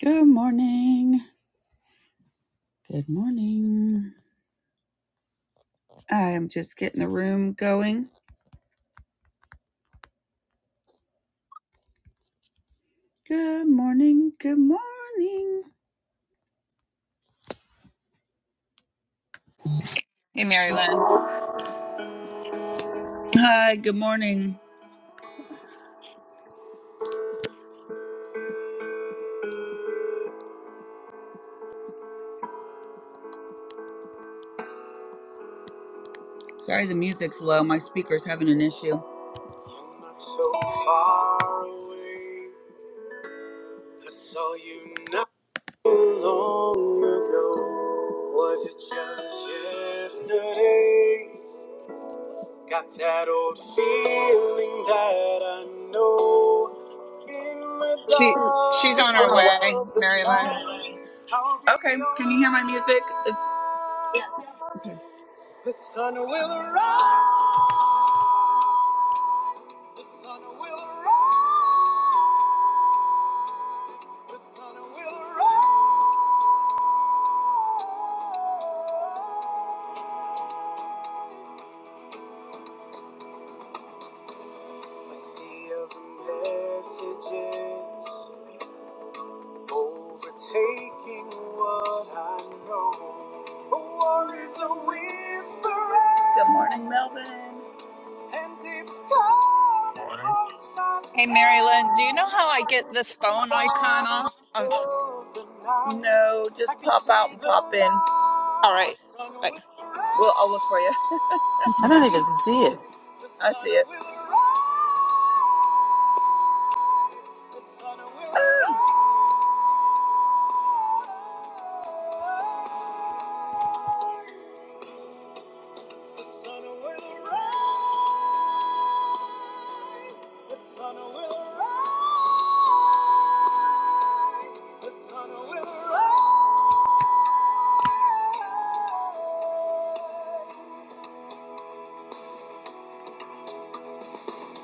Good morning. Good morning. I am just getting the room going. Good morning. Good morning. Hey, Mary Lynn. Hi, good morning. Sorry the music's low. My speaker's having an issue. You're not so far away. I saw you not long ago. Was it just yesterday? Got that old feeling that I know in the She she's dark on her way, of the Mary Lynn. night. I'll be okay, can you hear my music? It's okay. The sun will rise. The sun will rise. The sun will rise. A sea of messages Overtaking what I know. A war is a whisper. Good morning, Melvin. And it's gone Morning. across my Hey, Mary Lynn, do you know how I get this phone icon off? Um, soul. No, just pop out and pop all right. in. Bye. Well, I'll look for you. I don't even see it. I see it. Ah. The sun will rise. The sun will rise.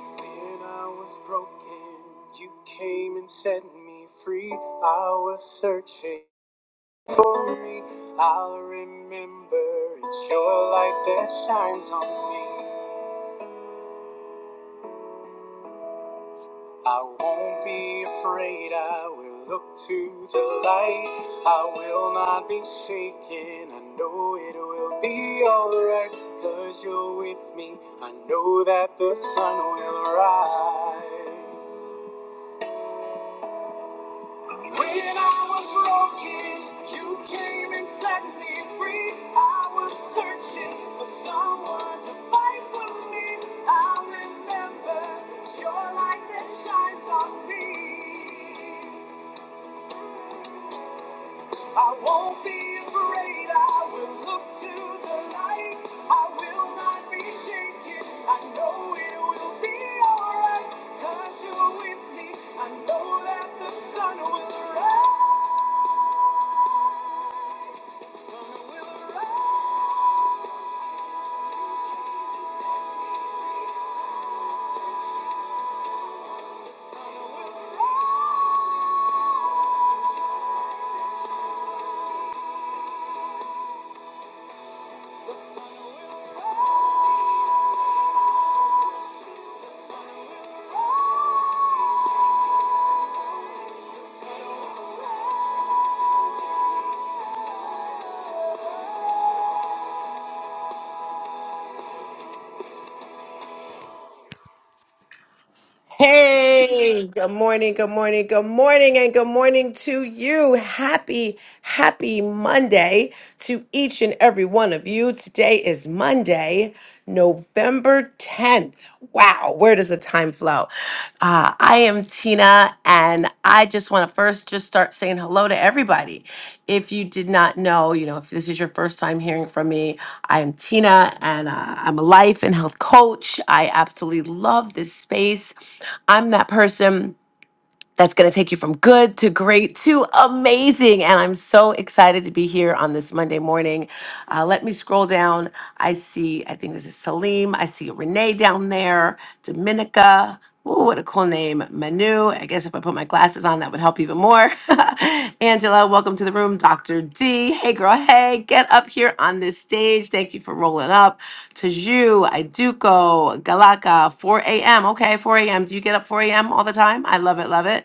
When I was broken, you came and set me free. I was searching for me. I'll remember it's your light that shines on me. I won't be afraid, I will look to the light. I will not be shaken, I know it will be alright. Cause you're with me, I know that the sun will rise. When I was broken, you came and set me free. I was searching for someone to fight for me. I remember it's your light that shines on me. I won't be afraid. I will look to the light. I will not be shaken. I know it will be alright. Cause you're with me. I know that the sun will rise. Hey, good morning, good morning, good morning, and good morning to you. Happy, happy Monday to each and every one of you. Today is Monday, November 10th. Wow, where does the time flow? Uh, I am Tina, and I just want to first just start saying hello to everybody. If you did not know, you know, if this is your first time hearing from me, I am Tina, and uh, I'm a life and health coach. I absolutely love this space. I'm that person that's going to take you from good to great to amazing. And I'm so excited to be here on this Monday morning. Uh, let me scroll down. I see, I think this is Salim. I see Renee down there, Dominica. Ooh, what a cool name. Manu. I guess if I put my glasses on, that would help even more. Angela, welcome to the room. Dr. D, hey girl, hey, get up here on this stage. Thank you for rolling up. Taju, Iduko, Galaka, 4 a.m. Okay, 4 a.m. Do you get up 4 a.m. all the time? I love it, love it.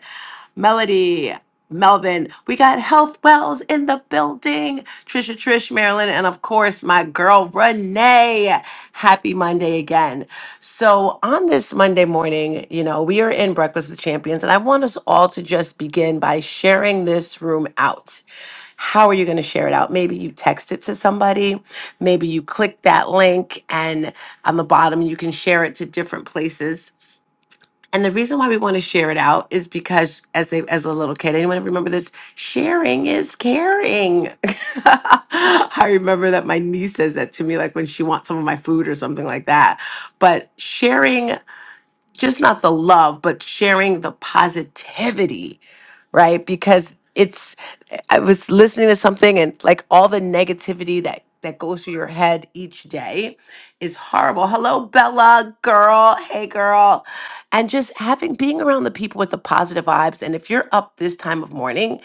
Melody. Melvin. We got Health Wells in the building. Trisha Trish Marilyn, and of course, my girl Renee. Happy Monday again. So, on this Monday morning, you know, we are in Breakfast with Champions, and I want us all to just begin by sharing this room out. How are you going to share it out? Maybe you text it to somebody. Maybe you click that link, and on the bottom, you can share it to different places and the reason why we want to share it out is because as they as a little kid, anyone remember this? Sharing is caring. I remember that my niece says that to me like when she wants some of my food or something like that. But sharing just not the love, but sharing the positivity right? Because it's I was listening to something and like all the negativity that that goes through your head each day is horrible. Hello Bella girl, hey girl. And just having being around the people with the positive vibes and if you're up this time of morning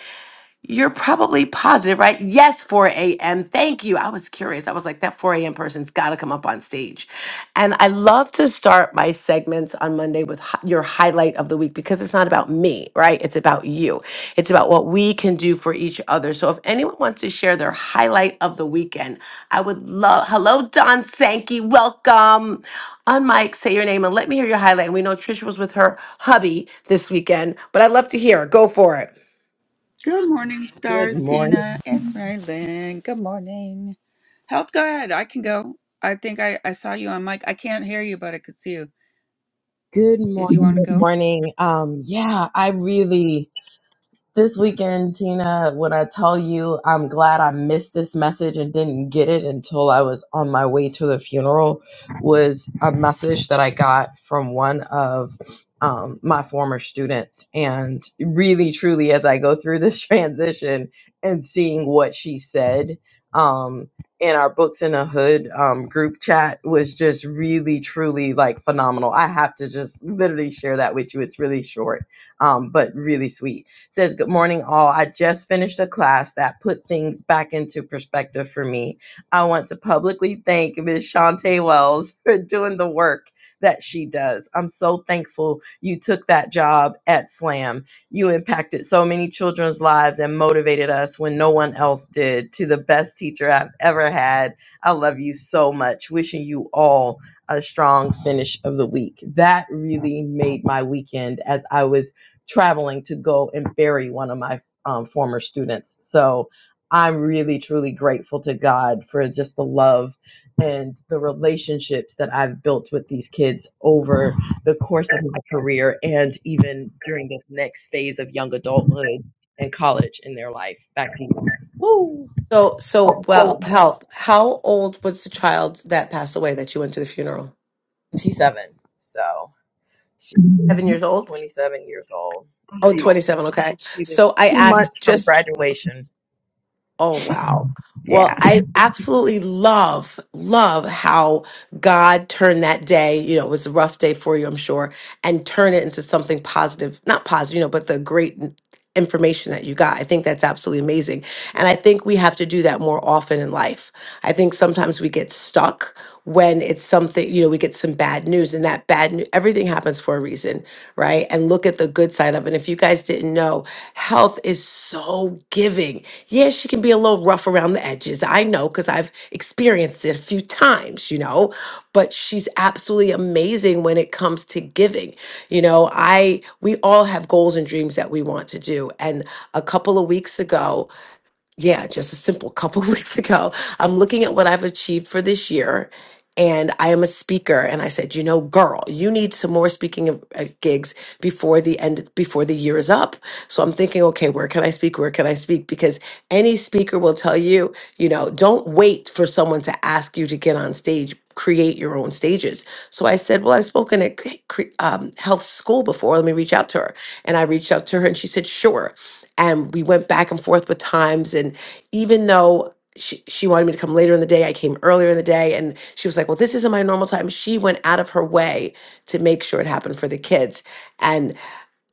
you're probably positive, right? Yes, 4 a.m. Thank you. I was curious. I was like, that 4 a.m. person's got to come up on stage. And I love to start my segments on Monday with hi- your highlight of the week because it's not about me, right? It's about you. It's about what we can do for each other. So if anyone wants to share their highlight of the weekend, I would love. Hello, Don Sankey. Welcome. On mic, say your name and let me hear your highlight. And we know Trisha was with her hubby this weekend, but I'd love to hear. Go for it. Good morning, Good stars, morning. Tina. It's Marilyn. Good morning. Health, go ahead. I can go. I think I, I saw you on mic. I can't hear you, but I could see you. Good Did you morning. want to Good go? morning. Um, yeah, I really, This weekend, Tina, when I tell you I'm glad I missed this message and didn't get it until I was on my way to the funeral, was a message that I got from one of um, my former students. And really, truly, as I go through this transition and seeing what she said um, in our Books in the Hood um, group chat was just really, truly like phenomenal. I have to just literally share that with you. It's really short, um, but really sweet says, Good morning, all. I just finished a class that put things back into perspective for me. I want to publicly thank Ms. Shantae Wells for doing the work that she does. I'm so thankful you took that job at SLAM. You impacted so many children's lives and motivated us when no one else did. To the best teacher I've ever had, I love you so much. Wishing you all a strong finish of the week. That really made my weekend as I was traveling to go and bury one of my um, former students. So I'm really, truly grateful to God for just the love and the relationships that I've built with these kids over the course of my career and even during this next phase of young adulthood and college in their life. Back to you. Woo! So, so well, health. How old was the child that passed away that you went to the funeral? She's seven. So she's Seven years old. 27 years old. Oh, 27. Okay. It was So I two months asked from just, graduation. oh, wow. Yeah. Well, I absolutely love, love how God turned that day. You know, it was a rough day for you, I'm sure, and turn it into something positive, not positive, you know, but the great information that you got. I think that's absolutely amazing. And I think we have to do that more often in life. I think sometimes we get stuck when it's something, you know, we get some bad news and that bad news, everything happens for a reason, right? And look at the good side of it. And if you guys didn't know, health is so giving. Yeah, she can be a little rough around the edges. I know because I've experienced it a few times, you know, but she's absolutely amazing when it comes to giving. You know, I, we all have goals and dreams that we want to do. And a couple of weeks ago, yeah, just a simple couple weeks ago. I'm looking at what I've achieved for this year and I am a speaker and I said, "You know, girl, you need some more speaking of, uh, gigs before the end before the year is up." So I'm thinking, "Okay, where can I speak? Where can I speak?" Because any speaker will tell you, you know, don't wait for someone to ask you to get on stage. Create your own stages. So I said, Well, I've spoken at cre- cre- um, health school before. Let me reach out to her. And I reached out to her and she said, Sure and we went back and forth with times and even though she, she wanted me to come later in the day i came earlier in the day and she was like well this isn't my normal time she went out of her way to make sure it happened for the kids and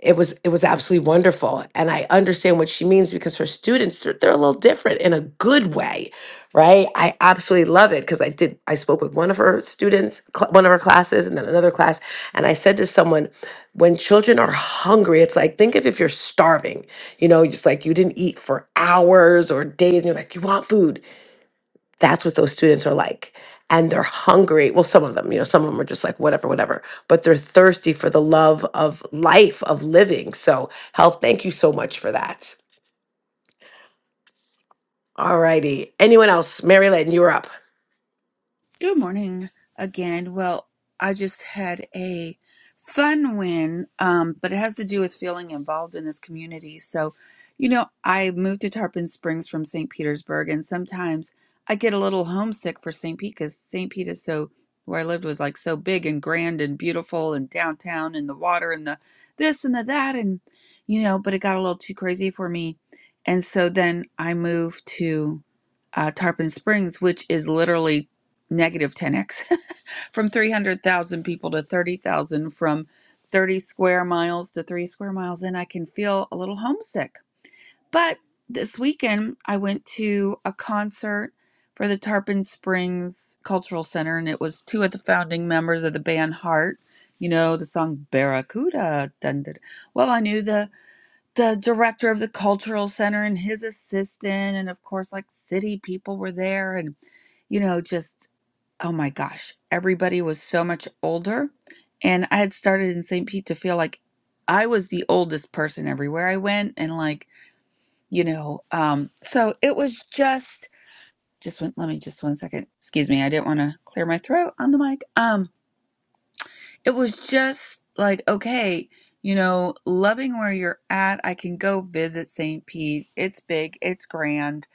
it was it was absolutely wonderful and i understand what she means because her students they're, they're a little different in a good way right i absolutely love it because i did i spoke with one of her students cl- one of her classes and then another class and i said to someone when children are hungry it's like think of if you're starving you know just like you didn't eat for hours or days and you're like you want food that's what those students are like and they're hungry well some of them you know some of them are just like whatever whatever but they're thirsty for the love of life of living so health thank you so much for that all righty anyone else mary lynn you're up Good morning again. Well, I just had a fun win, um, but it has to do with feeling involved in this community. So, you know, I moved to Tarpon Springs from St. Petersburg, and sometimes I get a little homesick for St. Pete because St. Pete is so, where I lived was like so big and grand and beautiful and downtown and the water and the this and the that. And, you know, but it got a little too crazy for me. And so then I moved to uh, Tarpon Springs, which is literally negative 10x from 300,000 people to 30,000 from 30 square miles to 3 square miles and I can feel a little homesick. But this weekend I went to a concert for the Tarpon Springs Cultural Center and it was two of the founding members of the band Heart, you know, the song Barracuda. Dun, dun. Well, I knew the the director of the cultural center and his assistant and of course like city people were there and you know just oh my gosh everybody was so much older and i had started in st pete to feel like i was the oldest person everywhere i went and like you know um so it was just just went. let me just one second excuse me i didn't want to clear my throat on the mic Um it was just like okay you know loving where you're at i can go visit st pete it's big it's grand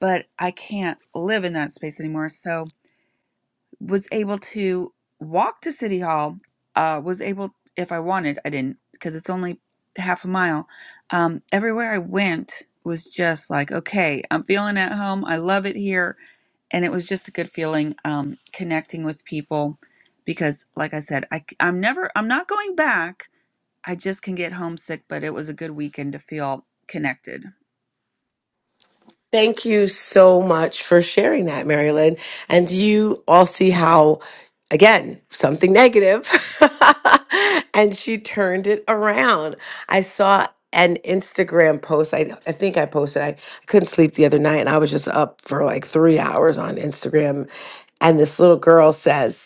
but i can't live in that space anymore so was able to walk to city hall uh was able if i wanted i didn't because it's only half a mile um everywhere i went was just like okay i'm feeling at home i love it here and it was just a good feeling um, connecting with people because like i said I, am never i'm not going back i just can get homesick but it was a good weekend to feel connected Thank you so much for sharing that, Marilyn. And you all see how, again, something negative, and she turned it around. I saw an Instagram post. I, I think I posted, I, I couldn't sleep the other night and I was just up for like three hours on Instagram. And this little girl says,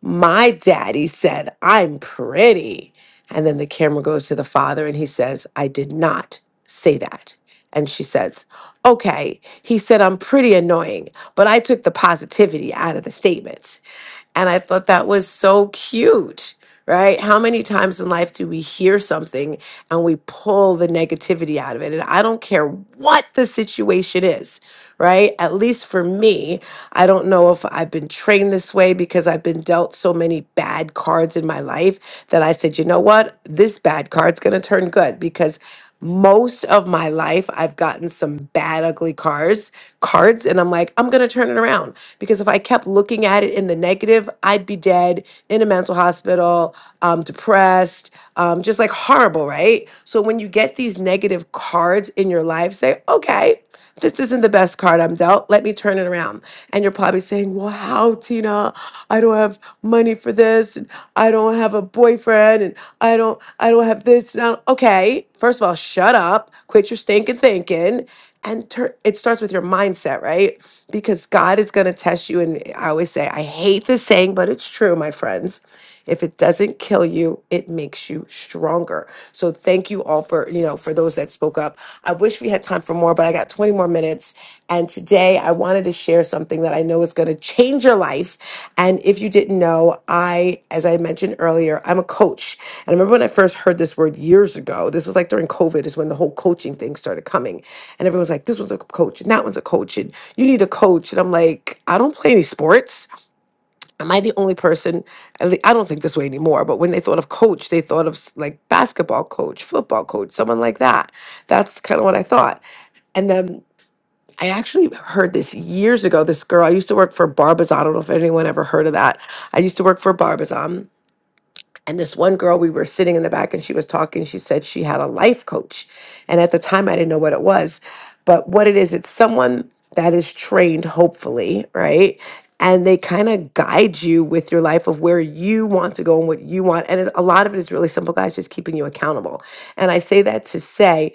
my daddy said, I'm pretty. And then the camera goes to the father and he says, I did not say that. And she says, Okay, he said, I'm pretty annoying, but I took the positivity out of the statement. And I thought that was so cute, right? How many times in life do we hear something and we pull the negativity out of it? And I don't care what the situation is, right? At least for me, I don't know if I've been trained this way because I've been dealt so many bad cards in my life that I said, you know what? This bad card's going to turn good because. Most of my life, I've gotten some bad, ugly cards, cards, and I'm like, I'm gonna turn it around because if I kept looking at it in the negative, I'd be dead in a mental hospital, um, depressed, um, just like horrible, right? So when you get these negative cards in your life, say, okay this isn't the best card I'm dealt. Let me turn it around. And you're probably saying, Well, how, Tina? I don't have money for this. And I don't have a boyfriend. And I don't, I don't have this. And I don't-" Okay. First of all, shut up. Quit your stinking thinking. And tur it starts with your mindset, right? Because God is going to test you. And I always say, I hate this saying, but it's true, my friends. If it doesn't kill you, it makes you stronger. So thank you all for, you know, for those that spoke up. I wish we had time for more, but I got 20 more minutes. And today I wanted to share something that I know is going to change your life. And if you didn't know, I, as I mentioned earlier, I'm a coach. And I remember when I first heard this word years ago, this was like during COVID is when the whole coaching thing started coming. And everyone's like, this one's a coach and that one's a coach and you need a coach. And I'm like, I don't play any sports. Am I the only person? at lea- I don't think this way anymore, but when they thought of coach, they thought of s- like basketball coach, football coach, someone like that. That's kind of what I thought. And then I actually heard this years ago. This girl, I used to work for Barbizon. I don't know if anyone ever heard of that. I used to work for Barbizon and this one girl, we were sitting in the back and she was talking. She said she had a life coach. And at the time, I didn't know what it was. But what it is, it's someone that is trained, hopefully, right? And they kind of guide you with your life of where you want to go and what you want. And it- a lot of it is really simple, guys, just keeping you accountable. And I say that to say,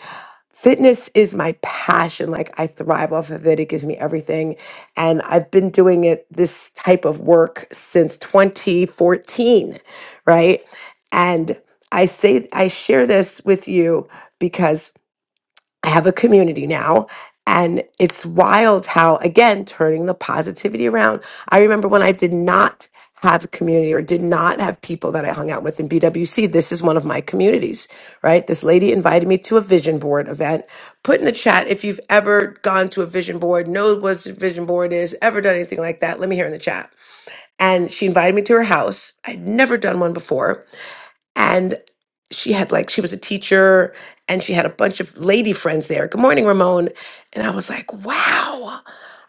Fitness is my passion. Like I thrive off of it. It gives me everything. And I've been doing it this type of work since 2014, right? And I say I share this with you because. I have a community now. And it's wild how, again, turning the positivity around. I remember when I did not have a community or did not have people that I hung out with in BWC. This is one of my communities, right? This lady invited me to a vision board event. Put in the chat if you've ever gone to a vision board, know what a vision board is, ever done anything like that. Let me hear in the chat. And she invited me to her house. I'd never done one before and she had like she was a teacher and she had a bunch of lady friends there good morning ramon and i was like wow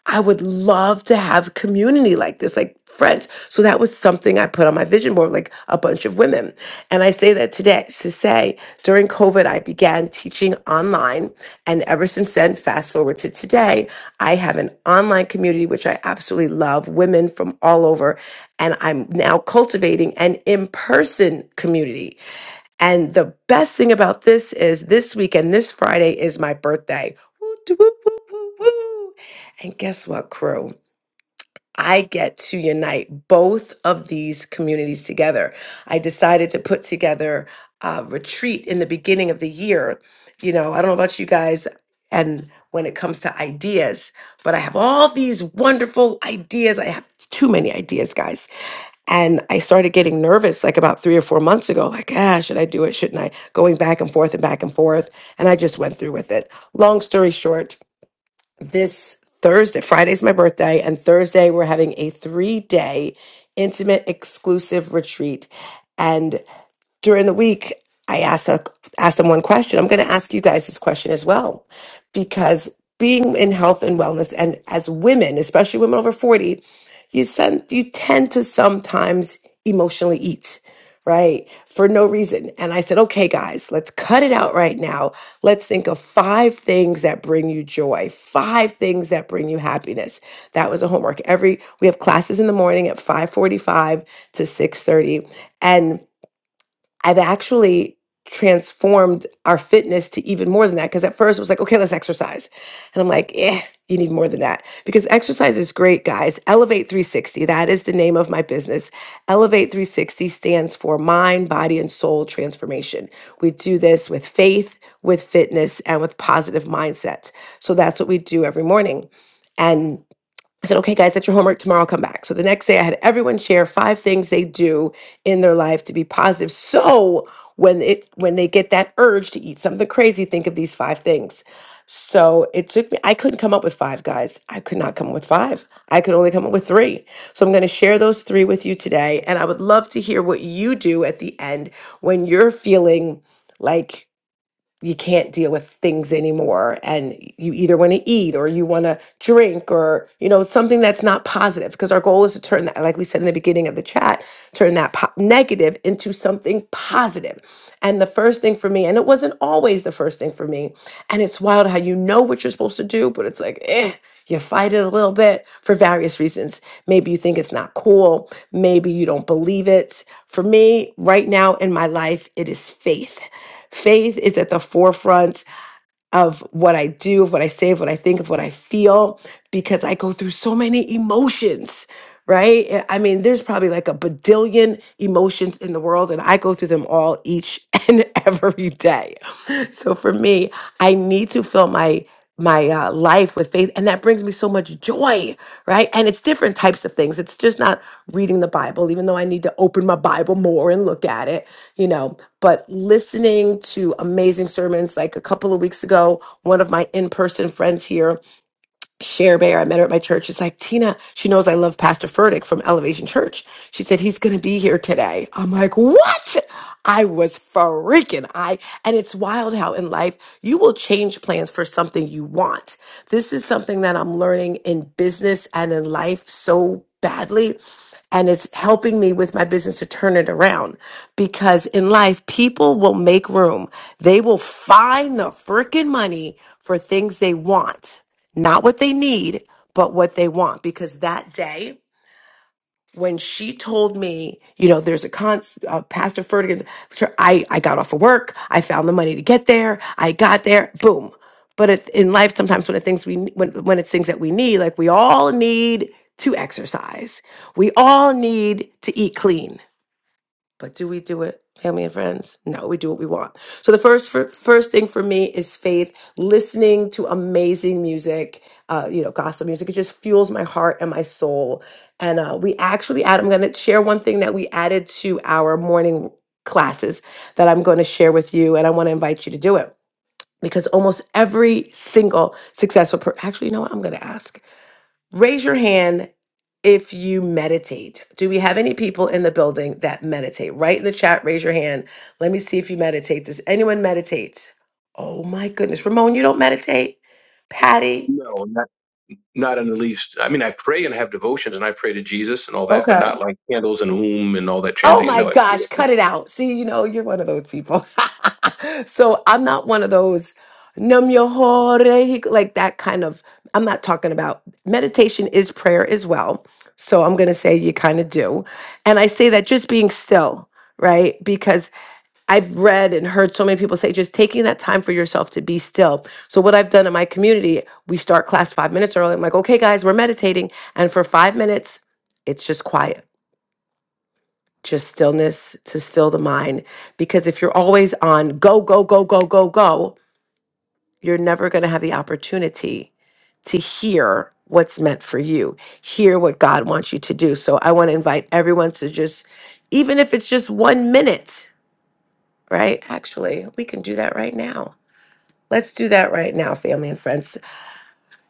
i would love to have community like this like friends so that was something i put on my vision board like a bunch of women and i say that today to say during covid i began teaching online and ever since then fast forward to today i have an online community which i absolutely love women from all over and i'm now cultivating an in-person community and the best thing about this is this weekend, this Friday is my birthday. Woo, doo, woo, woo, woo, woo. And guess what, crew? I get to unite both of these communities together. I decided to put together a retreat in the beginning of the year. You know, I don't know about you guys and when it comes to ideas, but I have all these wonderful ideas. I have too many ideas, guys. And I started getting nervous like about three or four months ago, like, ah, should I do it? Shouldn't I? Going back and forth and back and forth. And I just went through with it. Long story short, this Thursday. Friday's my birthday, and Thursday we're having a three day intimate exclusive retreat. and during the week, I asked a, asked them one question. I'm going to ask you guys this question as well, because being in health and wellness, and as women, especially women over 40, you send you tend to sometimes emotionally eat, right, for no reason. And I said, okay, guys, let's cut it out right now. Let's think of five things that bring you joy, five things that bring you happiness. That was a homework. Every we have classes in the morning at 5:45 to 6:30, and I've actually transformed our fitness to even more than that. Because at first it was like, okay, let's exercise. And I'm like, eh, you need more than that. Because exercise is great, guys. Elevate 360, that is the name of my business. Elevate 360 stands for mind, body, and soul transformation. We do this with faith, with fitness, and with positive mindset. So that's what we do every morning. And I said, okay, guys, that's your homework. Tomorrow I'll come back. So the next day I had everyone share five things they do in their life to be positive. So when it when they get that urge to eat something crazy, think of these five things. So it took me, I couldn't come up with five, guys. I could not come up with five. I could only come up with three. So I'm going to share those three with you today. And I would love to hear what you do at the end when you're feeling like you can't deal with things anymore and you either want to eat or you want to drink or you know something that's not positive because our goal is to turn that like we said in the beginning of the chat turn that po- negative into something positive positive. and the first thing for me and it wasn't always the first thing for me and it's wild how you know what you're supposed to do but it's like eh you fight it a little bit for various reasons. Maybe you think it's not cool. Maybe you don't believe it. For me, right now in my life, it is faith. Faith is at the forefront of what I do, of what I say, of what I think, of what I feel, because I go through so many emotions, right? I I mean, there's probably like a badillion emotions in the world, and I go through them all each and every day. So for me, I need to fill my my uh, life with faith and that brings me so much joy right and it's different types of things it's just not reading the bible even though i need to open my bible more and look at it you know but listening to amazing sermons like a couple of weeks ago one of my in-person friends here Cher Bear, I met her at my church. She's like, Tina, she knows I love Pastor Furtick from Elevation Church. She said, he's going to be here today. I'm like, what? I was freaking. I, and it's wild how in life you will change plans for something you want. This is something that I'm learning in business and in life so badly. And it's helping me with my business to turn it around because in life, people will make room. They will find the freaking money for things they want not what they need, but what they want. Because that day when she told me, you know, there's a con, uh, Pastor Ferdigan, sure, I, I got off of work. I found the money to get there. I got there. Boom. But it, in life, sometimes when the things we, when, when it's things that we need, like we all need to exercise. We all need to eat clean. But do we do it, family and friends? No, we do what we want. So the first fir- first thing for me is faith. Listening to amazing music, uh, you know, gospel music, it just fuels my heart and my soul. And uh, we actually add. I'm going to share one thing that we added to our morning classes that I'm going to share with you, and I want to invite you to do it because almost every single successful, per- actually, you know what? I'm going to ask. Raise your hand if you meditate. Do we have any people in the building that meditate? Write in the chat, raise your hand. Let me see if you meditate. Does anyone meditate? Oh my goodness. Ramon, you don't meditate? Patty? No, not not in the least. I mean, I pray and have devotions, and I pray to Jesus and all that, but Okay. not like candles and um and all that Oh chanting. my No, I gosh, cut it out. See, you know, you're one of those people. so I'm not one of those num your whole like that kind of I'm not talking about meditation is prayer as well. So I'm gonna say you kind of do. And I say that just being still, right? Because I've read and heard so many people say just taking that time for yourself to be still. So what I've done in my community, we start class five minutes early. I'm like, okay guys, we're meditating. And for five minutes, it's just quiet just stillness to still the mind. Because if you're always on go, go, go, go, go, go, you're never going to have the opportunity to hear what's meant for you, hear what God wants you to do. So I want to invite everyone to just, even if it's just one minute, right? Actually, we can do that right now. Let's do that right now, family and friends.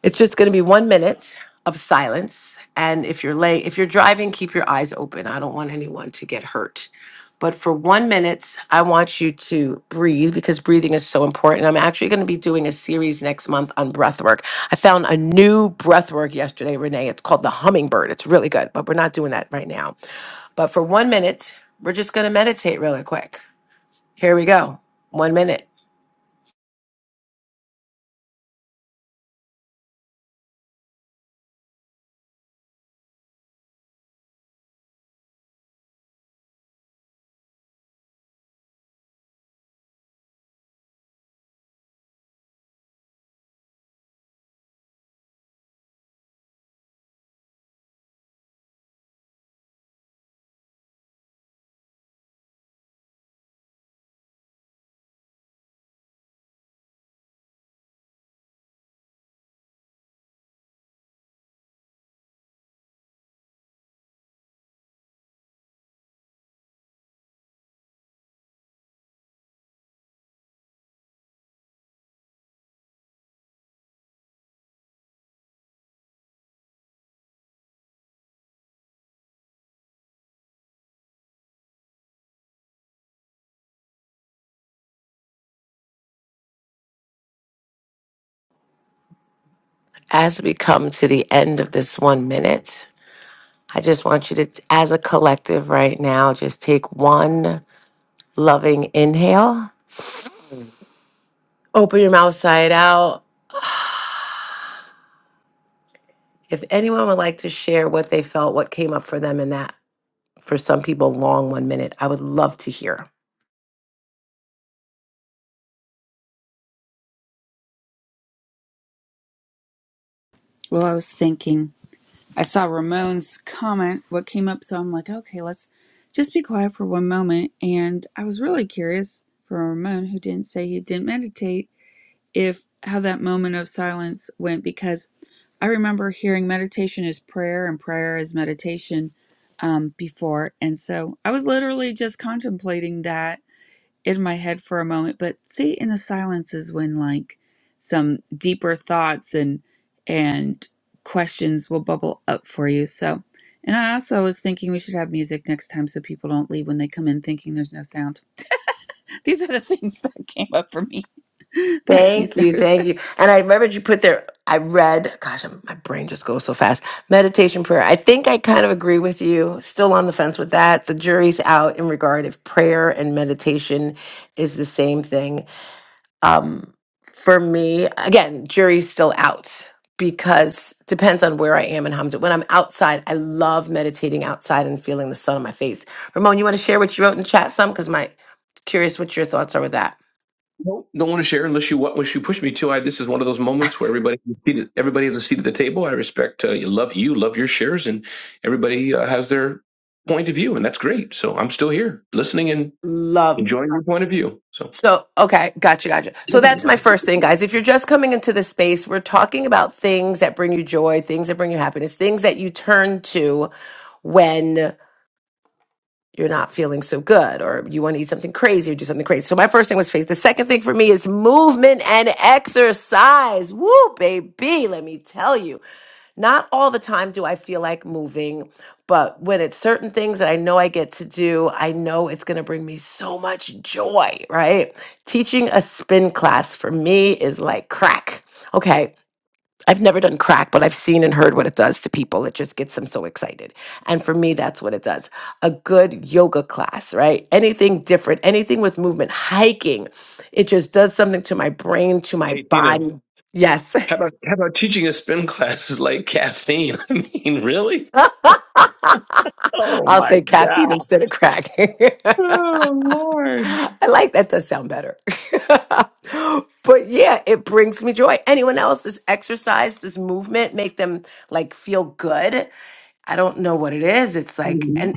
It's just going to be one minute of silence. And if you're late, if you're driving, keep your eyes open. I don't want anyone to get hurt. But for one minute, I want you to breathe because breathing is so important. I'm actually going to be doing a series next month on breath work. I found a new breath work yesterday, Renee. It's called the hummingbird. It's really good, but we're not doing that right now. But for one minute, we're just going to meditate really quick. Here we go. One minute. As we come to the end of this one minute, I just want you to, as a collective right now, just take one loving inhale, open your mouth side out. If anyone would like to share what they felt, what came up for them in that, for some people, long one minute, I would love to hear. well i was thinking i saw ramon's comment what came up so i'm like okay let's just be quiet for one moment and i was really curious for ramon who didn't say he didn't meditate if how that moment of silence went because I remember hearing meditation is prayer and prayer is meditation um, before. And so I was literally just contemplating that in my head for a moment. But see, in the silence is when like some deeper thoughts and and questions will bubble up for you. So, and I also was thinking we should have music next time so people don't leave when they come in thinking there's no sound. These are the things that came up for me. Back to you, Thank you. stars. Thank you. And I remembered you put there, I read, gosh, I'm- my brain just goes so fast. Meditation prayer. I think I kind of agree with you. Still on the fence with that. The jury's out in regard if prayer and meditation is the same thing. um, for me, again, jury's still out because depends on where I am and how I'm doing. When I'm outside, I love meditating outside and feeling the sun on my face. Ramon, you want to share what you wrote in the chat some? Because my curious what your thoughts are with that. don't, don't want to share unless you want. Unless you push me to, I this is one of those moments where everybody can see that- everybody has a seat at the table. I respect, uh, you love you, love your shares, and everybody uh, has their point of view, and that's great. So I'm still here, listening and Love. enjoying your point of view. So So, okay, gotcha, gotcha. So that's my first thing, guys. If you're just coming into the space, we're talking about things that bring you joy, things that bring you happiness, things that you turn to when you're not feeling so good or you want to eat something crazy or do something crazy. So my first thing was faith. The second thing for me is movement and exercise. Woo, baby, let me tell you. Not all the time do I feel like moving, but when it's certain things that I know I get to do, I know it's going to bring me so much joy, right? Teaching a spin class for me is like crack. Okay. I've never done crack, but I've seen and heard what it does to people. It just gets them so excited. And for me, that's what it does. A good yoga class, right? Anything different, anything with movement, hiking, it just does something to my brain, to my hey, Tina, body. Yes. how about how about teaching a spin class is like caffeine? I mean, really? Oh I'll my say caffeine God! instead of crack. Oh Lord! I like that does sound better. but yeah, it brings me joy. Anyone else does exercise, does movement make them like feel good? I don't know what it is. It's like, and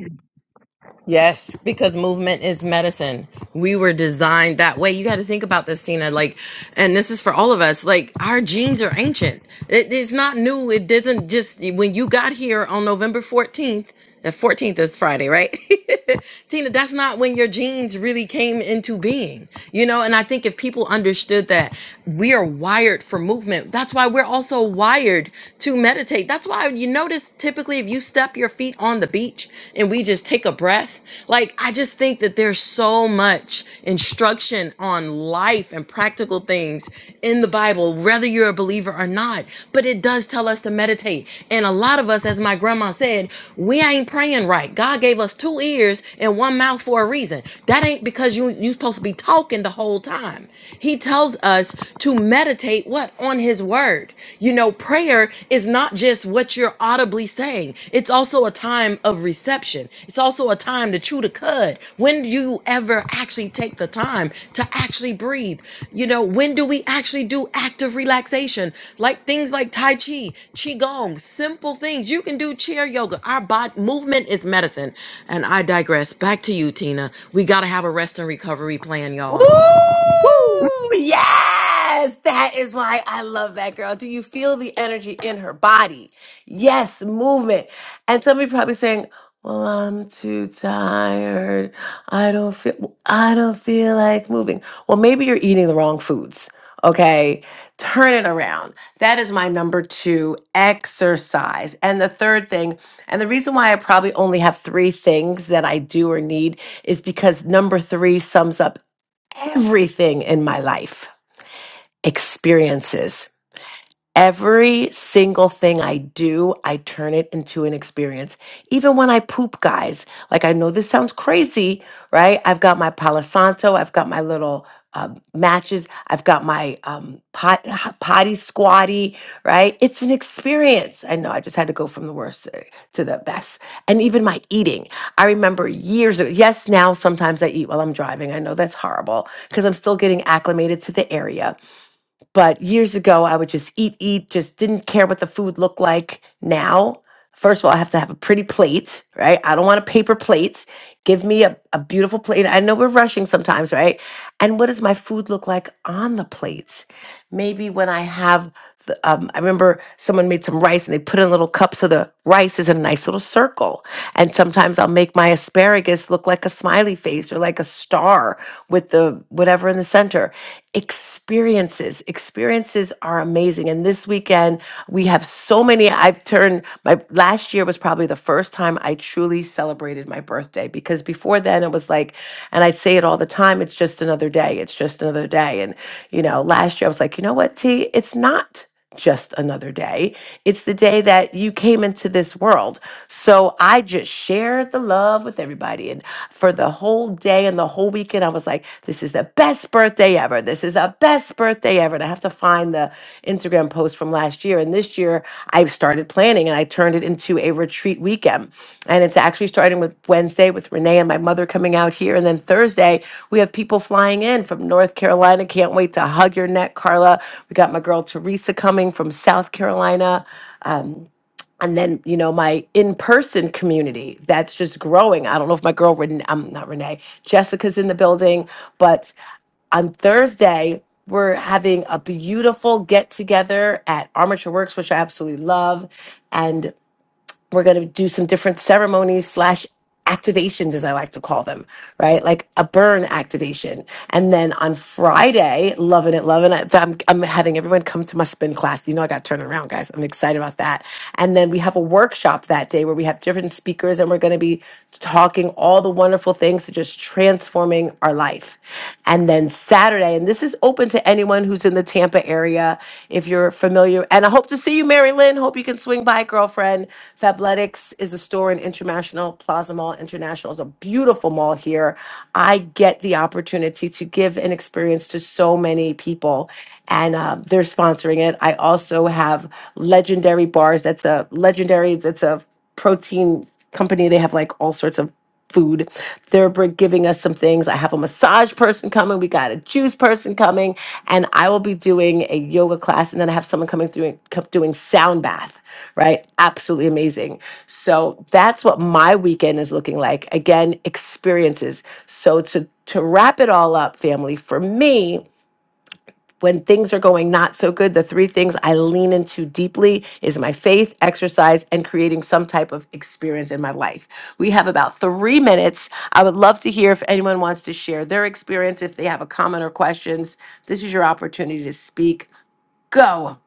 Yes, because movement is medicine. We were designed that way. You got to think about this, Tina. Like, and this is for all of us. Like, our genes are ancient. It, it's not new. It doesn't just when you got here on November fourteenth. The fourteenth is Friday, right? Tina, that's not when your genes really came into being. You know, and I think if people understood that, we are wired for movement. That's why we're also wired to meditate. That's why you notice typically if you step your feet on the beach and we just take a breath, like I just think that there's so much instruction on life and practical things in the Bible, whether you're a believer or not. But it does tell us to meditate. And a lot of us, as my grandma said, we ain't praying right. God gave us two ears and one mouth for a reason. That ain't because you you supposed to be talking the whole time. He tells us to meditate what? On his word. You know, prayer is not just what you're audibly saying, it's also a time of reception. It's also a time to chew the cud. When do you ever actually take the time to actually breathe? You know, when do we actually do active relaxation? Like things like Tai Chi, Qigong, simple things. You can do chair yoga. Our body movement is medicine. And I digress. Back to you, Tina. We got to have a rest and recovery plan, y'all. Ooh, yes, that is why I love that girl. Do you feel the energy in her body? Yes, movement. And somebody probably saying, "Well, I'm too tired. I don't feel. I don't feel like moving." Well, maybe you're eating the wrong foods. Okay, turn it around. That is my number two exercise. And the third thing, and the reason why I probably only have three things that I do or need is because number three sums up everything in my life experiences Every single thing I do, I turn it into an experience. Even when I poop, guys, like I know this sounds crazy, right? I've got my Palo Santo, I've got my little um, matches, I've got my um, pot, potty squatty, right? It's an experience. I know I just had to go from the worst uh, to the best. And even my eating. I remember years ago, yes, now sometimes I eat while I'm driving. I know that's horrible because I'm still getting acclimated to the area but years ago, I would just eat, eat, just didn't care what the food looked like. Now, first of all, I have to have a pretty plate, right? I don't want a paper plate. Give me a, a beautiful plate. I know we're rushing sometimes, right? And what does my food look like on the plates? Maybe when I have the, um, I remember someone made some rice and they put in a little cup so the rice is in a nice little circle. And sometimes I'll make my asparagus look like a smiley face or like a star with the whatever in the center. Experiences, experiences are amazing. And this weekend we have so many. I've turned my last year was probably the first time I truly truly celebrated my birthday because before then it was like, and I say it all the time, it's just another day. It's just another day. And, you know, last year I was like, you know what, T, it's not just another day. It's the day that you came into this world. So I just shared the love with everybody. And for the whole day and the whole weekend, I was like, this is the best birthday ever. This is the best birthday ever. And I have to find the Instagram post from last year. And this year I've started planning and I turned it into a retreat weekend. And it's actually starting with Wednesday with Renee and my mother coming out here. And then Thursday, we have people flying in from North Carolina. Can't wait to hug your neck, Carla. We got my girl Teresa coming from South Carolina and then you know my in-person community that's just growing i don't know if my girl Ren- i'm not renee jessica's in the building but on Thursday, we're having a beautiful get together at Armature Works, which I absolutely love. And we're going to do some different ceremonies slash activations, as I like to call them, right? Like a burn activation. And then on Friday, loving it, loving it. I'm, I'm having everyone come to my spin class. You know, I got turned around, guys. I'm excited about that. And then we have a workshop that day where we have different speakers and we're going to be talking all the wonderful things to just transforming our life. And then Saturday, Saturday. And this is open to anyone who's in the Tampa area if you're familiar. And I hope to see you, Mary Lynn. Hope you can swing by, girlfriend. Fabletics is a store in International Plaza Mall. International is a beautiful mall here. I get the opportunity to give an experience to so many people, and uh, they're sponsoring it. I also have Legendary Bars. That's a legendary. That's a protein company. They have like all sorts of food. They're giving us some things. I have a massage person coming. We got a juice person coming, and I will be doing a yoga class, and then I have someone coming through and co- doing sound bath. Right, absolutely amazing. So that's what my weekend is looking like. Again, experiences. So to to wrap it all up, family, for me when things are going not so good, the three things I lean into deeply is my faith, exercise, and creating some type of experience in my life. We have about three minutes. I would love to hear if anyone wants to share their experience, if they have a comment or questions. This is your opportunity to speak. Go.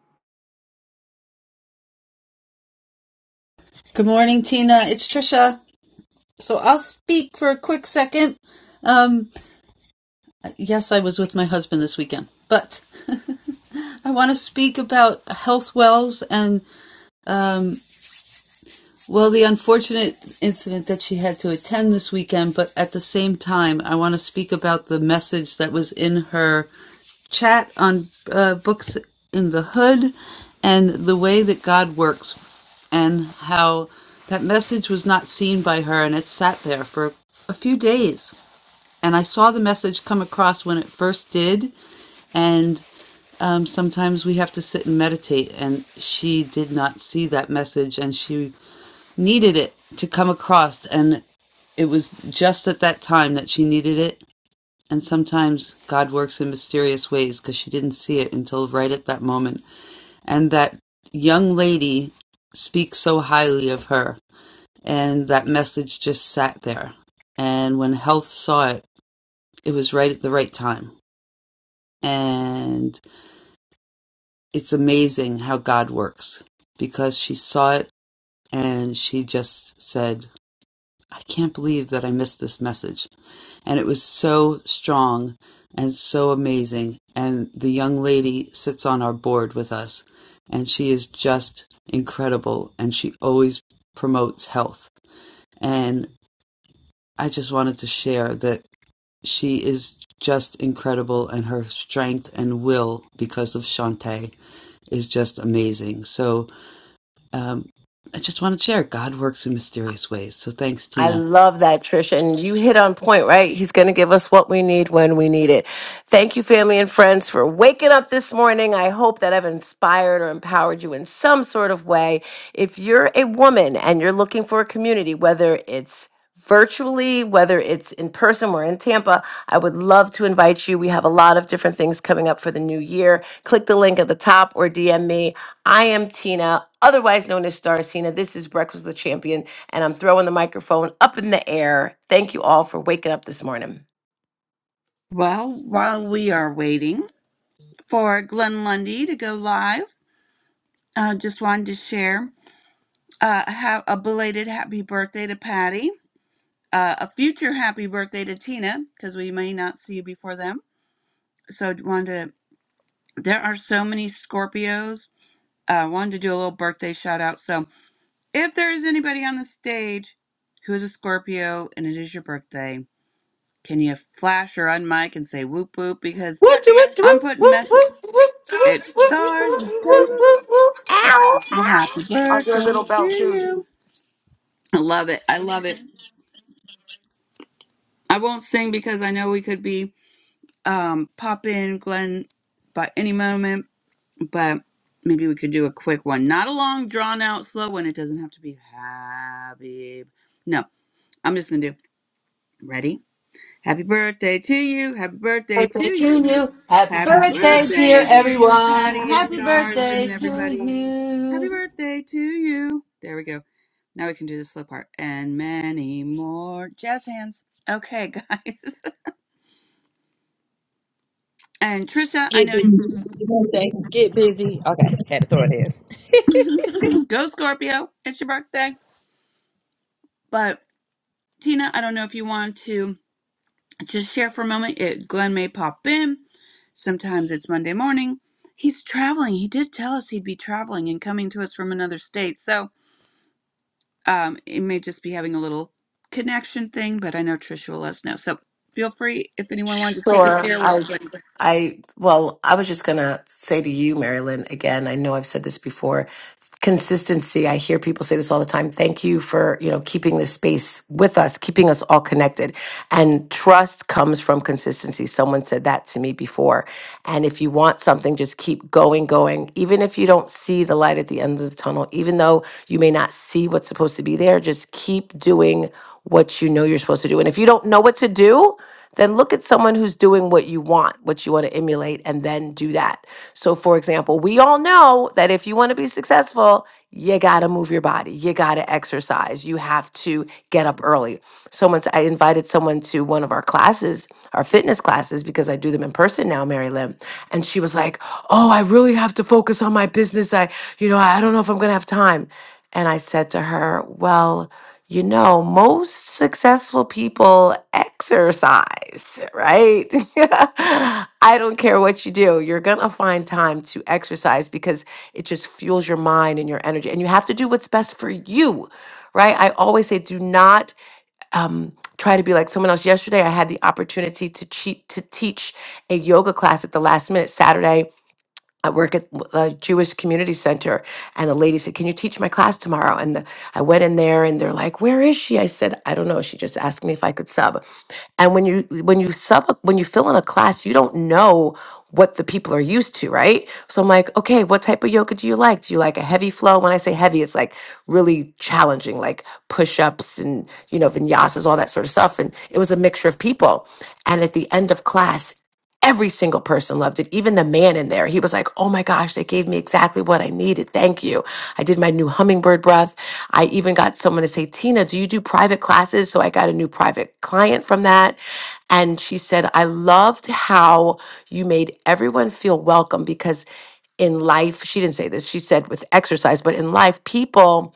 I love that, Trish. And you hit on point, right? He's going to give us what we need when we need it. Thank you, family and friends, for waking up this morning. I hope that I've inspired or empowered you in some sort of way. If you're a woman and you're looking for a community, whether it's virtually, whether it's in person, we're in Tampa. I would love to invite you. We have a lot of different things coming up for the new year. Click the link at the top or DM me. I am Tina, otherwise known as Star Cena. This is Breakfast with the Champion and I'm throwing the microphone up in the air. Thank you all for waking up this morning. Well, while we are waiting for Glenn Lundy to go live, I uh, just wanted to share uh, ha- a belated happy birthday. Uh, a few happy to you before them. So wanted to, there are so many Scorpios. I uh, wanted to do a little birthday shout out. So if there is anybody on the stage who is a Scorpio and it is your birthday, can you flash or unmic and say whoop whoop? Because Woo, do it, do I'm it, woo, putting message. woo, It woo, woo, woo. stars. Okay. Well, happy I'll do a birthday little to bell too. you. I love it. I love it. I won't sing because I know we could be um, popping Glenn by any moment, but maybe we could do a quick one. Not a long, drawn out, slow one. It doesn't have to be happy. No, I'm just going to do. Ready? Happy birthday to you. Happy birthday to you. Happy birthday, dear Patty and Stars and everybody. Happy birthday to you. There we go. Now we can do the slow part and many more jazz hands. Okay, guys. And Trisha, I Get know. busy. You know what I'm saying? Get busy. Okay, had to throw it in. Go Scorpio. It's your birthday. But Tina, I don't know if you want to just share for a moment. It Glenn may pop in. Sometimes it's Monday morning. He's traveling. He did tell us he'd be traveling and coming to us from another state. So um it may just be having a little connection thing, but I know Trisha will let us know. So feel free if anyone wanted to take a Sure. share real I, quick. I, well, I was just going to say to you, Marilyn, again, I know I've said this before consistency. I hear people say this all the time. Thank you for, you know, keeping this space with us, keeping us all connected. And trust comes from consistency. Someone said that to me before. And if you want something, just keep going, going. Even if you don't see the light at the end of the tunnel, even though you may not see what's supposed to be there, just keep doing what you know you're supposed to do. And if you don't know what to do, then look at someone who's doing what you want, what you want to emulate, and then do that. So, for example, we all know that if you want to be successful, you got to move your body, you got to exercise, you have to get up early. Someone's, I invited someone to to one of our classes, our fitness classes, because I do them in person now, Mary Lynn. And she was like, Oh, I really have to focus on my business. I, you know, I don't know if I'm going to have time. And I said to her, Well, you know, most successful people exercise, right? I don't care what you do, you're going to find time to exercise because it just fuels your mind and your energy. And you have to do what's best for you, right? I always say, do not um, try to be like someone else. Yesterday, I had the opportunity to cheat to teach a yoga class at the last minute Saturday I work at a Jewish community center, and the lady said, "Can you teach my class tomorrow?" And the, I went in there, and they're like, "Where is she?" I said, "I don't know." She just asked me if I could sub. And when you when you sub when you fill in a class, you don't know what the people are used to, right? So I'm like, "Okay, what type of yoga do you like? Do you like a heavy flow?" When I say heavy, it's like really challenging, like push ups and you know vinyasas, all that sort of stuff. And it was a mixture of people. And at the end of class, Every single person loved it. Even the man in there, he was like, Oh my gosh, they gave me exactly what I needed. Thank you. I did my new hummingbird breath. I even got someone to say, Tina, do you do private classes? So I got a new private client from that. And she said, I loved how you made everyone feel welcome because in life, she didn't say this, she said with exercise, but in life, people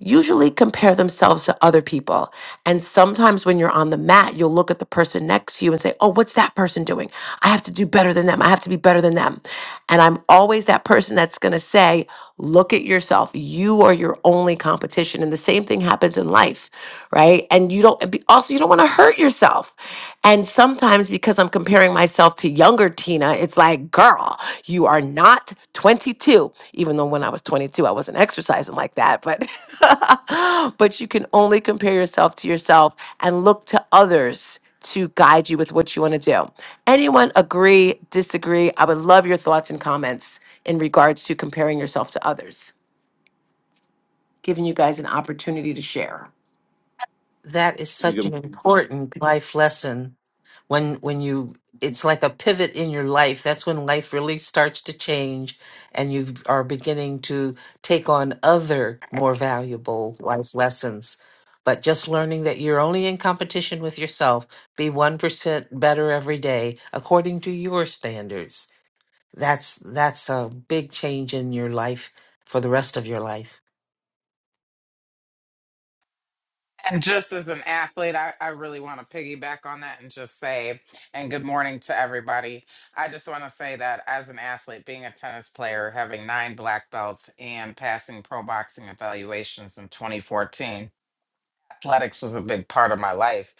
usually compare themselves to other people. And sometimes when you're on the mat, you'll look at the person next to you and say, Oh, what's that person doing? I have to do better than them. I have to be better than them. And I'm always that person that's going to say, Look at yourself. You are your only competition. And the same thing happens in life, right? And you don't, and be- also, you don't want to hurt yourself. And sometimes because so I'm comparing myself to younger Tina, it's like, girl, you are not 22. Even though when I was 22, I wasn't exercising like that, but but you can only compare yourself to yourself and look to others to guide you with what you want to do. Anyone agree, disagree? I would love your thoughts and comments in regards to comparing yourself to others, giving you guys an opportunity to share. that is Tina, such good, an important life lesson when when you it's like a pivot in your life that's when life really starts to change and you are beginning to take on other more valuable life lessons but just learning that you're only in competition with yourself be 1% better every day according to your standards that's that's a big change in your life for the rest of your life And just as an athlete, I, I really want to piggyback on that and just say, and good morning to everybody. I just want to say that as an athlete, being a tennis player, having nine black belts and passing pro boxing evaluations in 2014, athletics was a big part of my life.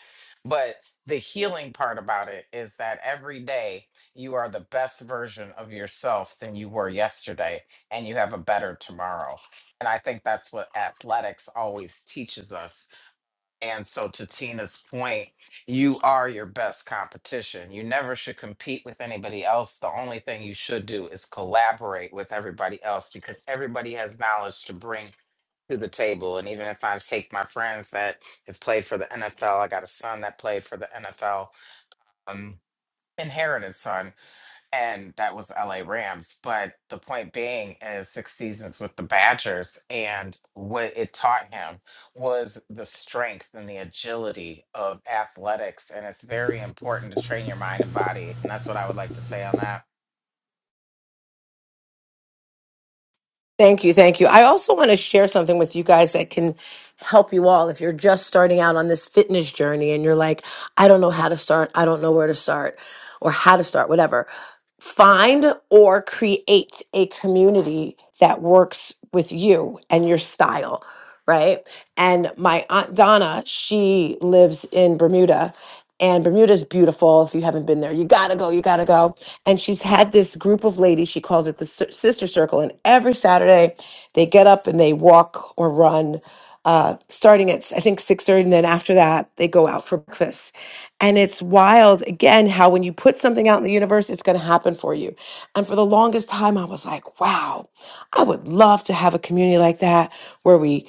But the healing part about it is that every day you are the best version of yourself than you were yesterday, and you have a better tomorrow. And I think that's what athletics always teaches us and so, to Tina's point, you are your best competition. You never should compete with anybody else. The only thing you should do is collaborate with everybody else because everybody has knowledge to bring to the table. And even if I take my friends that have played for the NFL, I got a son that played for the NFL, um, inherited son and that was LA Rams. But the point being is six seasons with the Badgers, and what it taught him was the strength and the agility of athletics. And it's very important to train your mind and body. And that's what I would like to say on that. Thank you. Thank you. I also want to share something with you guys that can help you all if you're just starting out on this fitness journey and you're like, I don't know how to start, I don't know where to start, or how to start, whatever. Find or create a community that works with you and your style right? And my aunt Donna, she lives in Bermuda. And Bermuda's beautiful. If you haven't been there, you gotta go, you gotta go. And she's had this group of ladies, she calls it the Sis- Sister Circle. And every Saturday, they get up and they walk or run, uh, starting at, I think, 6.30. And then after that, they go out for breakfast. And it's wild, again, how when you put something out in the universe, it's gonna happen for you. And for the longest time, I was like, wow, I would love to have a community like that where we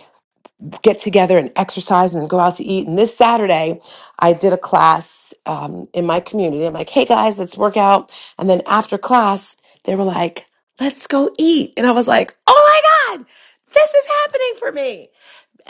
get together and exercise and then go out to eat. And this Saturday, I did a class um, in my community. I'm like, hey guys, let's work out. And then after class, they were like, let's go eat. And I was like, oh my God, this is happening for me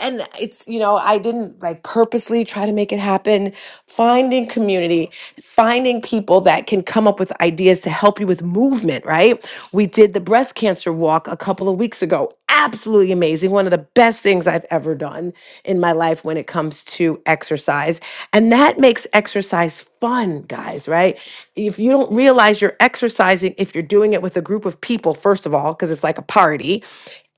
and it's you know i didn't like purposely try to make it happen finding community finding people that can come up with ideas to help you with movement right we did the breast cancer walk a couple of weeks ago absolutely amazing one of the best things i've ever done in my life when it comes to exercise and that makes exercise fun guys right if you don't realize you're exercising if you're doing it with a group of people first of all because it's like a party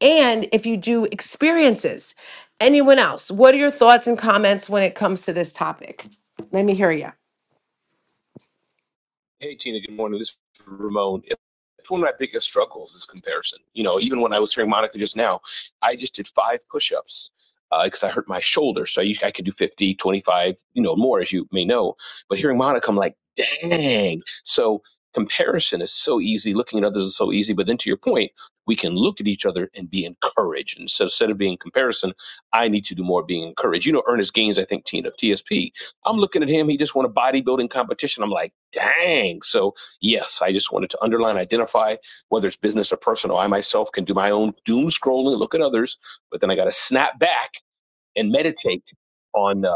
and if you do experiences Anyone else? What are your thoughts and comments when it comes to this topic? Let me hear you. hey, Tina, good morning. This is Ramon. It's one of my biggest struggles is comparison. You know, even when I was hearing Monica just now, I just did five push-ups because uh, I hurt my shoulder. So I, I could do 50, 25, you know, more as you may know. But hearing Monica, I'm like, dang. So comparison is so easy. Looking at others is so easy. But then to your point, we can look at each other and be encouraged. And so instead of being comparison, I need to do more being encouraged. You know, Ernest Gaines, I think, Tina of TSP, I'm looking at him. He just won a bodybuilding competition. I'm like, dang. So, yes, I just wanted to underline, identify whether it's business or personal. I myself can do my own doom scrolling, look at others, but then I got to snap back and meditate on, uh,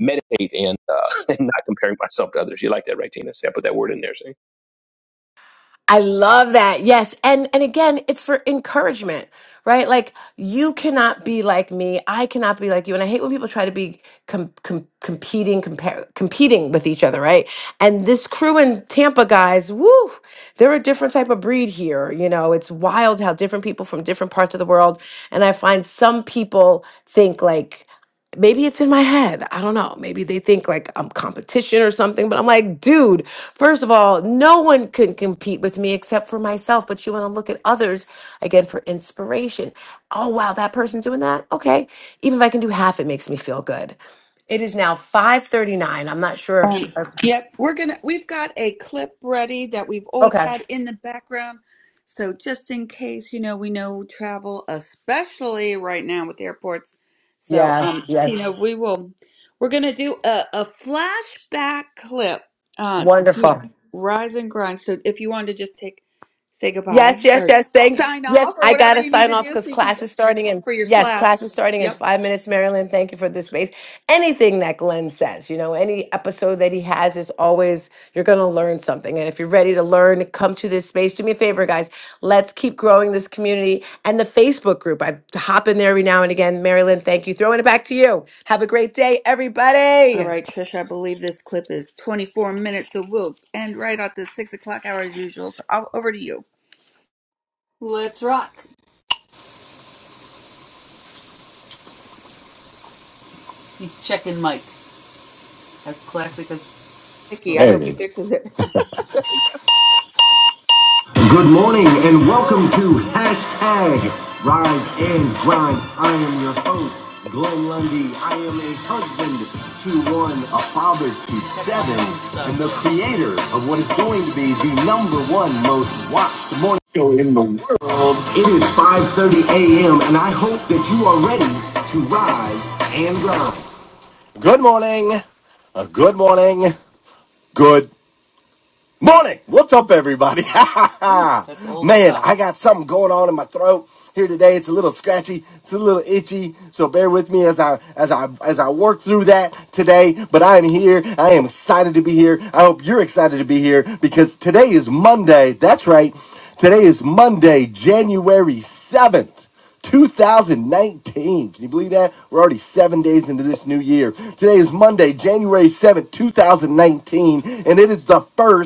meditate and, uh, and not comparing myself to others. You like that, right, Tina? See, I put that word in there. See? I love that. Yes. And and again, it's for encouragement, right? Like you cannot be like me. I cannot be like you. And I hate when people try to be com- com- competing compare competing with each other, right? And this crew in Tampa guys, woo, they're a different type of breed here, you know. It's wild how different people from different parts of the world and I find some people think like maybe it's in my head. I don't know. Maybe they think like I'm competition or something, but I'm like, dude, first of all, no one can compete with me except for myself, but you want to look at others again for inspiration. Oh, wow, that person's doing that. Okay. Even if I can do half, it makes me feel good. It is now 5:39. I'm not sure if, Um, if yep, we're gonna. We've got a clip ready that we've always okay. had in the background. So just in case, you know, we know travel, especially right now with airports. So, um, Yes, Tina, yes. we will. We're gonna do a, a flashback clip uh, to Wonderful. Rise and Grind. So if you want to just take, say goodbye Yes, yes, or yes. Thank sign off yes, or I whatever gotta you need sign to off do, because so you can class is starting in for your yes, class class. is starting in Yep. five minutes, Marilyn. Thank you for this space. Anything that Glenn says, you know, any episode that he has is always you're gonna learn something. And if you're ready to learn, come to this space. Do me a favor, guys. Let's keep growing this community and the Facebook group. I hop in there every now and again. Marilyn, thank you. Throwing it back to you. Have a great day, All everybody. right, Trish, I believe this clip is 24 minutes, so we'll end right at the 6 o'clock hour as usual. So I'll, over to you. Nikki, I There it hope he is. fixes it. Good morning and welcome to hashtag Rise and Grind. I am your host, Glenn Lundy. I am a husband to one, a father to seven, and the creator of what is going to be the number one most watched morning. It is 5.30 a.m. and I hope that you are ready to rise and grind. Good morning. Uh, Good morning. Good. Morning. What's up, everybody? Man, I got something going on in my throat here today. It's a little scratchy. It's a little itchy. So bear with me as I as I as I work through that today. But I am here. I am excited to be here. I hope you're excited to be here because today is Monday. That's right. Today is Monday, January seventh. 2019. Can you believe that? We're already seven days into this new year. Today is Monday, January 1st.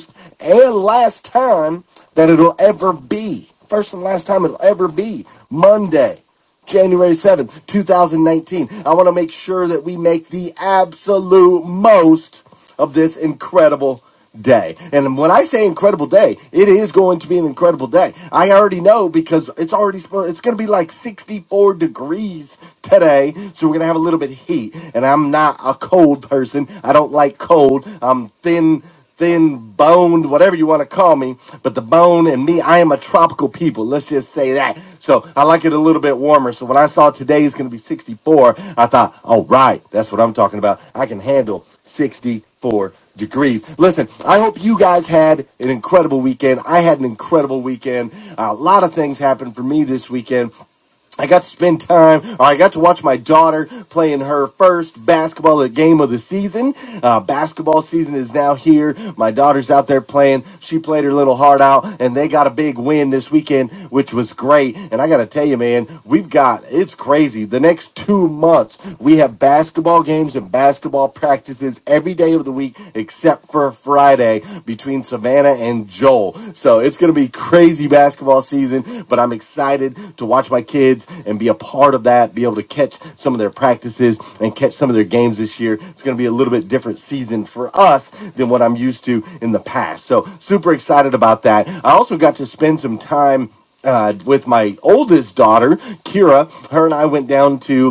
January 7th, 2019. I want to make sure that we make the absolute most of this incredible day. And when I say incredible day, it is going to be an incredible day. I already know because it's already it's going to be like 64 degrees today, so we're going to have a little bit of heat. And I'm not a cold person. I don't like cold. I'm thin thin boned, whatever you want to call me, but the bone and me, I am a tropical people. Let's just say that. So I like it a little bit warmer. So when I saw today is going to be 64, I thought, all right, that's what I'm talking about. I can handle 64 degrees. Listen, I hope you guys had an incredible weekend. I had an incredible weekend. A lot of things happened for me this weekend. I got to spend time, or I got to watch my daughter playing her first basketball game of the season. Uh, basketball season is now here. My daughter's out there playing. She played her little heart out, and they got a big win this weekend, which was great. And I got to tell you, man, we've got it's crazy. The next two months, we have basketball games and basketball practices every day day of the week except for Friday between Savannah and Joel. So it's going to be crazy basketball season, but I'm excited to watch my kids and be a part of that, be able to catch some of their practices and catch some of their games this year. It's going to be a little bit different season for us than what I'm used to in the past. So super excited about that. I also got to spend some time uh, with my oldest daughter, Kira. Her and I went down to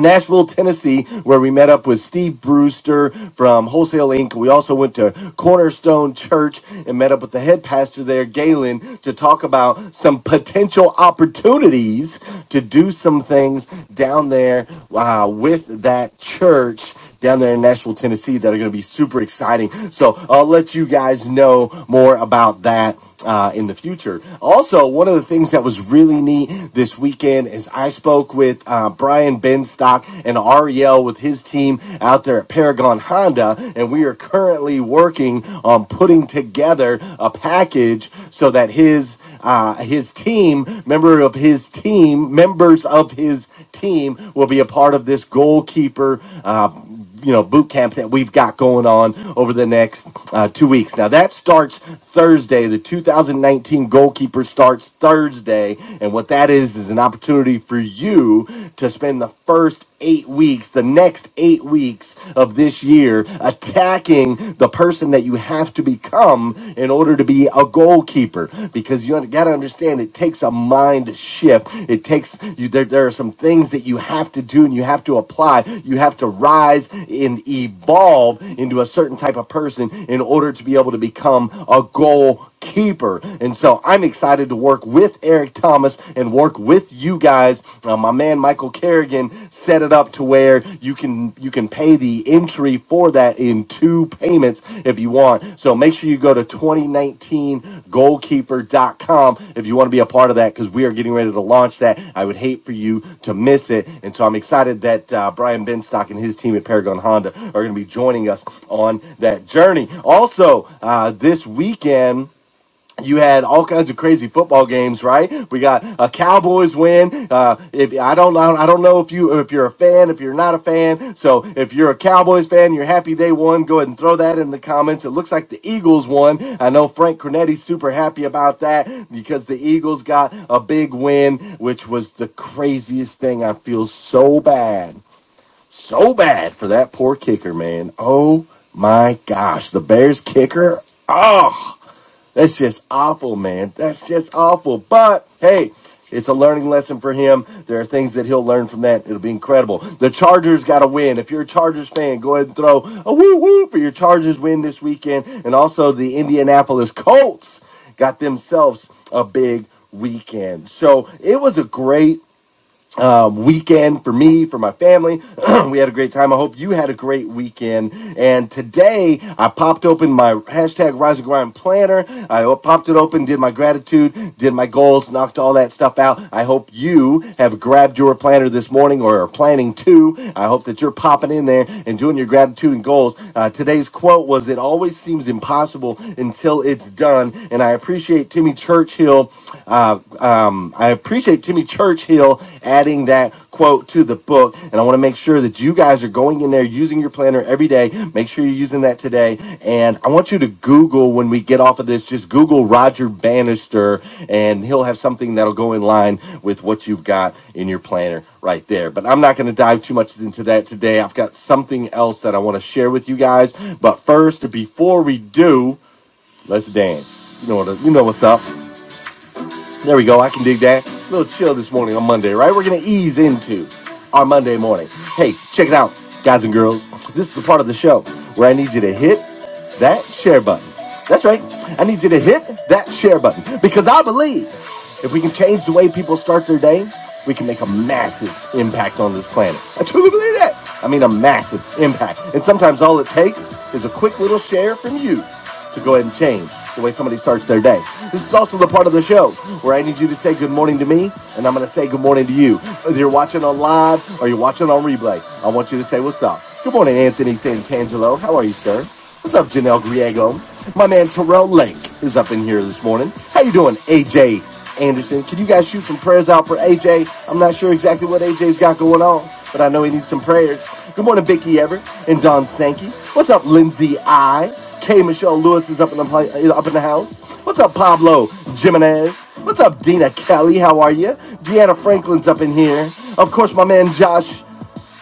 Nashville, Tennessee, where we met up with Steve Brewster from Wholesale Inc. We also went to Cornerstone Church and met up with the head pastor there, Galen, to talk about some potential opportunities to do some things down there uh, with that church down there in Nashville, Tennessee that are going to be super exciting. So I'll let you guys know more about that uh, in the future. Also, one of the things that was really neat this weekend is I spoke with uh, Brian Benstock and Ariel with his team out there at Paragon Honda, and we are currently working on putting together a package so that his uh, his team, member of his team, members of his team will be a part of this goalkeeper. Uh, you know boot camp that we've got going on over the next uh, two weeks. Now that starts Thursday. The 2019 goalkeeper starts Thursday, and what that is is an opportunity for you to spend the first eight weeks, the next eight weeks of this year, attacking the person that you have to become in order to be a goalkeeper because you got to understand it takes a mind shift. It takes you there, there are some things that you have to do and you have to apply. You have to rise and evolve into a certain type of person in order to be able to become a goal keeper. And so I'm excited to work with Eric Thomas and work with you guys. Uh, my man Michael Kerrigan set it up to where there you can you can pay the entry for that in two payments if you want so make sure you go to 2019 goalkeeper dot com if you want to be a part of that because we are getting ready to launch that i would hate for you to miss it and so i'm excited that uh, brian benstock and his team at paragon honda are going to be joining us on that journey also uh, this weekend you had all kinds of crazy football games, right? We got a Cowboys win. Uh, if I don't know, I don't know if you if you're a fan, if you're not a fan. So if you're a Cowboys fan, you're happy they won. Go ahead and throw that in the comments. It looks like the Eagles won. I know Frank Cornetti's super happy about that because the Eagles got a big win, which was the craziest thing. I feel so bad, so bad for that poor kicker, man. Oh my gosh, the Bears kicker. Oh. That's just awful, man. That's just awful. But hey, it's a learning lesson for him. There are things that he'll learn from that. It'll be incredible. The Chargers got to win. If you're a Chargers fan, go ahead and throw a woo woo for your Chargers win this weekend. And also the Indianapolis Colts got themselves a big weekend. So it was a great uh, weekend for me, for my family. we had a great time. I hope you had a great weekend. And today I popped open my hashtag Rise and Grind planner. I popped it open, did my gratitude, did my goals, knocked all that stuff out. I hope you have grabbed your planner this morning or are planning to. I hope that you're popping in there and doing your gratitude and goals. Uh, today's quote was, It always seems impossible until it's done. And I appreciate Timmy Churchill. Uh, um, I appreciate Timmy Churchill adding that quote to the book. And I want to make sure that you guys are going in there using your planner every day. Make sure you're using that today. And I want you to Google when we get off of this, just Google Roger Bannister, and he'll have something that'll go in line with what you've got in your planner right there. But I'm not going to dive too much into that today. I've got something else that I want to share with you guys. But first, before we do, let's dance. You know what? You know what's up. There we go. I can dig that. A little chill this morning on Monday, right? We're going to ease into our Monday morning. Hey, check it out, guys and girls. This is the part of the show where I need you to hit that share button. That's right. I need you to hit that share button because I believe. If we can change the way people start their day, we can make a massive impact on this planet. I truly believe that. I mean, a massive impact. And sometimes all it takes is a quick little share from you to go ahead and change the way somebody starts their day. This is also the part of the show where I need you to say good morning to me, and I'm going to say good morning to you. Whether you're watching on live or you're watching on replay, I want you to say what's up. Good morning, Anthony Santangelo. How are you, sir? What's up, Janelle Griego? My man Terrell Lake is up in here this morning. How you doing, AJ Anderson? Can you guys shoot some prayers out for AJ? I'm not sure exactly what AJ's got going on, but I know he needs some prayers. Good morning, Vicky Everett and Don Sankey. What's up, Lindsay I? K. Michelle Lewis is up in the pla- uh, up in the house. What's up, Pablo Jimenez? What's up, Dina Kelly? How are you? Deanna Franklin's up in here. Of course, my man Josh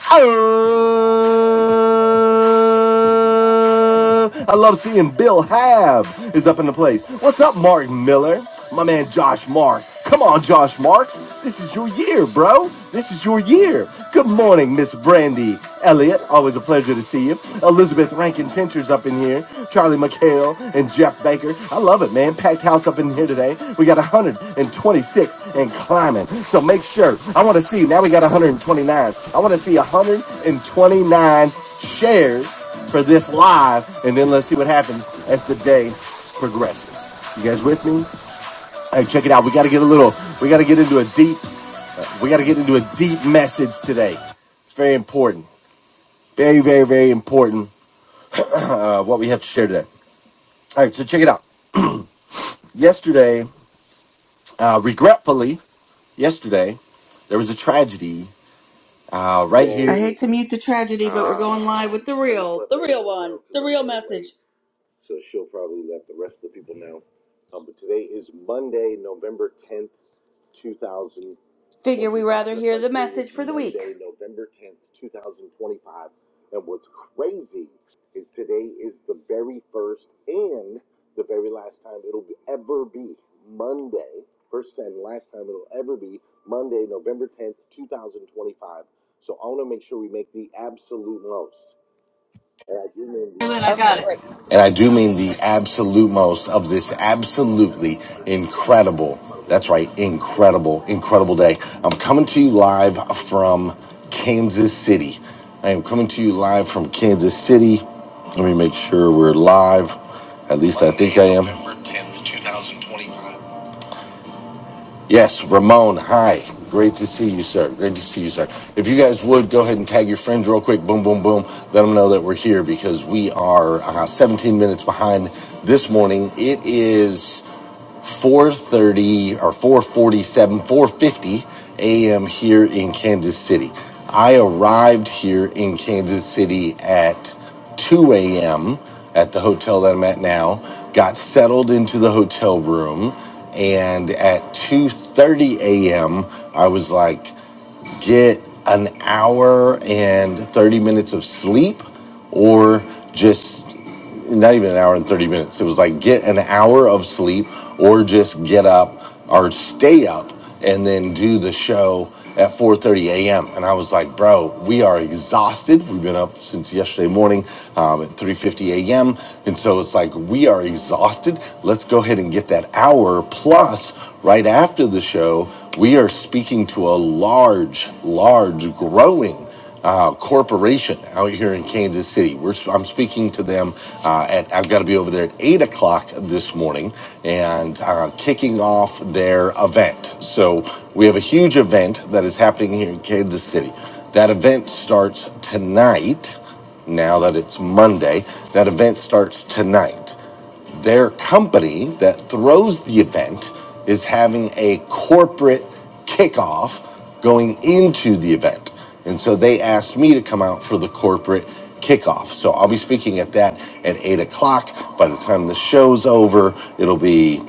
I love seeing Bill Hab is up in the place. What's up, Martin Miller? My man Josh Marks. Come on, Josh Marks. This is your year, bro. This is your year. Good morning, Miss Brandy Elliott. Always a pleasure to see you. Elizabeth Rankin Tincher's up in in here. Charlie McHale and Jeff Baker. I love it, man. Packed house up in here today. We got 126 and climbing. So make sure. I want to see. Now we got 129. I want to see 129 shares for this live, and then let's see what happens as the day progresses. You guys with me? All right, check it out. We got to get a little. We got to get into a deep. We got to get into a deep message today. It's very important. Very, very, very important uh, what we have to share today. All right, so check it out. yesterday, uh, regretfully, yesterday, there was a tragedy uh, right I here. hate to mute the tragedy, but we're going live with the real, the real one, the real message. Figure we rather hear the message for the week. Okay, great. And I do mean the absolute most of this absolutely incredible, that's right, incredible, incredible day. I'm coming to you live from Kansas City. I am coming to you live from Kansas City. Let me make sure we're live. At least. Yes, Ramon. Hi. Great to see you, sir. Great to see you, sir. If you guys would go ahead and tag your friends real quick, boom, boom, boom. Let them know that we're here because we are uh, 17 minutes behind this morning. It is. 4:30 or 4:47, 4:50 a.m. here in Kansas City. I arrived here in Kansas City at 2 a.m. at the hotel that I'm at now. Got settled into the hotel room, and at 2:30 a.m. I was like, get an hour and 30 minutes of sleep, or just not even an hour and 30 minutes. It was like get an hour of sleep or just get up or stay up and then do the show at 4:30 a.m. And I was like, bro, we are exhausted. We've been up since yesterday morning um, at 3:50 a.m. And so it's like we are exhausted. Let's go ahead and get that hour plus right after the show. We are speaking to a large, large, growing uh, corporation out here in Kansas City. We're, I'm speaking to them uh, at, I've got to be over there at 8 o'clock this morning and uh, kicking off their event. So we have a huge event that is happening here in Kansas City. That event starts tonight now that it's Monday. That event starts tonight their company that throws the event is having a corporate kickoff going into the event. And so they asked me to come out for the corporate kickoff. So I'll be speaking at that at eight o'clock. By the time the show's over, it'll be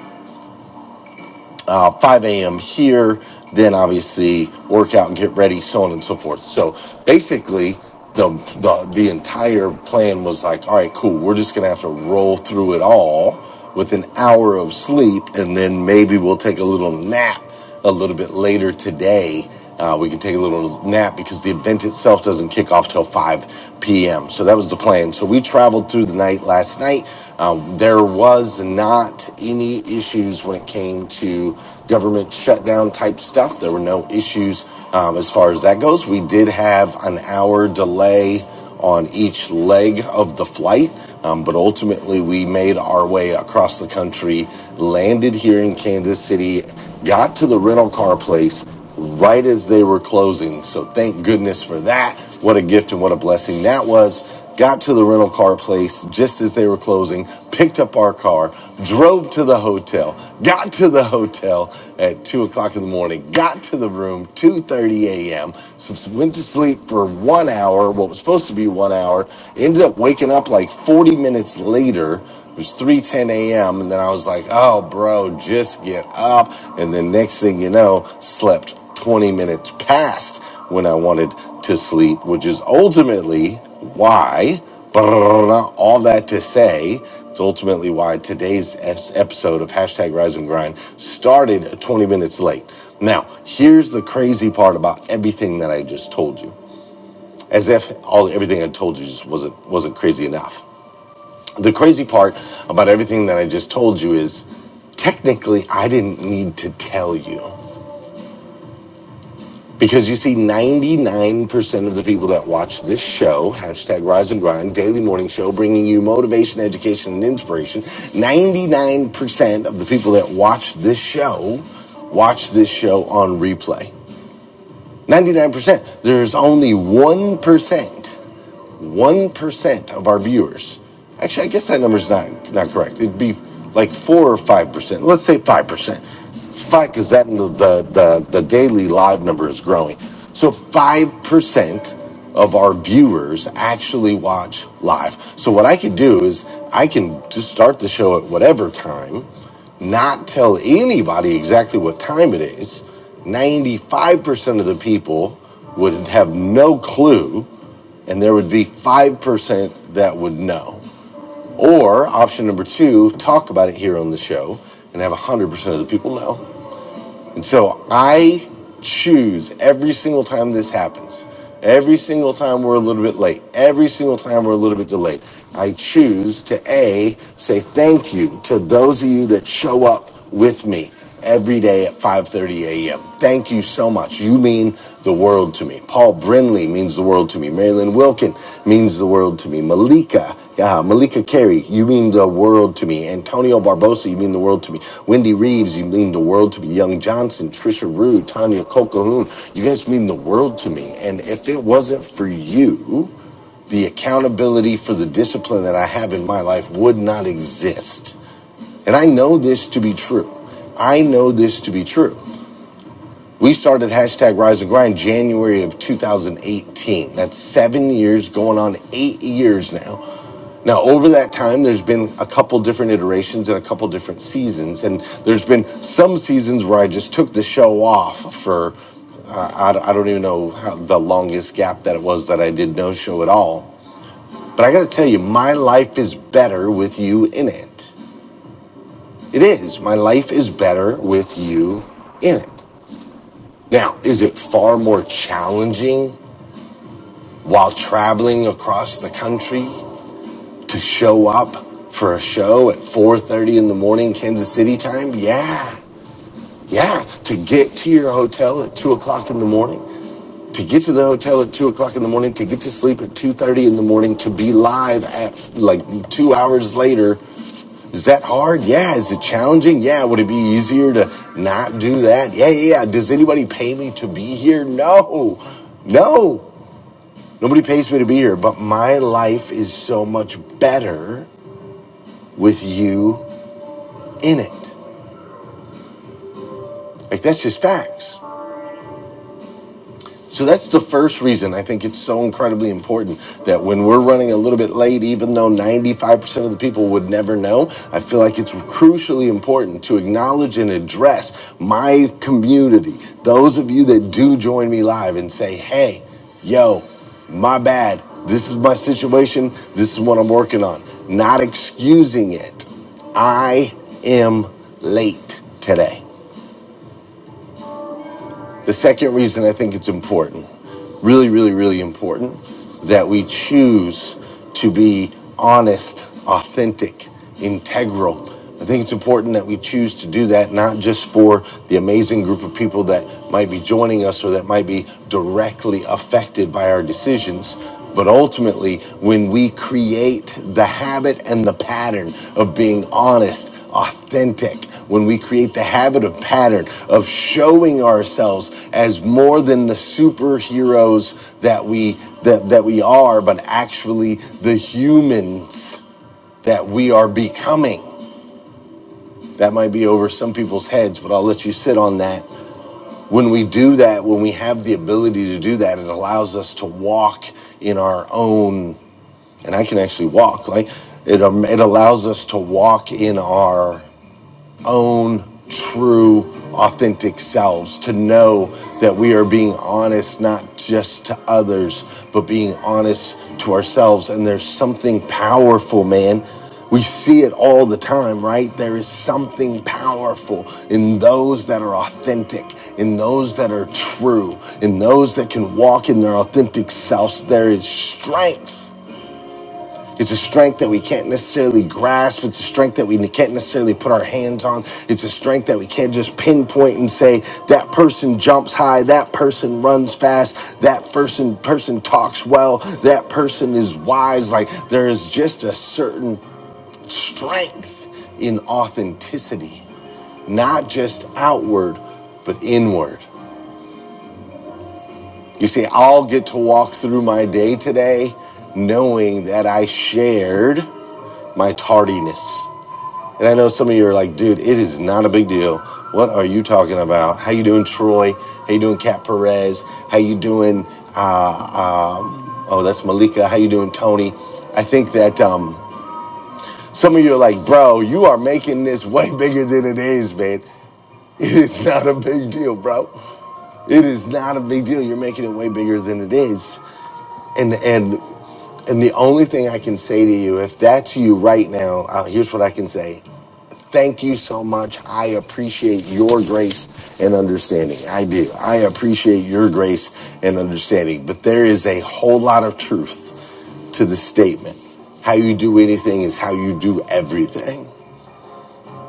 uh, 5 a.m. here, then obviously work out and get ready, so on and so forth. So basically, the, the the entire plan was like, all right, cool. We're just gonna have to roll through it all with an hour of sleep, and then maybe we'll take a little nap a little bit later today. Uh, we can take a little nap because the event itself doesn't kick off till 5 p.m. So that was the plan. So we traveled through the night last night. Um, there was not any issues when it came to government shutdown type stuff. There were no issues um, as far as that goes. We did have an hour delay on each leg of the flight. Um, but ultimately, we made our way across the country, landed here in Kansas City, got to the rental car place right as they were closing. So thank goodness for that. What a gift and what a blessing that was got to the rental car place just as they were closing, picked up our car, drove to the hotel, got to the hotel at two o'clock in the morning, got to the room 2.30 a.m., so went to sleep for one hour, what was supposed to be one hour, ended up waking up like 40 minutes later it was 3:10 a.m. and then I was like, "Oh, bro, just get up." And then next thing you know, slept 20 minutes past when I wanted to sleep, which is ultimately why brrrr, all that to say, it's ultimately why today's episode of hashtag Rise and Grind started 20 minutes late. Now, here's the crazy part about everything that I just told you, as if all everything I told you just wasn't wasn't crazy enough. The crazy part about everything that I just told you is technically I didn't need to tell you. Because you see, 99% of the people that watch this show, hashtag Rise and Grind, daily morning show, bringing you motivation, education, and inspiration, 99% of the people that watch this show watch this show on replay. 99%. There's only 1% 1% of our viewers. Actually, I guess that number's not, not correct. It'd be like 4 or 5%. Let's say 5%. 5 because that the, the, the, daily live number is growing. So 5% of our viewers actually watch live. So what I could do is I can just start the show at whatever time, not tell anybody exactly what time it is. 95% of the people would have no clue and there would be 5% that would know. Or option number two, talk about it here on the show and have 100% of the people know. And so I choose every single time this happens, every single time we're a little bit late, every single time we're a little bit delayed, I choose to A, say thank you to those of you that show up with me every day at 5.30 a.m. Thank you so much. You mean the world to me. Paul Brindley means the world to me. Marilyn Wilkin means the world to me. Malika yeah, Malika Carey, you mean the world to me. Antonio Barbosa, you mean the world to me. Wendy Reeves, you mean the world to me. Young Johnson, Trisha Rude, Tanya Colquhoun, you guys mean the world to me. And if it wasn't for you, the accountability for the discipline that I have in my life would not exist. And I know this to be true. I know this to be true. We started hashtag Rise and Grind January of 2018. That's seven years, going on eight years now. Now, over that time, there's been a couple different iterations and a couple different seasons, and there's been some seasons where I just took the show off for uh, I, don't- I don't even know how the longest gap that it was that I did no show at all. But I got to tell you, my life is better with you in it. It is. My life is better with you in it. Now, is it far more challenging while traveling across the country? to show up for a show at 4.30 in the morning kansas city time yeah yeah to get to your hotel at 2 o'clock in the morning to get to the hotel at 2 o'clock in the morning to get to sleep at 2.30 in the morning to be live at like two hours later is that hard yeah is it challenging yeah would it be easier to not do that yeah yeah yeah does anybody pay me to be here no no nobody pays me to be here but my life is so much better with you in it. Like that's just facts. So that's the first reason I think it's so incredibly important that when we're running a little bit late, even though 95% of the people would never know, I feel like it's crucially important to acknowledge and address my community, those of you that do join me live and say, hey, yo, my bad. This is my situation. This is what I'm working on. Not excusing it. I am late today. The second reason I think it's important, really, really, really important, that we choose to be honest, authentic, integral. I think it's important that we choose to do that, not just for the amazing group of people that might be joining us or that might be directly affected by our decisions, but ultimately when we create the habit and the pattern of being honest, authentic, when we create the habit of pattern of showing ourselves as more than the superheroes that we that, that we are, but actually the humans that we are becoming. That might be over some people's heads, but I'll let you sit on that. When we do that, when we have the ability to do that, it allows us to walk in our own, and I can actually walk, like it, um, it allows us to walk in our own true, authentic selves, to know that we are being honest, not just to others, but being honest to ourselves. And there's something powerful, man. We see it all the time, right? There is something powerful in those that are authentic, in those that are true, in those that can walk in their authentic selves. There is strength. It's a strength that we can't necessarily grasp. It's a strength that we can't necessarily put our hands on. It's a strength that we can't just pinpoint and say that person jumps high, that person runs fast, that person person talks well, that person is wise. Like there is just a certain strength in authenticity, not just outward, but inward. You see, I'll get to walk through my day today knowing that I shared my tardiness. And I know some of you are like, dude, it is not a big deal. What are you talking about? How you doing, Troy? How you doing, Kat Perez? How you doing? Uh, um, oh, that's Malika. How you doing, Tony? I think that um, some of you are like, bro, you are making this way bigger than it is, man. It is not a big deal, bro. It is not a big deal. You're making it way bigger than it is. And and and the only thing I can say to you, if that's you right now, uh, here's what I can say. Thank you so much. I appreciate your grace and understanding. I do. I appreciate your grace and understanding. But there is a whole lot of truth to the statement. How you do anything is how you do everything.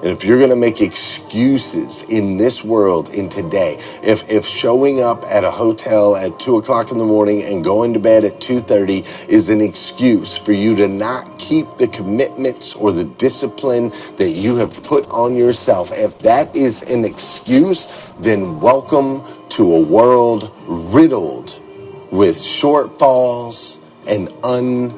And if you're going to make excuses in this world, in today, if if showing up at a hotel at two o'clock in the morning and going to bed at two thirty is an excuse for you to not keep the commitments or the discipline that you have put on yourself, if that is an excuse, then welcome to a world riddled with shortfalls and uncertainty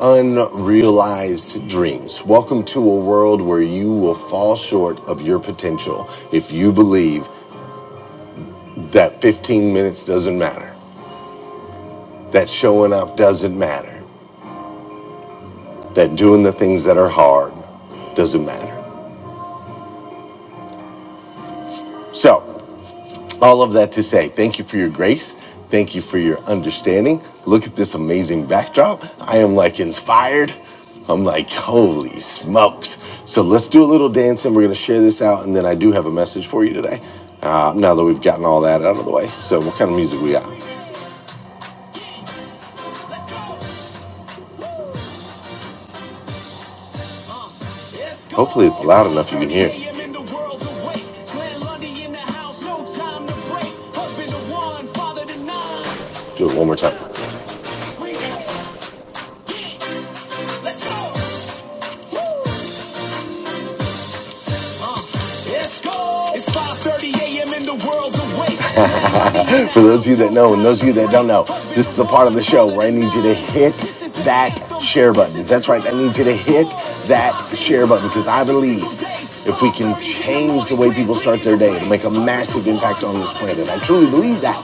unrealized dreams. Welcome to a world where you will fall short of your potential if you believe that 15 minutes doesn't matter, that showing up doesn't matter, that doing the things that are hard doesn't matter. So, All of that to say, thank you for your grace. Thank you for your understanding. Look at this amazing backdrop. I am like inspired. I'm like, holy smokes. So let's do a little dancing. we're going to share this out. And then I do have a message for you today. Uh, now that we've gotten all that out of the way. So, what kind of music we got? Hopefully, it's loud enough you can hear. Do it one more time. Let's go. It's 5:30 a.m. and the world's awake. For those of you that know, and those of you that don't know, this is the part of the show where I need you to hit that share button. That's right, I need you to hit that share button because I believe if we can change the way people start their day, it'll make a massive impact on this planet. I truly believe that.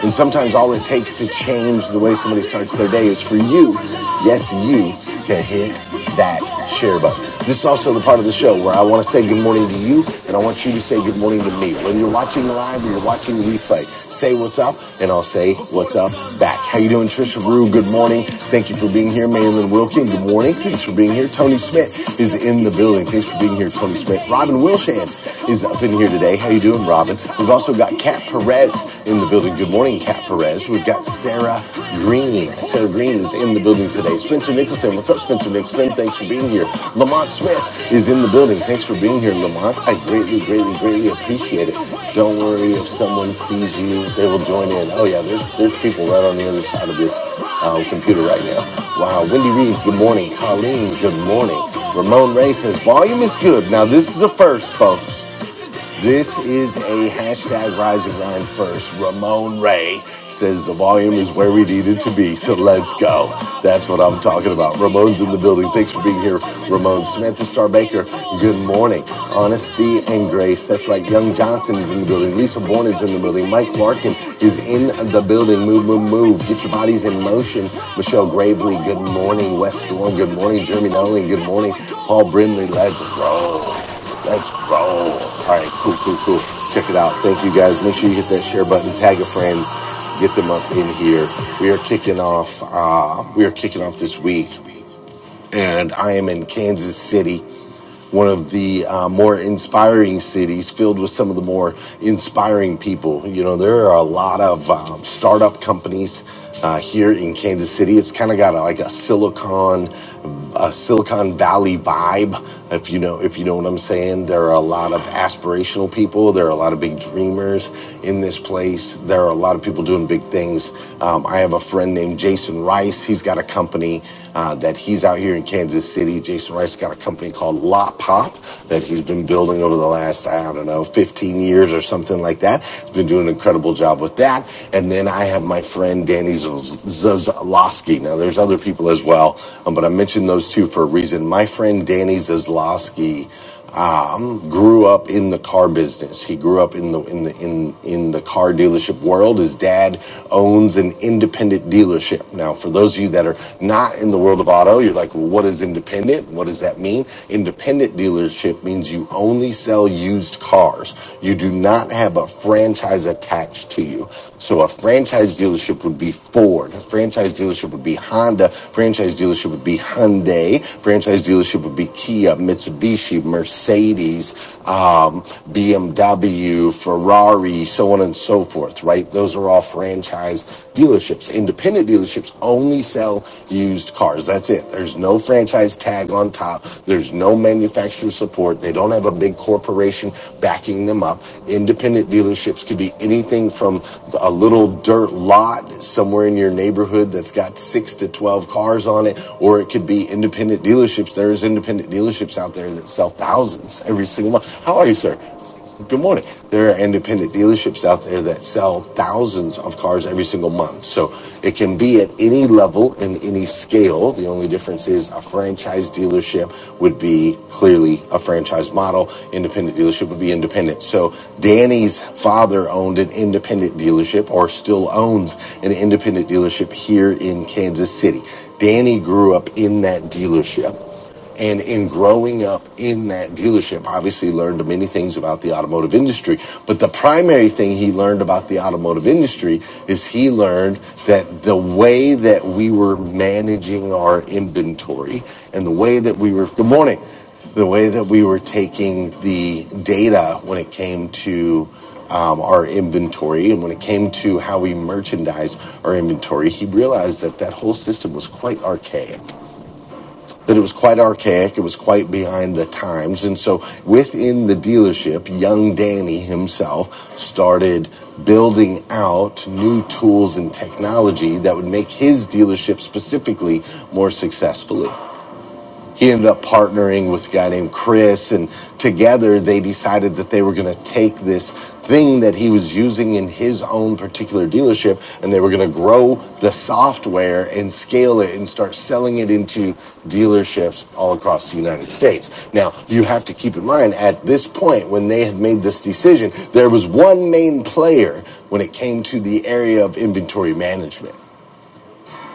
And sometimes all it takes to change the way somebody starts their day is for you, yes, you, to hit that share button. This is also the part of the show where I want to say good morning to you, and I want you to say good morning to me. Whether you're watching live or you're watching the replay, say what's up what's up, and I'll say what's up back. How you doing, Trisha Rue? Good morning. Thank you for being here. Maylin Wilkin, good morning. Thanks for being here. Tony Smith is in the building. Thanks for being here, Tony Smith. Robin Wilshans is up in here today. How you doing, Robin? We've also got Kat Perez in the building. Good morning, Kat Perez. We've got Sarah Green. Sarah Green is in the building today. Spencer Nicholson, Spencer. What's up, Spencer Nixon? Thanks for being here. Lamont Smith is in the building. Thanks for being here, Lamont. I greatly, greatly, greatly appreciate it. Don't worry if someone sees you, they will join in. Oh yeah, there's there's people right on the other side of this uh, computer right now. Wow, Wendy Reeves, good morning. Colleen, good morning. Ramon Ray says volume is good. Now this is a first, folks. This is a hashtag rising and Grind first. Ramon Ray says the volume is where we needed to be, so let's go. That's what I'm talking about. Ramon's in the building. Thanks for being here, Ramon. Samantha Star Baker, good morning. Honesty and Grace, that's right. Young Johnson is in the building. Lisa Bourne is in the building. Mike Larkin is in the building. Move, move, move. Get your bodies in motion. Michelle Gravely, good morning. Wes Storm, good morning. Jeremy Nolan, good morning. Paul Brindley, let's roll. Let's roll. All right, cool, cool, cool. Check it out. Thank you guys. Make sure you hit that share button, tag your friends, get them up in here. We are kicking off. Uh, we are kicking off this week, and I am in Kansas City, one of the uh, more inspiring cities, filled with some of the more inspiring people. You know, there are a lot of um, startup companies uh, here in Kansas City. It's kind of got a, like a Silicon Valley a Silicon Valley vibe. If you know, if you know what I'm saying, there are a lot of aspirational people. There are a lot of big dreamers in this place. There are a lot of people doing big things. Um, I have a friend named Jason Rice. He's got a company uh, that he's out here in Kansas City. Jason Rice got a company called Lot Pop that he's been building over the last I don't know 15 years or something like that. He's been doing an incredible job with that that. And then I have my friend Danny Zazlowski. Now, there's other people as well, um, but I mentioned those two for a reason. My friend Danny Zazlowski um, grew up in the car business. He grew up in the in the in in the car dealership world. His dad owns an independent dealership. Now, for those of you that are not in the world of auto, you're like, well, what is independent? What does that mean? Independent independent dealership means you only sell used cars. You do not have a franchise attached to you. So a franchise dealership would be Ford. A franchise dealership would be Honda. A Franchise dealership would be Hyundai. A Franchise dealership would be Kia, Mitsubishi, Mercedes, um, BMW, Ferrari, so on and so forth, right? Those are all franchise dealerships. Independent independent dealerships only sell used cars. That's it. There's no franchise tag on top. There's no manufacturer support. They don't have a big corporation backing them up. Independent dealerships could be anything from a little dirt lot somewhere in your neighborhood that's got six to 12 cars on it, or it could be independent dealerships. There's independent dealerships out there that sell thousands every single month. How are you, sir? Good morning. There are independent dealerships out there that sell thousands of cars every single month. So it can be at any level and any scale. The only difference is a franchise dealership would be clearly a franchise model. Independent dealership would be independent. So Danny's father owned an independent dealership or still owns an independent dealership here in Kansas City. Danny grew up in that dealership. And in growing up in that dealership, obviously learned many things about the automotive industry. But the primary thing he learned about the automotive industry is he learned that the way that we were managing our inventory and the way that we were, good morning, the way that we were taking the data when it came to um, our inventory and when it came to how we merchandise our inventory, he realized that that whole system was quite archaic that it was quite archaic, it was quite behind the times. And so within the dealership, young Danny himself started building out new tools and technology that would make his dealership specifically more successfully he ended up partnering with a guy named Chris, and together they decided that they were going to take this thing that he was using in his own particular dealership and they were going to grow the software and scale it and start selling it into dealerships all across the United States. Now, you have to keep in mind at this point when they had made this decision, there was one main player when it came to the area of inventory management.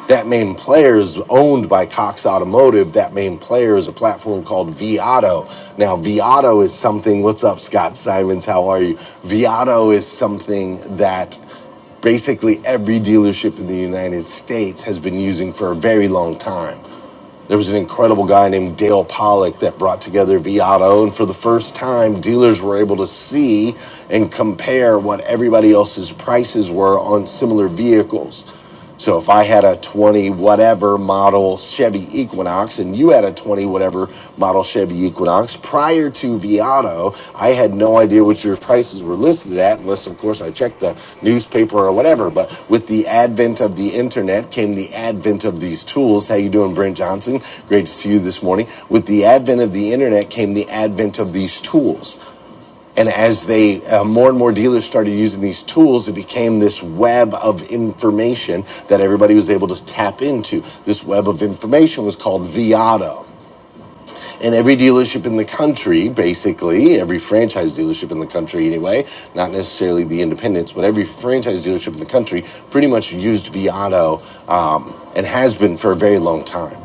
That main player is owned by Cox Automotive. That main player is a platform called Viato. Now, Viato is something, what's up, Scott Simons? How are you? Viato is something that basically every dealership in the United States has been using for a very long time. There was an incredible guy named Dale Pollock that brought together Viato, and for the first time, dealers were able to see and compare what everybody else's prices were on similar vehicles. So if I had a 20 whatever model Chevy Equinox and you had a 20 whatever model Chevy Equinox prior to Viado, I had no idea what your prices were listed at unless of course I checked the newspaper or whatever. But with the advent of the internet came the advent of these tools. How you doing Brent Johnson? Great to see you this morning. With the advent of the internet came the advent of these tools. And as they uh, more and more dealers started using these tools, it became this web of information that everybody was able to tap into. This web of information was called Viato, And every dealership in the country, basically, every franchise dealership in the country anyway, not necessarily the independents, but every franchise dealership in the country pretty much used Viato um, and has been for a very long time.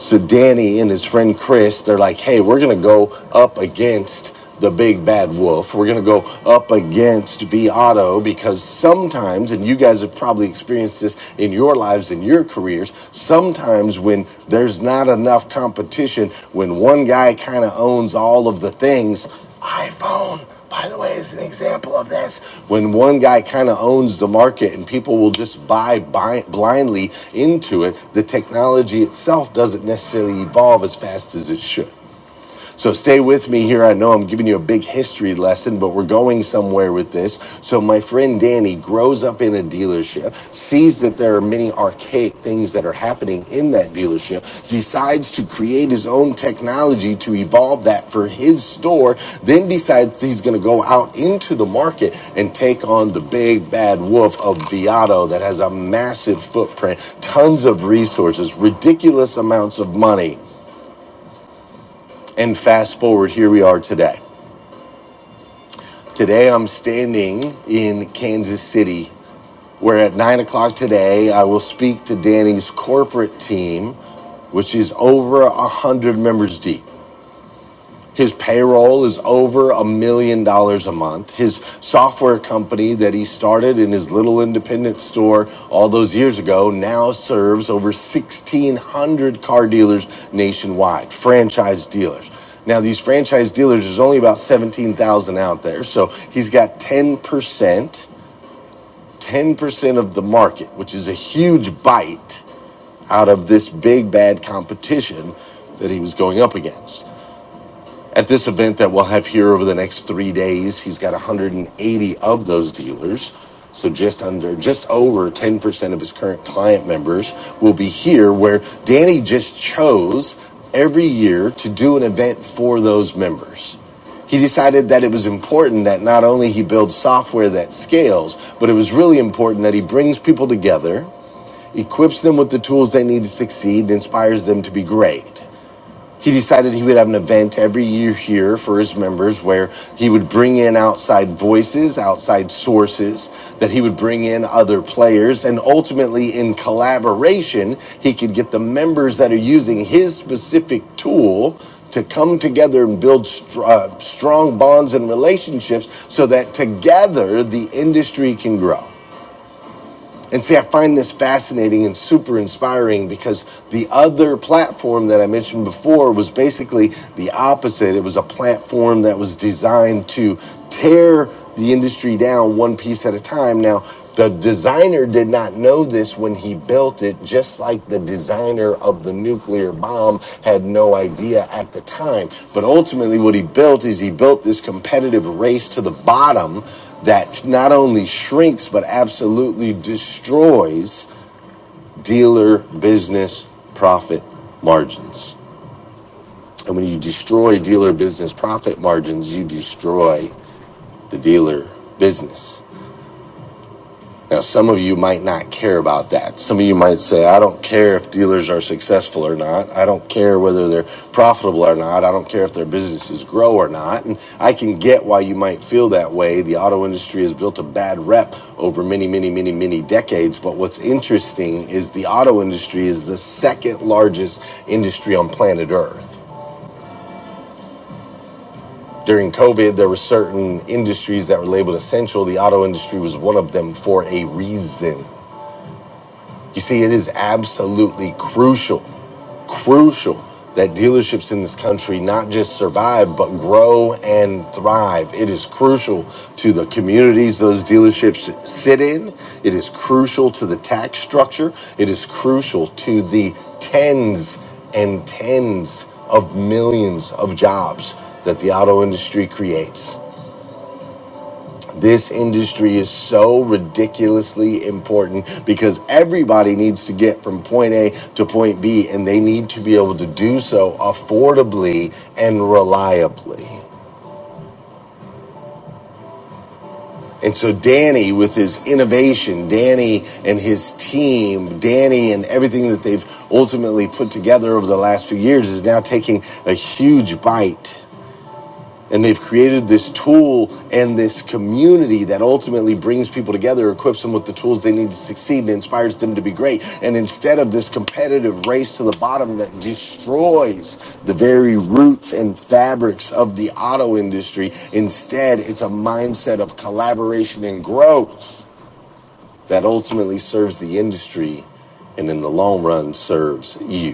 So Danny and his friend Chris, they're like, hey, we're going to go up against the big bad wolf. We're going to go up against V Auto because sometimes, and you guys have probably experienced this in your lives, in your careers, sometimes when there's not enough competition, when one guy kind of owns all of the things, iPhone, by the way, is an example of this. When one guy kind of owns the market and people will just buy, buy blindly into it, the technology itself doesn't necessarily evolve as fast as it should. So stay with me here. I know I'm giving you a big history lesson, but we're going somewhere with this. So my friend Danny grows up in a dealership, sees that there are many archaic things that are happening in that dealership, decides to create his own technology to evolve that for his store, then decides he's going to go out into the market and take on the big bad wolf of Viato that has a massive footprint, tons of resources, ridiculous amounts of money. And fast forward, here we are today. Today I'm standing in Kansas City, where at nine o'clock today I will speak to Danny's corporate team, which is over a hundred members deep. His payroll is over a million dollars a month. His software company that he started in his little independent store all those years ago now serves over 1,600 car dealers nationwide, franchise dealers. Now, these franchise dealers, there's only about 17,000 out there. So he's got 10%, 10% of the market, which is a huge bite out of this big bad competition that he was going up against. At this event that we'll have here over the next three days, he's got 180 of those dealers. So just under, just over 10% of his current client members will be here where Danny just chose every year to do an event for those members. He decided that it was important that not only he builds software that scales, but it was really important that he brings people together, equips them with the tools they need to succeed, and inspires them to be great. He decided he would have an event every year here for his members where he would bring in outside voices, outside sources, that he would bring in other players, and ultimately, in collaboration, he could get the members that are using his specific tool to come together and build str- uh, strong bonds and relationships so that together the industry can grow. And see, I find this fascinating and super inspiring because the other platform that I mentioned before was basically the opposite. It was a platform that was designed to tear the industry down one piece at a time. Now, the designer did not know this when he built it, just like the designer of the nuclear bomb had no idea at the time. But ultimately, what he built is he built this competitive race to the bottom that not only shrinks, but absolutely destroys dealer business profit margins. And when you destroy dealer business profit margins, you destroy the dealer business. Now, some of you might not care about that. Some of you might say, I don't care if dealers are successful or not. I don't care whether they're profitable or not. I don't care if their businesses grow or not. And I can get why you might feel that way. The auto industry has built a bad rep over many, many, many, many decades. But what's interesting is the auto industry is the second largest industry on planet Earth during COVID, there were certain industries that were labeled essential. The auto industry was one of them for a reason. You see, it is absolutely crucial, crucial that dealerships in this country not just survive, but grow and thrive. It is crucial to the communities those dealerships sit in. It is crucial to the tax structure. It is crucial to the tens and tens of millions of jobs that the auto industry creates. This industry is so ridiculously important because everybody needs to get from point A to point B and they need to be able to do so affordably and reliably. And so Danny with his innovation, Danny and his team, Danny and everything that they've ultimately put together over the last few years is now taking a huge bite And they've created this tool and this community that ultimately brings people together, equips them with the tools they need to succeed, and inspires them to be great. And instead of this competitive race to the bottom that destroys the very roots and fabrics of the auto industry, instead, it's a mindset of collaboration and growth that ultimately serves the industry and in the long run serves you.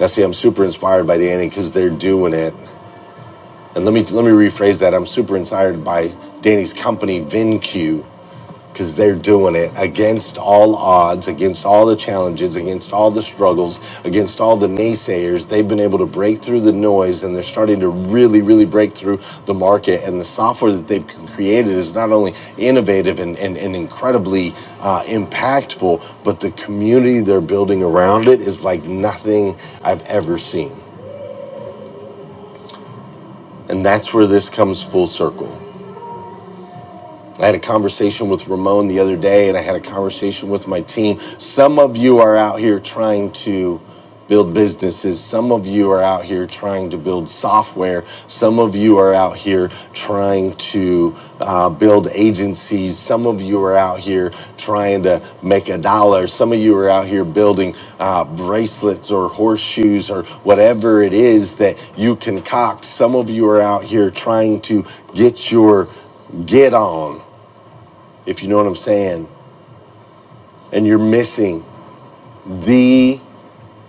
Now, see, I'm super inspired by Danny because they're doing it. And let me let me rephrase that. I'm super inspired by Danny's company VinQ because they're doing it against all odds, against all the challenges, against all the struggles, against all the naysayers. They've been able to break through the noise and they're starting to really really break through the market and the software that they've created is not only innovative and, and, and incredibly uh, impactful, but the community they're building around it is like nothing I've ever seen. And that's where this comes full circle. I had a conversation with Ramon the other day, and I had a conversation with my team. Some of you are out here trying to build businesses. Some of you are out here trying to build software. Some of you are out here trying to uh, build agencies. Some of you are out here trying to make a dollar. Some of you are out here building uh, bracelets or horseshoes or whatever it is that you concoct. Some of you are out here trying to get your get on if you know what I'm saying. And you're missing the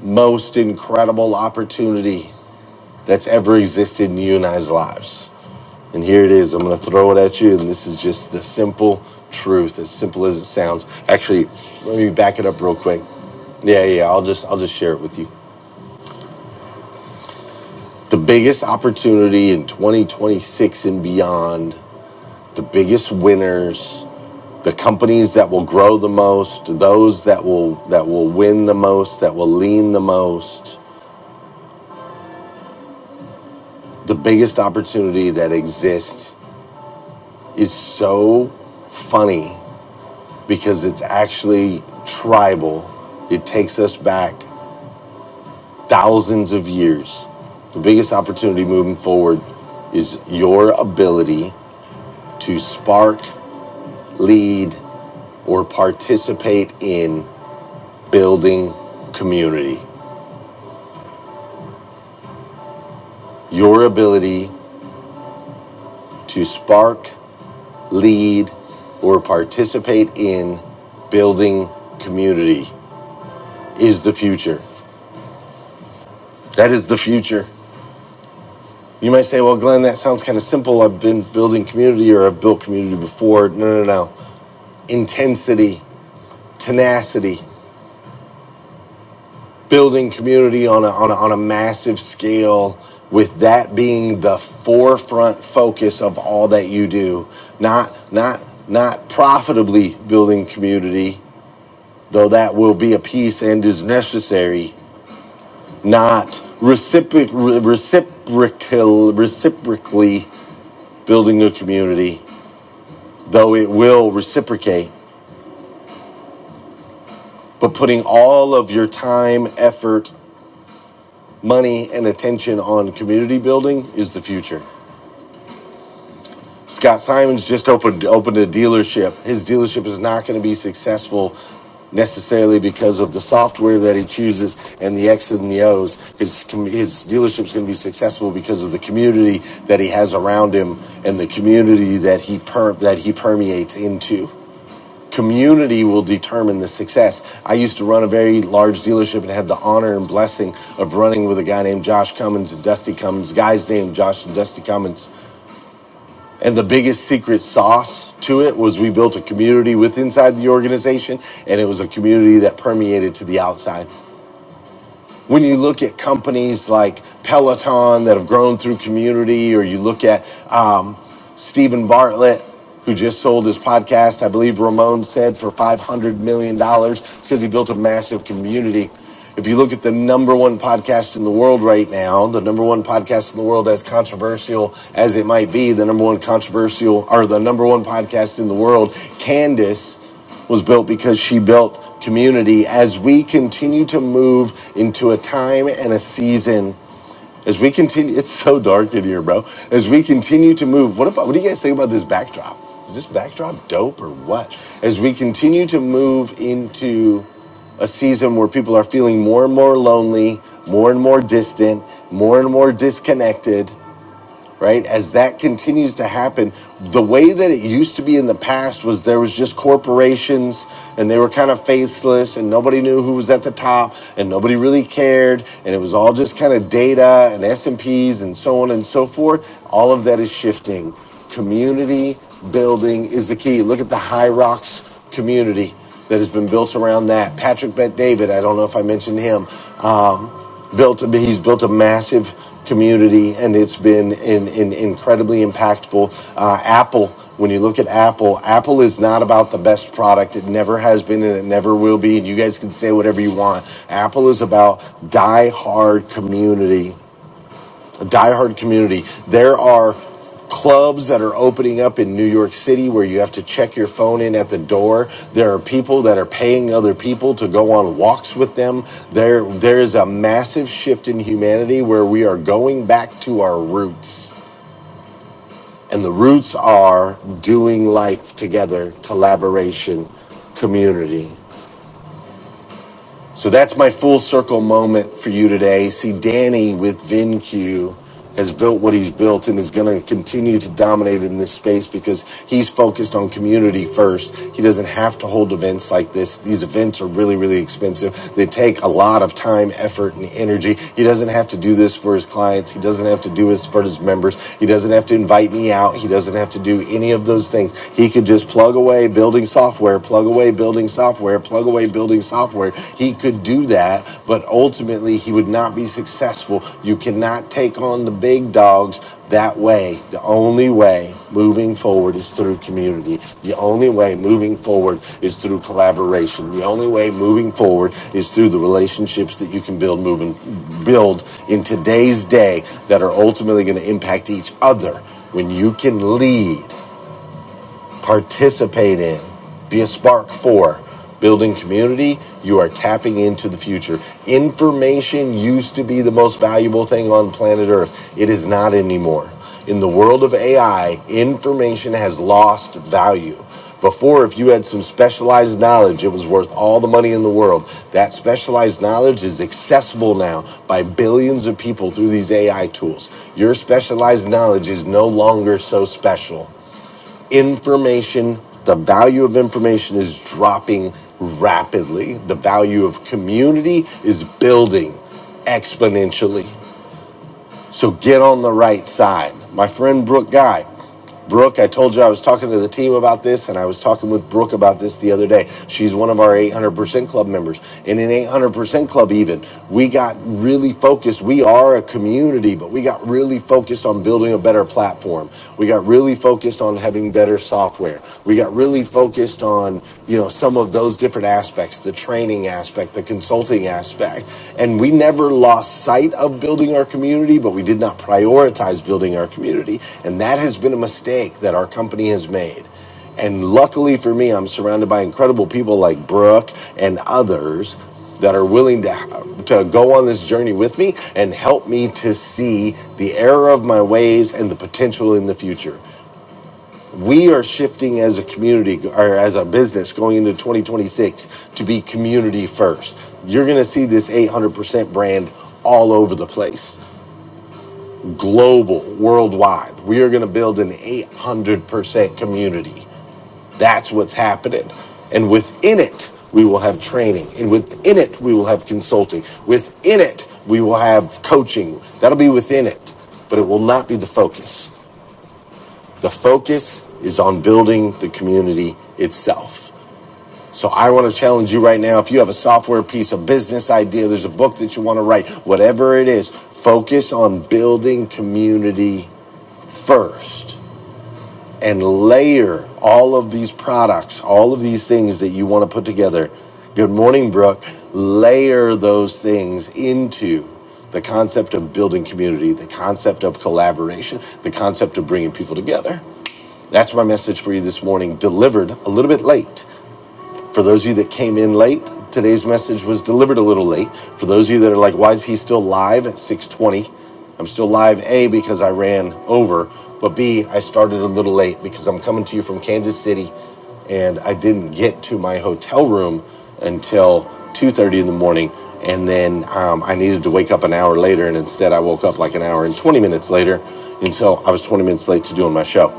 most incredible opportunity that's ever existed in you and I's lives. And here it is. I'm going to throw it at you. And this is just the simple truth, as simple as it sounds. Actually, let me back it up real quick. Yeah, yeah. I'll just I'll just share it with you. The biggest opportunity in 2026 and beyond, the biggest winners, the companies that will grow the most, those that will that will win the most, that will lean the most, the biggest opportunity that exists is so funny because it's actually tribal. It takes us back thousands of years. The biggest opportunity moving forward is your ability to spark, lead, or participate in building community. Your ability to spark, lead, or participate in building community. is the future. That is the future. You might say, well, Glenn, that sounds kind of simple. I've been building community or I've built community before. No, no, no. Intensity, tenacity, building community on a, on a, on a massive scale, with that being the forefront focus of all that you do. Not, not, not profitably building community, though that will be a piece and is necessary, not reciproc- reciprocal, reciprocally building a community, though it will reciprocate, but putting all of your time, effort, money, and attention on community building is the future. Scott Simons just opened opened a dealership. His dealership is not going to be successful necessarily because of the software that he chooses and the X's and the O's. His com- his dealership's going to be successful because of the community that he has around him and the community that he per- that he permeates into. community will determine the success. I used to run a very large dealership and had the honor and blessing of running with a guy named Josh Cummins and Dusty Cummins, guys named Josh and Dusty Cummins. And the biggest secret sauce to it was we built a community with inside the organization and it was a community that permeated to the outside when you look at companies like Peloton that have grown through community, or you look at um, Stephen Bartlett, who just sold his podcast, I believe Ramon said, for $500 million, dollars. it's because he built a massive community. If you look at the number one podcast in the world right now, the number one podcast in the world, as controversial as it might be, the number one controversial or the number one podcast in the world, Candace was built because she built community as we continue to move into a time and a season as we continue it's so dark in here bro as we continue to move what if what do you guys think about this backdrop is this backdrop dope or what as we continue to move into a season where people are feeling more and more lonely more and more distant more and more disconnected right? As that continues to happen, the way that it used to be in the past was there was just corporations and they were kind of faceless and nobody knew who was at the top and nobody really cared and it was all just kind of data and S&Ps and Ps and so on and so forth. All of that is shifting Community building is the key. Look at the High Rocks community that has been built around that. Patrick Bet David, I don't know if I mentioned him, um, built he's built a massive community and it's been in, in incredibly impactful. Uh, Apple, when you look at Apple, Apple is not about the best product. It never has been and it never will be. And you guys can say whatever you want. Apple is about die hard community a diehard community. There are clubs that are opening up in New York City where you have to check your phone in at the door. There are people that are paying other people to go on walks with them. There there is a massive shift in humanity where we are going back to our roots. And the roots are doing life together, collaboration, community. So that's my full circle moment for you today. See, Danny with VinQ has built what he's built and is going to continue to dominate in this space because he's focused on community first. He doesn't have to hold events like this. These events are really, really expensive. They take a lot of time, effort, and energy. He doesn't have to do this for his clients. He doesn't have to do this for his members. He doesn't have to invite me out. He doesn't have to do any of those things. He could just plug away building software software, plug away building software, plug away building software. He could do that, but ultimately he would not be successful. You cannot take on the big dogs that way. The only way moving forward is through community. The only way moving forward is through collaboration. The only way moving forward is through the relationships that you can build moving build in today's day that are ultimately going to impact each other. When you can lead participate in, be a spark for building community. You are tapping into the future. Information used to be the most valuable thing on planet Earth, it is not anymore. In the world of AI, information has lost value. Before, if you had some specialized knowledge, it was worth all the money in the world. That specialized knowledge is accessible now by billions of people through these AI tools. Your specialized knowledge is no longer so special information, the value of information is dropping rapidly. The value of community is building exponentially. So get on the right side. My friend Brooke Guy. Brooke, I told you I was talking to the team about this, and I was talking with Brooke about this the other day. She's one of our 800% Club members. And in 800% Club, even, we got really focused. We are a community, but we got really focused on building a better platform. We got really focused on having having better software. We got really focused on, you know, some of those different aspects, the training aspect, the consulting aspect. And we never lost sight of building our community, but we did not prioritize building our community. And that has been a mistake that our company has made. And luckily for me, I'm surrounded by incredible people like Brooke and others that are willing to to go on this journey with me and help me to see the error of my ways and the potential in the future we are shifting as a community or as a business going into 2026 to be community first. You're going to see this 800% brand all over the place, global, worldwide. We are going to build an 800% community. That's what's happening. And within it, we will have training. And within it, we will have consulting. Within it, we will have coaching. That'll be within it, but it will not be the focus. The focus is on building the community itself. So I want to challenge you right now. If you have a software piece, a business idea, there's a book that you want to write, whatever it is, focus on building community first and layer all of these products, all of these things that you want to put together. Good morning, Brooke. Layer those things into the concept of building community, the concept of collaboration, the concept of bringing people together. That's my message for you this morning, delivered a little bit late. For those of you that came in late, today's message was delivered a little late. For those of you that are like, why is he still live at 620? I'm still live, A, because I ran over, but B, I started a little late because I'm coming to you from Kansas City and I didn't get to my hotel room until 2.30 in the morning. And then um, I needed to wake up an hour later and instead I woke up like an hour and 20 minutes later. And so I was 20 minutes late to doing my show.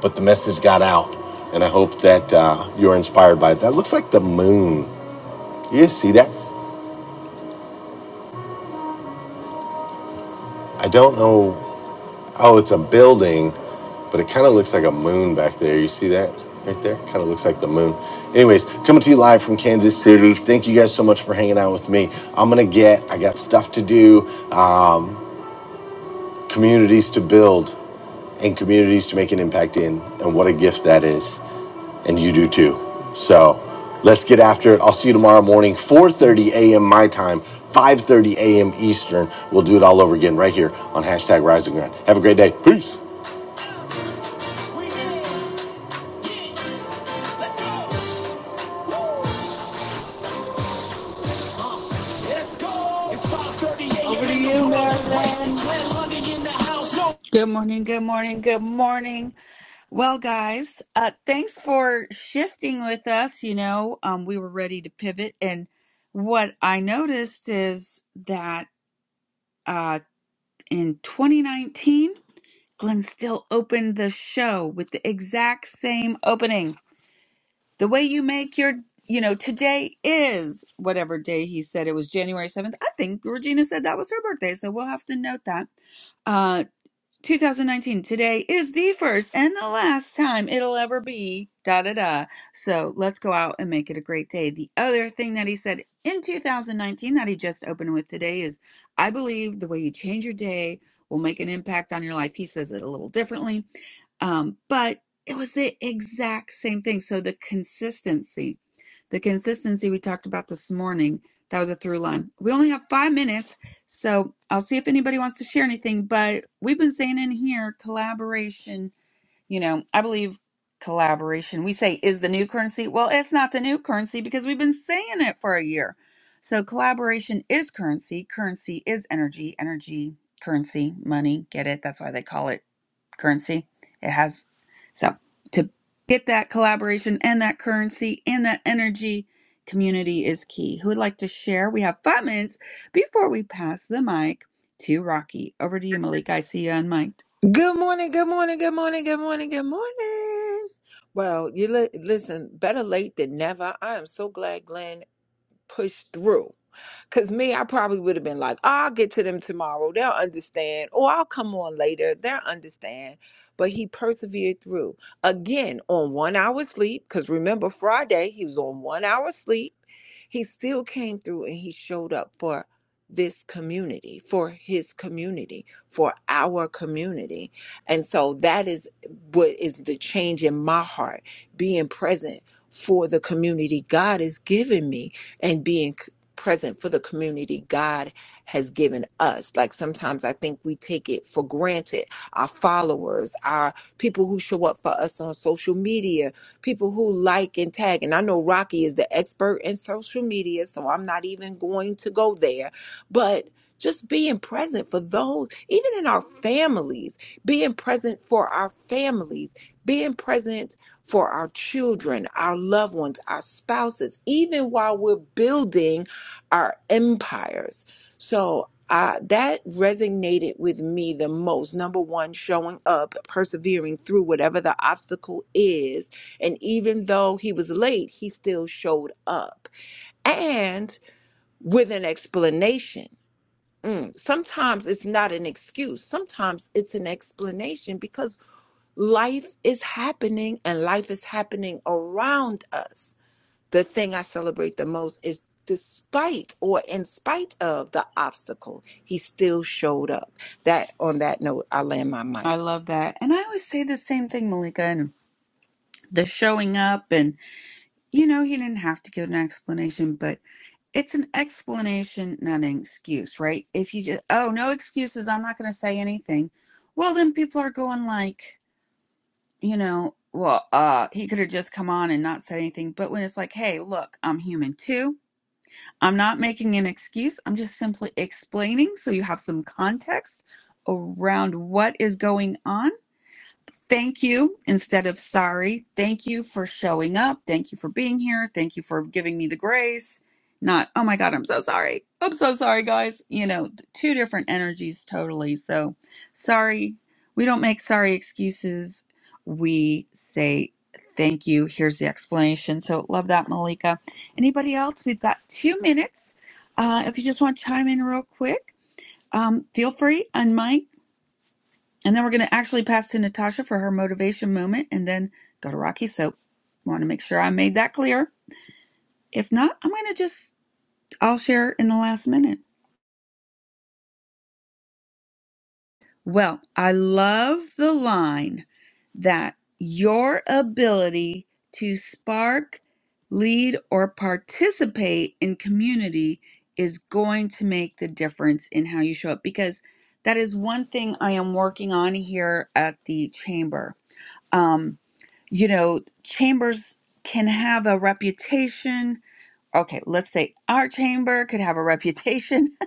but the message got out, and I hope that uh, you're inspired by it. That looks like the moon. You see that? I don't know. Oh, it's a building, but it kind of looks like a moon back there. You see that right there? Kind of looks like the moon. Anyways, coming to you live from Kansas City. Thank you guys so much for hanging out with me. I'm gonna get. I got stuff to do. Um, communities to build and communities to make an impact in, and what a gift that is. and you do too. So let's get after it. I'll see you tomorrow morning, 4:30 a.m. my time, 5:30 a.m. Eastern. We'll do it all over again right here on hashtag Rise and Grind. Have a great day. Peace. Over to you, Marilyn. Good morning, good morning, good morning. Well, guys, uh, thanks for shifting with us. You know, um, we were ready to pivot. And what I noticed is that uh, in 2019, Glenn still opened the show with the exact same opening. The way you make your, you know, today is whatever day he said it was January 7th. I think Regina said that was her birthday, so we'll have to note that Uh, 2019. Today is the first and the last time it'll ever be. Da da da. So let's go out and make it a great day. The other thing that he said in 2019 that he just opened with today is I believe the way you change your day will make an impact on your life. He says it a little differently, um, but it was the exact same thing. So the consistency, the consistency we talked about this morning, that was a through line. We only have five minutes so I'll see if anybody wants to share anything, but we've been saying in here collaboration you know, I believe collaboration, we say, is the new currency. Well, it's not the new currency because we've been saying it for a year. So, collaboration is currency. Currency is energy. Energy, currency, money. Get it? That's why they call it currency. It has, so to get that collaboration and that currency and that energy, community is key. Who would like to share? We have five minutes before we pass the mic to Rocky. Over to you, Malika. I see you on mic. Good morning, good morning, good morning, good morning, good morning. Well, you li- listen, better late than never. I am so glad Glenn pushed through. Cause me, I probably would have been like, oh, I'll get to them tomorrow. They'll understand. Or I'll come on later. They'll understand. But he persevered through. Again, on one hour sleep. Cause remember Friday, he was on one hour sleep. He still came through and he showed up for this community, for his community, for our community. And so that is what is the change in my heart, being present for the community God has given me and being present for the community God has given us. Like sometimes I think we take it for granted. Our followers, our people who show up for us on social media, people who like and tag. And I know Rocky is the expert in social media, so I'm not even going to go there. But just being present for those, even in our families, being present for our families, being present for our children, our loved ones, our spouses, even while we're building our empires. So uh, that resonated with me the most. Number one, showing up, persevering through whatever the obstacle is. And even though he was late, he still showed up and with an explanation. Mm, Sometimes it's not an excuse, sometimes it's an explanation because life is happening and life is happening around us the thing I celebrate the most is despite or in spite of the obstacle, he still showed up. That on that note, I land my mic. I love that. And I always say the same thing, Malika, and the showing up. And, you know, he didn't have to give an explanation, but it's an explanation, not an excuse, right? If you just, oh, no excuses, I'm not going to say anything. Well, then people are going like, you know, well, uh, he could have just come on and not said anything. But when it's like, hey, look, I'm human too. I'm not making an excuse. I'm just simply explaining so you have some context around what is going on thank you instead of sorry. Thank you for showing up. Thank you for being here. Thank you for giving me the grace. Not, oh my God, I'm so sorry. I'm so sorry, guys. You know, th- two different energies totally. So, sorry. We don't make sorry excuses. We say thank you. Here's the explanation. So, love that, Malika. Anybody else? We've got two minutes. Uh, if you just want to chime in real quick, um, feel free, unmic. And then we're going to actually pass to Natasha for her motivation moment and then go to Rocky So, Want to make sure I made that clear. If not, I'm going to just, I'll share in the last minute. Well, I love the line that your ability to spark, lead, or participate in community is going to make the difference in how you show up because that is one thing I am working on here at the chamber. Um, you know, chambers can have a reputation. Okay, let's say our chamber could have a reputation.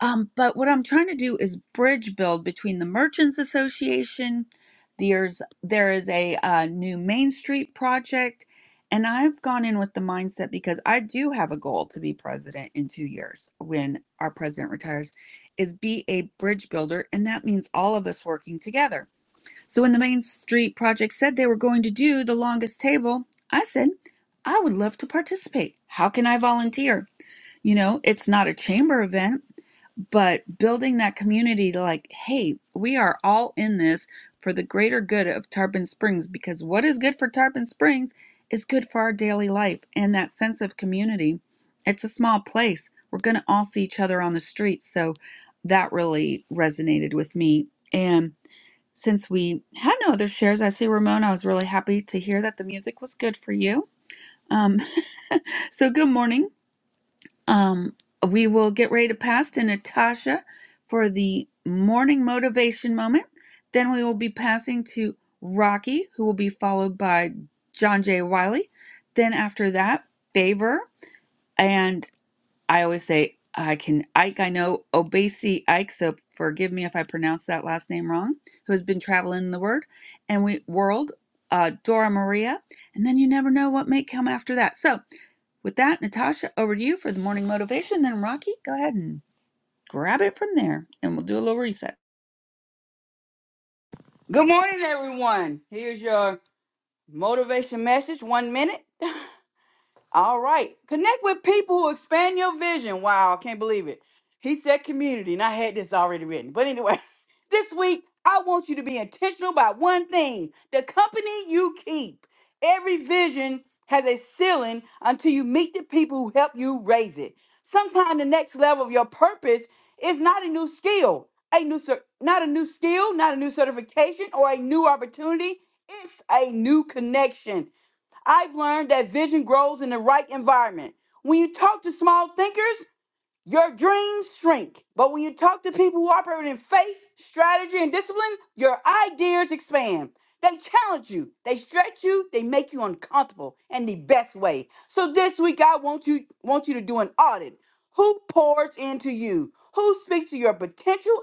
Um, but what I'm trying to do is bridge build between the Merchants Association. There's there is a uh, new Main Street project, and I've gone in with the mindset because I do have a goal to be president in two years when our president retires, is be a bridge builder, and that means all of us working together so when the Main Street Project said they were going to do the longest table, I said, I would love to participate. How can I volunteer? You know, it's not a chamber event, but building that community to like, hey, we are all in this for the greater good of Tarpon Springs because what is good for Tarpon Springs is good for our daily life and that sense of community. It's a small place. We're going to all see each other on the street. So that really resonated with me. And since we had no other shares, I see Ramon. I was really happy to hear that the music was good for you. Um, so good morning. Um, we will get ready to pass to Natasha for the morning motivation moment. Then we will be passing to Rocky, who will be followed by John J. Wiley. Then after that, Favor. and I always say I can Ike. I know Obasi Ike, so forgive me if I pronounce that last name wrong. Who has been traveling the word and we world, uh, Dora Maria, and then you never know what may come after that. So with that, Natasha, over to you for the morning motivation. Then Rocky, go ahead and grab it from there, and we'll do a little reset. Good morning, everyone. Here's your motivation message. One minute. All right. Connect with people who expand your vision. Wow, I can't believe it. He said community, and I had this already written. But anyway, this week, I want you to be intentional about one thing the company you keep. Every vision has a ceiling until you meet the people who help you raise it. Sometimes the next level of your purpose is not a new skill, a new cer- not a new skill, not a new certification or a new opportunity. It's a new connection. I've learned that vision grows in the right environment. When you talk to small thinkers, your dreams shrink, but when you talk to people who operate in faith, strategy, and discipline, your ideas expand. They challenge you, they stretch you, they make you uncomfortable in the best way. So this week I want you want you to do an audit. Who pours into you? Who speaks to your potential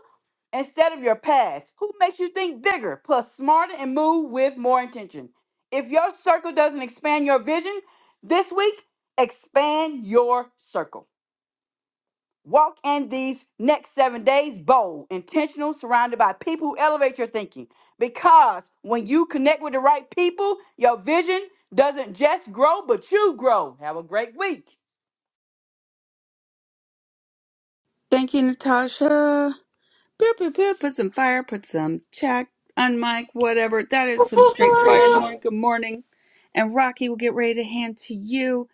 instead of your past? Who makes you think bigger, plus smarter, and move with more intention? If your circle doesn't expand your vision, this week expand your circle. Walk in these next seven days bold, intentional, surrounded by people who elevate your thinking. Because when you connect with the right people, your vision doesn't just grow, but you grow. Have a great week. Thank you, Natasha. Pew pew pew. Put some fire. Put some check. Unmic. Whatever. That is some straight fire in the morning. Good morning. And Rocky will get ready to hand to you.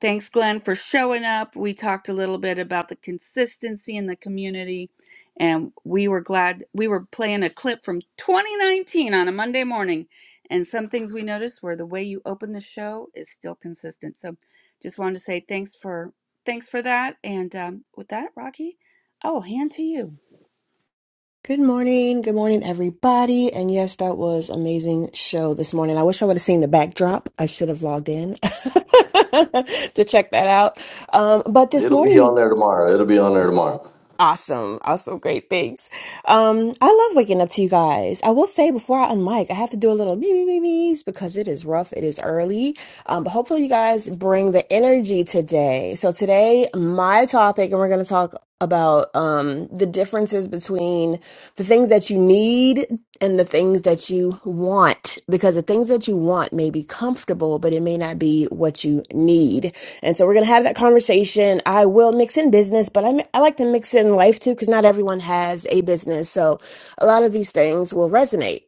Thanks, Glenn, for showing up. We talked a little bit about the consistency in the community, and we were glad we were playing a clip from 2019 on a Monday morning. And some things we noticed were the way you open the show is still consistent. So, just wanted to say thanks for thanks for that. And um, with that, Rocky, I will hand to you. Good morning. Good morning, everybody. And yes, that was amazing show this morning. I wish I would have seen the backdrop. I should have logged in to check that out. Um, but this It'll be morning, on there tomorrow. It'll be on there tomorrow. Awesome. Awesome. Great. Thanks. Um, I love waking up to you guys. I will say before I unmic, I have to do a little me me me me's because it is rough. It is early. Um, but hopefully you guys bring the energy today. So today, my topic, and we're going to talk about um, the differences between the things that you need and the things that you want because the things that you want may be comfortable but it may not be what you need and so we're going to have that conversation i will mix in business but I, mi- I like to mix in life too because not everyone has a business so a lot of these things will resonate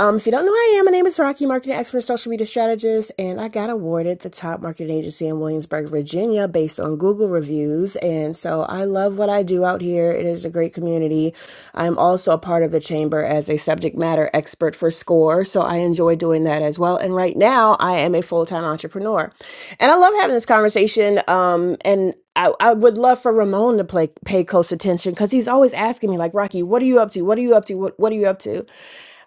um, if you don't know who I am, my name is Rocky, marketing expert, social media strategist, and I got awarded the top marketing agency in Williamsburg, Virginia, based on Google reviews. And so I love what I do out here. It is a great community. I'm also a part of the chamber as a subject matter expert for SCORE. So I enjoy doing that as well. And right now I am a full time entrepreneur. And I love having this conversation. Um, and I, I would love for Ramon to play, pay close attention because he's always asking me, like, Rocky, what are you up to? What are you up to? What, what are you up to?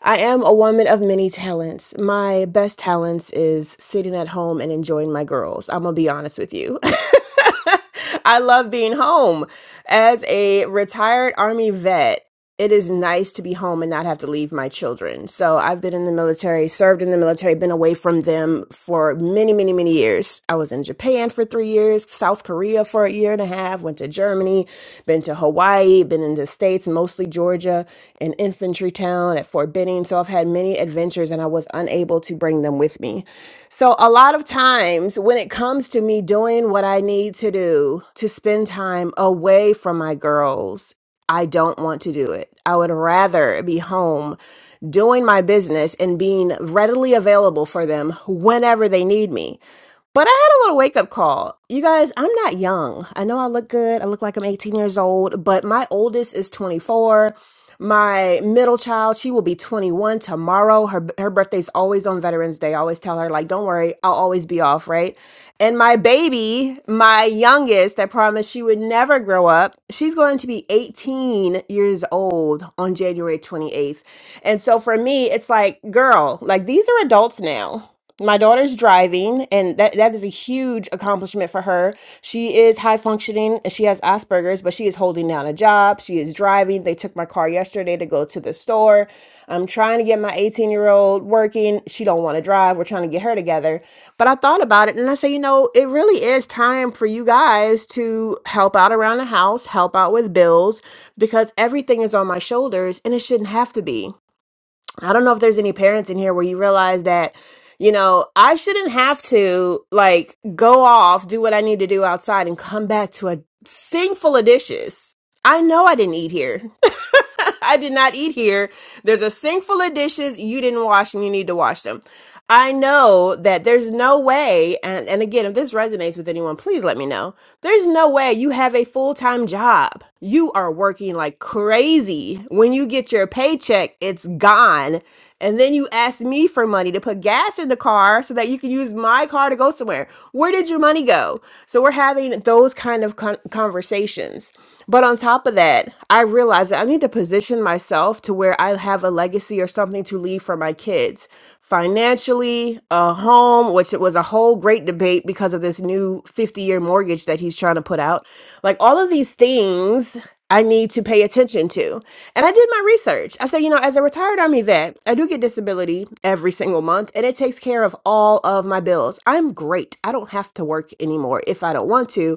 I am a woman of many talents. My best talents is sitting at home and enjoying my girls. I'm going to be honest with you. I love being home. As a retired Army vet, it is nice to be home and not have to leave my children. So I've been in the military, served in the military, been away from them for many, many, many years. I was in Japan for three years, South Korea for a year and a half, went to Germany, been to Hawaii, been in the States, mostly Georgia, an infantry town at Fort Benning. So I've had many adventures and I was unable to bring them with me. So a lot of times when it comes to me doing what I need to do to spend time away from my girls, I don't want to do it. I would rather be home doing my business and being readily available for them whenever they need me but I had a little wake up call. You guys, I'm not young. I know I look good. I look like I'm 18 years old, but my oldest is 24. My middle child, she will be 21 tomorrow. Her her birthday's always on Veterans Day. I always tell her like, "Don't worry, I'll always be off, right?" And my baby, my youngest, I promised she would never grow up. She's going to be 18 years old on January 28th. And so for me, it's like, girl, like these are adults now my daughter's driving and that, that is a huge accomplishment for her she is high functioning and she has asperger's but she is holding down a job she is driving they took my car yesterday to go to the store i'm trying to get my 18 year old working she don't want to drive we're trying to get her together but i thought about it and i say you know it really is time for you guys to help out around the house help out with bills because everything is on my shoulders and it shouldn't have to be I don't know if there's any parents in here where you realize that, you know, I shouldn't have to like go off, do what I need to do outside and come back to a sink full of dishes. I know I didn't eat here. I did not eat here there's a sink full of dishes you didn't wash and you need to wash them. I know that there's no way, and, and again, if this resonates with anyone, please let me know. There's no way you have a full time job. You are working like crazy. When you get your paycheck, it's gone. And then you ask me for money to put gas in the car so that you can use my car to go somewhere. Where did your money go? So we're having those kind of con- conversations. But on top of that, I realized that I need to position myself to where I have a legacy or something to leave for my kids financially, a home, which it was a whole great debate because of this new 50 year mortgage that he's trying to put out. Like all of these things I need to pay attention to. And I did my research. I said, you know, as a retired Army vet, I do get disability every single month and it takes care of all of my bills. I'm great. I don't have to work anymore if I don't want to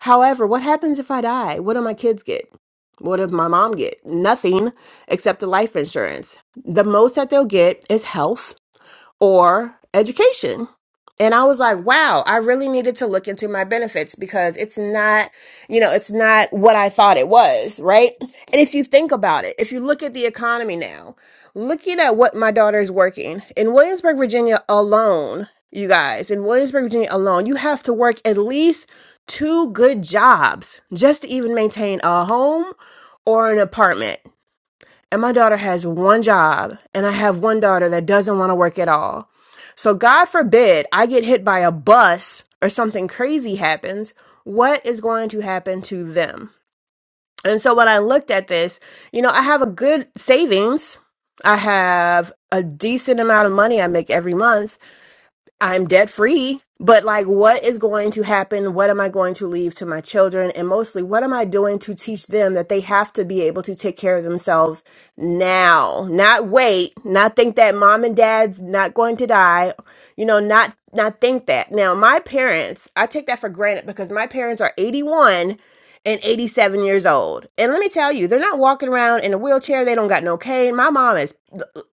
However, what happens if I die? What do my kids get? What did my mom get? Nothing except the life insurance. The most that they'll get is health or education. And I was like, wow, I really needed to look into my benefits because it's not, you know, it's not what I thought it was, right? And if you think about it, if you look at the economy now, looking at what my daughter is working in Williamsburg, Virginia alone, you guys, in Williamsburg, Virginia alone, you have to work at least two good jobs just to even maintain a home or an apartment and my daughter has one job and i have one daughter that doesn't want to work at all so god forbid i get hit by a bus or something crazy happens what is going to happen to them and so when i looked at this you know i have a good savings i have a decent amount of money i make every month I'm debt free, but like, what is going to happen? What am I going to leave to my children? And mostly, what am I doing to teach them that they have to be able to take care of themselves now, not wait, not think that mom and dad's not going to die, you know, not, not think that. Now, my parents, I take that for granted because my parents are 81 and 87 years old. And let me tell you, they're not walking around in a wheelchair. They don't got no cane. My mom is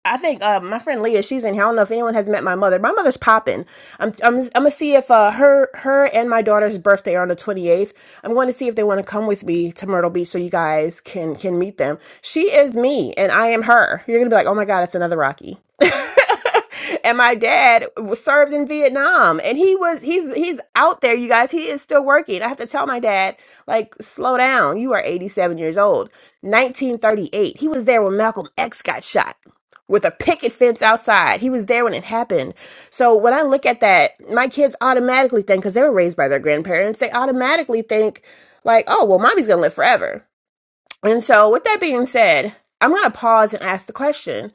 I think uh, my friend Leah, she's in here. I don't know if anyone has met my mother. My mother's popping. I'm, I'm, I'm gonna see if uh, her, her and my daughter's birthday are on the 28th. I'm going to see if they want to come with me to Myrtle Beach so you guys can, can meet them. She is me, and I am her. You're gonna be like, oh my god, it's another Rocky. and my dad was served in Vietnam, and he was, he's, he's out there, you guys. He is still working. I have to tell my dad, like, slow down. You are 87 years old. 1938. He was there when Malcolm X got shot with a picket fence outside. He was there when it happened. So when I look at that, my kids automatically think, because they were raised by their grandparents, they automatically think, like, oh, well, mommy's going to live forever. And so with that being said, I'm going to pause and ask the question.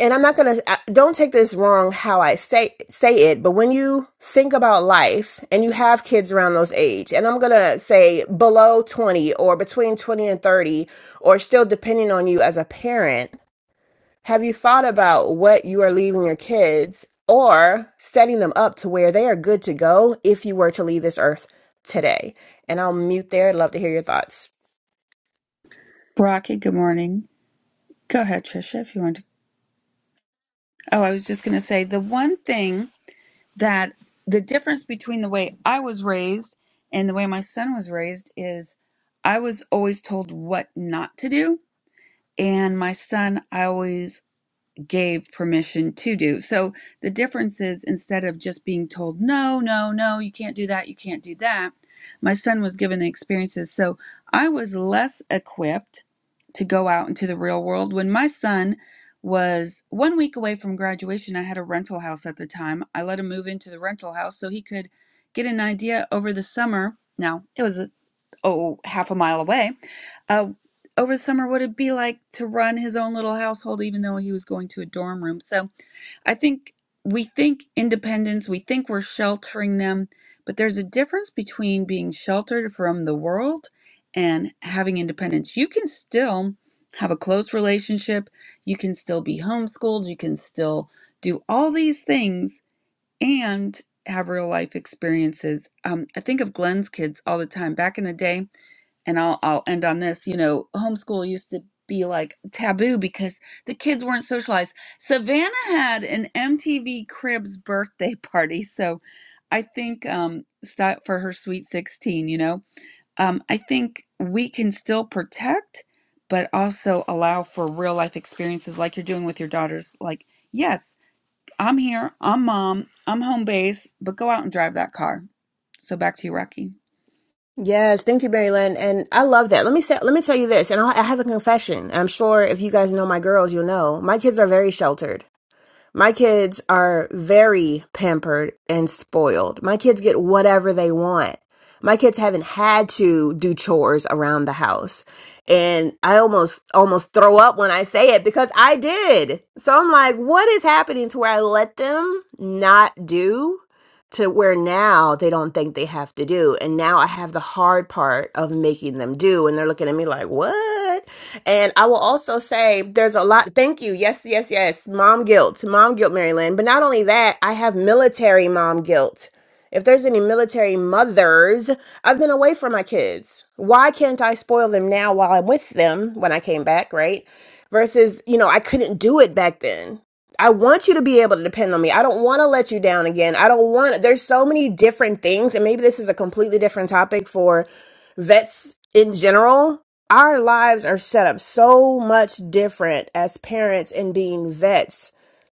And I'm not going to, don't take this wrong how I say, say it, but when you think about life and you have kids around those age, and I'm going to say below 20 or between 20 and 30, or still depending on you as a parent, have you thought about what you are leaving your kids or setting them up to where they are good to go if you were to leave this earth today? And I'll mute there. I'd love to hear your thoughts. Rocky, good morning. Go ahead, Trisha, if you want to. Oh, I was just going to say the one thing. that the difference between the way I was raised and the way my son was raised is I was always told what not to do. And my son, I always gave permission to do. So the difference is instead of just being told, no, no, no, you can't do that, you can't do that, my son was given the experiences. So I was less equipped to go out into the real world. When my son was one week away from graduation, I had a rental house at the time. I let him move into the rental house so he could get an idea over the summer. Now, it was oh, half a mile away, uh, over the summer what it'd be like to run his own little household, even though he was going to a dorm room. So I think we think independence, we think we're sheltering them, but there's a difference between being sheltered from the world and having independence. You can still have a close relationship, you can still be homeschooled, you can still do all these things and have real life experiences. Um, I think of Glenn's kids all the time. Back in the day, and I'll I'll end on this, you know, homeschool used to be like taboo because the kids weren't socialized. Savannah had an MTV Cribs birthday party, so I think um sti- for her sweet 16, you know. Um I think we can still protect but also allow for real life experiences like you're doing with your daughters like yes, I'm here, I'm mom, I'm home base, but go out and drive that car. So back to you, Rocky. Yes, thank you, Mary Lynn. And I love that. Let me say, let me tell you this, and I'll, I have a confession. I'm sure if you guys know my girls, you'll know my kids are very sheltered. My kids are very pampered and spoiled. My kids get whatever they want. My kids haven't had to do chores around the house. And I almost almost throw up when I say it because I did. So I'm like, what is happening to where I let them not do? to where now they don't think they have to do. And now I have the hard part of making them do. And they're looking at me like, what? And I will also say there's a lot. Thank you. Yes, yes, yes. Mom guilt, mom guilt, Maryland. But not only that, I have military mom guilt. If there's any military mothers, I've been away from my kids. Why can't I spoil them now while I'm with them when I came back, right? Versus, you know, I couldn't do it back then I want you to be able to depend on me. I don't want to let you down again. I don't want there's so many different things and maybe this is a completely different topic for vets in general. Our lives are set up so much different as parents and being vets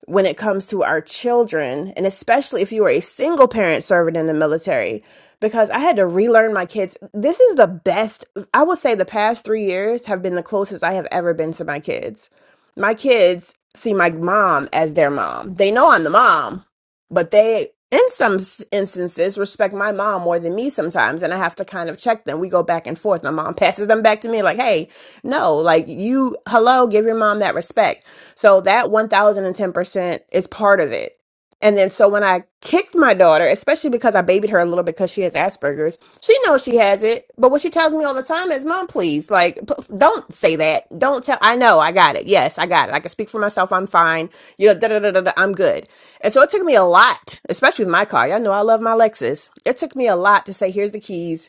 when it comes to our children and especially if you are a single parent serving in the military because I had to relearn my kids. This is the best I would say the past 3 years have been the closest I have ever been to my kids my kids see my mom as their mom. They know I'm the mom, but they, in some s- instances, respect my mom more than me sometimes. And I have to kind of check them. We go back and forth. My mom passes them back to me, like, hey, no, like you, hello, give your mom that respect. So that 1010% is part of it. And then so when I kicked my daughter, especially because I babied her a little bit because she has Asperger's, she knows she has it. But what she tells me all the time is, "Mom, please, like, p- don't say that. Don't tell. I know. I got it. Yes, I got it. I can speak for myself. I'm fine. You know, da da da da. da, I'm good." And so it took me a lot, especially with my car. Y'all know I love my Lexus. It took me a lot to say, "Here's the keys.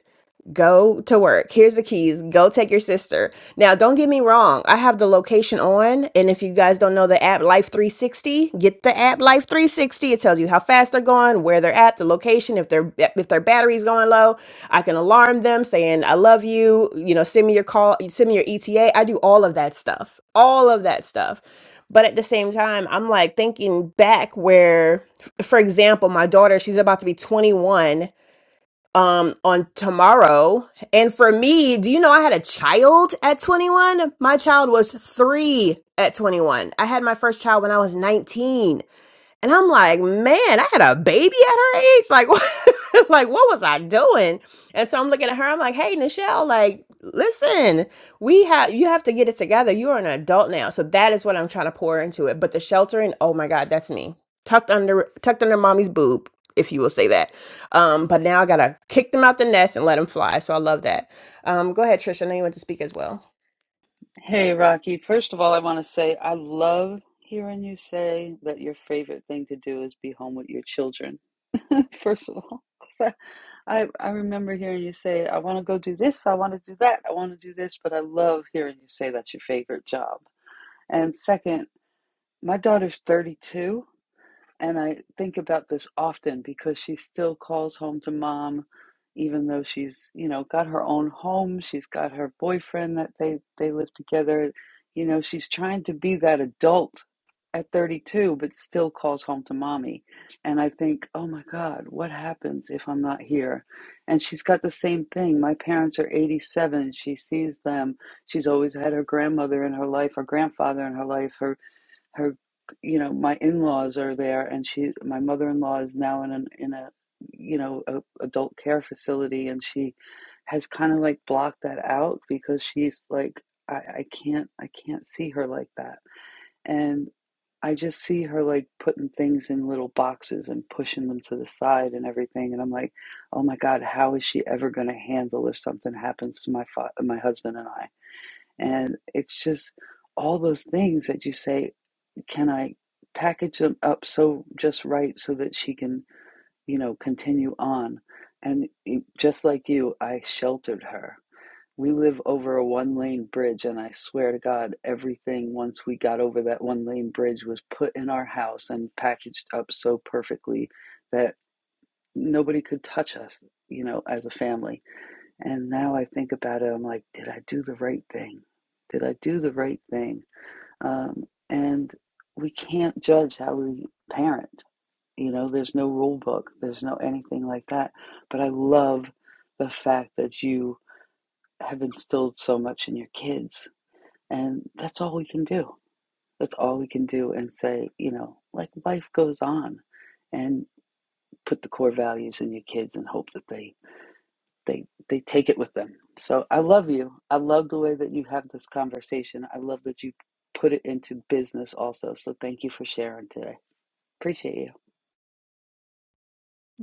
Go to work. Here's the keys. Go take your sister. Now, don't get me wrong. I have the location on. And if you guys don't know the app Life 360, get the app Life 360. It tells you how fast they're going, where they're at, the location, if their if their battery's going low. I can alarm them saying, I love you. You know, send me your call, send me your ETA. I do all of that stuff. All of that stuff. But at the same time, I'm like thinking back where, f- for example, my daughter, she's about to be 21 um on tomorrow and for me do you know i had a child at 21 my child was 3 at 21 i had my first child when i was 19 and I'm like, man, I had a baby at her age. Like, what- like what was I doing? And so I'm looking at her. I'm like, hey, Nichelle, like, listen, we have you have to get it together. You are an adult now, so that is what I'm trying to pour into it. But the sheltering, oh my God, that's me tucked under tucked under mommy's boob, if you will say that. Um, but now I gotta kick them out the nest and let them fly. So I love that. Um, go ahead, Trisha. I know you want to speak as well.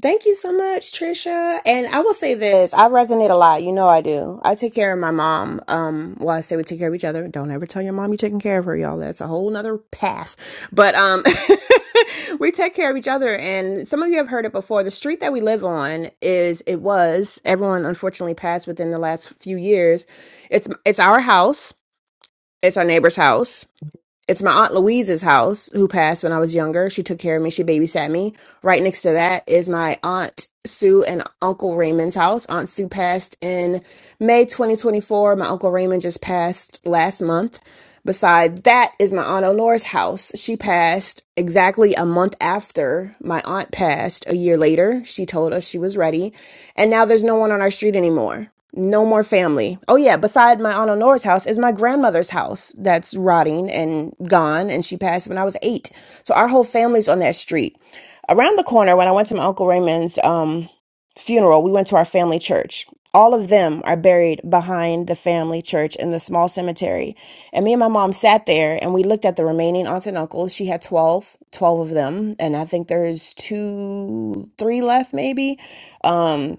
Thank you so much, Trisha. And I will say this, I resonate a lot. You know I do. I take care of my mom. Um, well, I say we take care of each other. Don't ever tell your mom you're taking care of her, y'all. That's a whole nother path. But um we take care of each other and some of you have heard it before. The street that we live on is it was, everyone unfortunately passed within the last few years. It's it's our house, it's our neighbor's house it's my aunt Louise's house who passed when I was younger. She took care of me. She babysat me. Right next to that is my aunt Sue and Uncle Raymond's house. Aunt Sue passed in May 2024. My Uncle Raymond just passed last month. Beside that is my aunt Honor's house. She passed exactly a month after my aunt passed. A year later, she told us she was ready, and now there's no one on our street anymore. No more family. Oh yeah, beside my Aunt Honora's house is my grandmother's house that's rotting and gone and she passed when I was eight. So our whole family's on that street. Around the corner, when I went to my Uncle Raymond's um funeral, we went to our family church. All of them are buried behind the family church in the small cemetery. And me and my mom sat there and we looked at the remaining aunts and uncles. She had 12, 12 of them. And I think there's two, three left maybe. Um,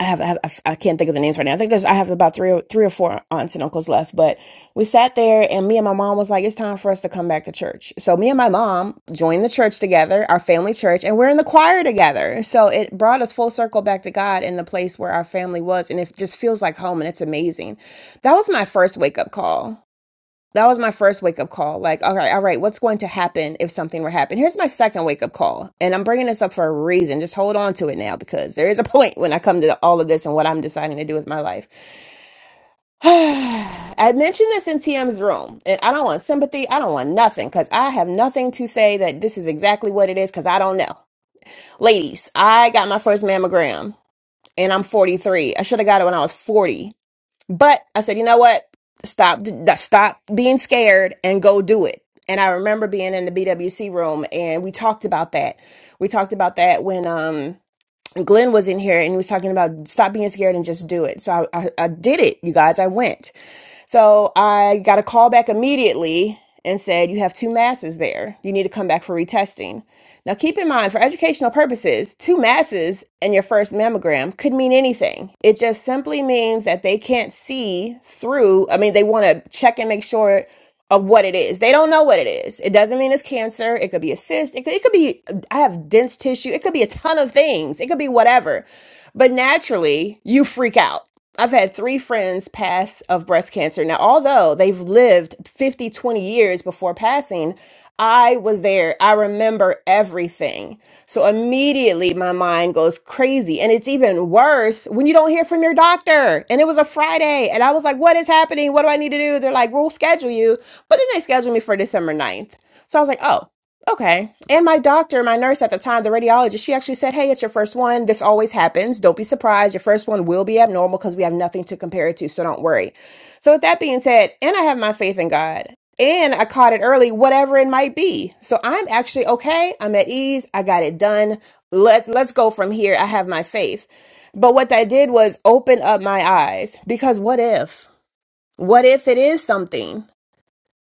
I have, I have I f- I can't think of the names right now. I think there's I have about three or three or four aunts and uncles left, but we sat there and me and my mom was like, it's time for us to come back to church. So me and my mom joined the church together, our family church, and we're in the choir together. So it brought us full circle back to God in the place where our family was, and it just feels like home, and it's amazing. That was my first wake up call that was my first wake up call. Like, all right, all right, what's going to happen if something were to happen? Here's my second wake up call. And I'm bringing this up for a reason. Just hold on to it now because there is a point when I come to all of this and what I'm deciding to do with my life. I mentioned this in TM's room, and I don't want sympathy. I don't want nothing because I have nothing to say that this is exactly what it is because I don't know. Ladies, I got my first mammogram and I'm 43. I should have got it when I was 40 but I said, you know what? Stop, th- stop being scared and go do it. And I remember being in the BWC room and we talked about that. We talked about that when um, Glenn was in here and he was talking about stop being scared and just do it. So I, I, I did it, you guys. I went. So I got a call back immediately and said, You have two masses there. You need to come back for retesting. Now, keep in mind, for educational purposes, two masses in your first mammogram could mean anything. It just simply means that they can't see through. I mean, they want to check and make sure of what it is. They don't know what it is. It doesn't mean it's cancer. It could be a cyst. It could, it could be, I have dense tissue. It could be a ton of things. It could be whatever. But naturally, you freak out I've had three friends pass of breast cancer. Now, although they've lived 50, 20 years before passing, I was there. I remember everything. So immediately my mind goes crazy. And it's even worse when you don't hear from your doctor. And it was a Friday. And I was like, what is happening? What do I need to do? They're like, we'll schedule you. But then they scheduled me for December ninth. So I was like, oh, Okay. And my doctor, my nurse at the time, the radiologist, she actually said, Hey, it's your first one. This always happens. Don't be surprised. Your first one will be abnormal because we have nothing to compare it to. So don't worry. So, with that being said, and I have my faith in God and I caught it early, whatever it might be. So I'm actually okay. I'm at ease. I got it done. Let's, let's go from here. I have my faith. But what that did was open up my eyes because what if? What if it is something?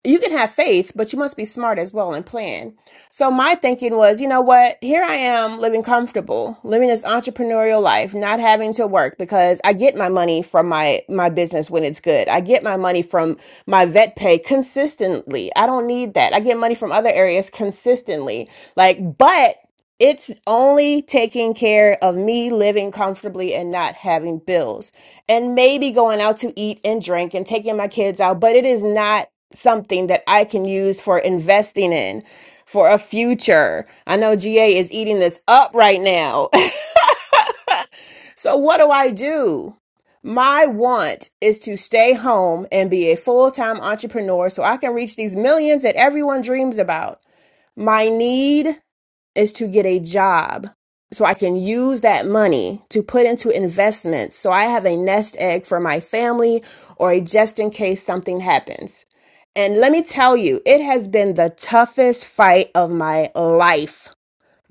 you can have faith, but you must be smart as well and plan. So my thinking was, you know what? Here I am living comfortable, living this entrepreneurial life, not having to work because I get my money from my my business when it's good. I get my money from my vet pay consistently. I don't need that. I get money from other areas consistently. Like, but it's only taking care of me living comfortably and not having bills and maybe going out to eat and drink and taking my kids out, but it is not something that I can use for investing in for a future. I know GA is eating this up right now. so, what do I do? My want is to stay home and be a full time entrepreneur so I can reach these millions that everyone dreams about. My need is to get a job so I can use that money to put into investments so I have a nest egg for my family or a just in case something happens. And let me tell you, it has been the toughest fight of my life.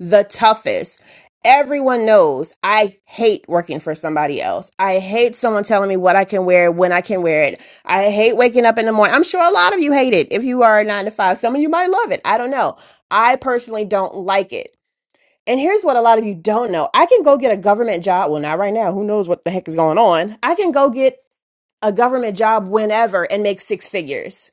The toughest. Everyone knows I hate working for somebody else. I hate someone telling me what I can wear, when I can wear it. I hate waking up in the morning. I'm sure a lot of you hate it. If you are a nine to five, some of you might love it. I don't know. I personally don't like it. And here's what a lot of you don't know. I can go get a government job. Well, not right now. Who knows what the heck is going on? I can go get a government job whenever and make six figures.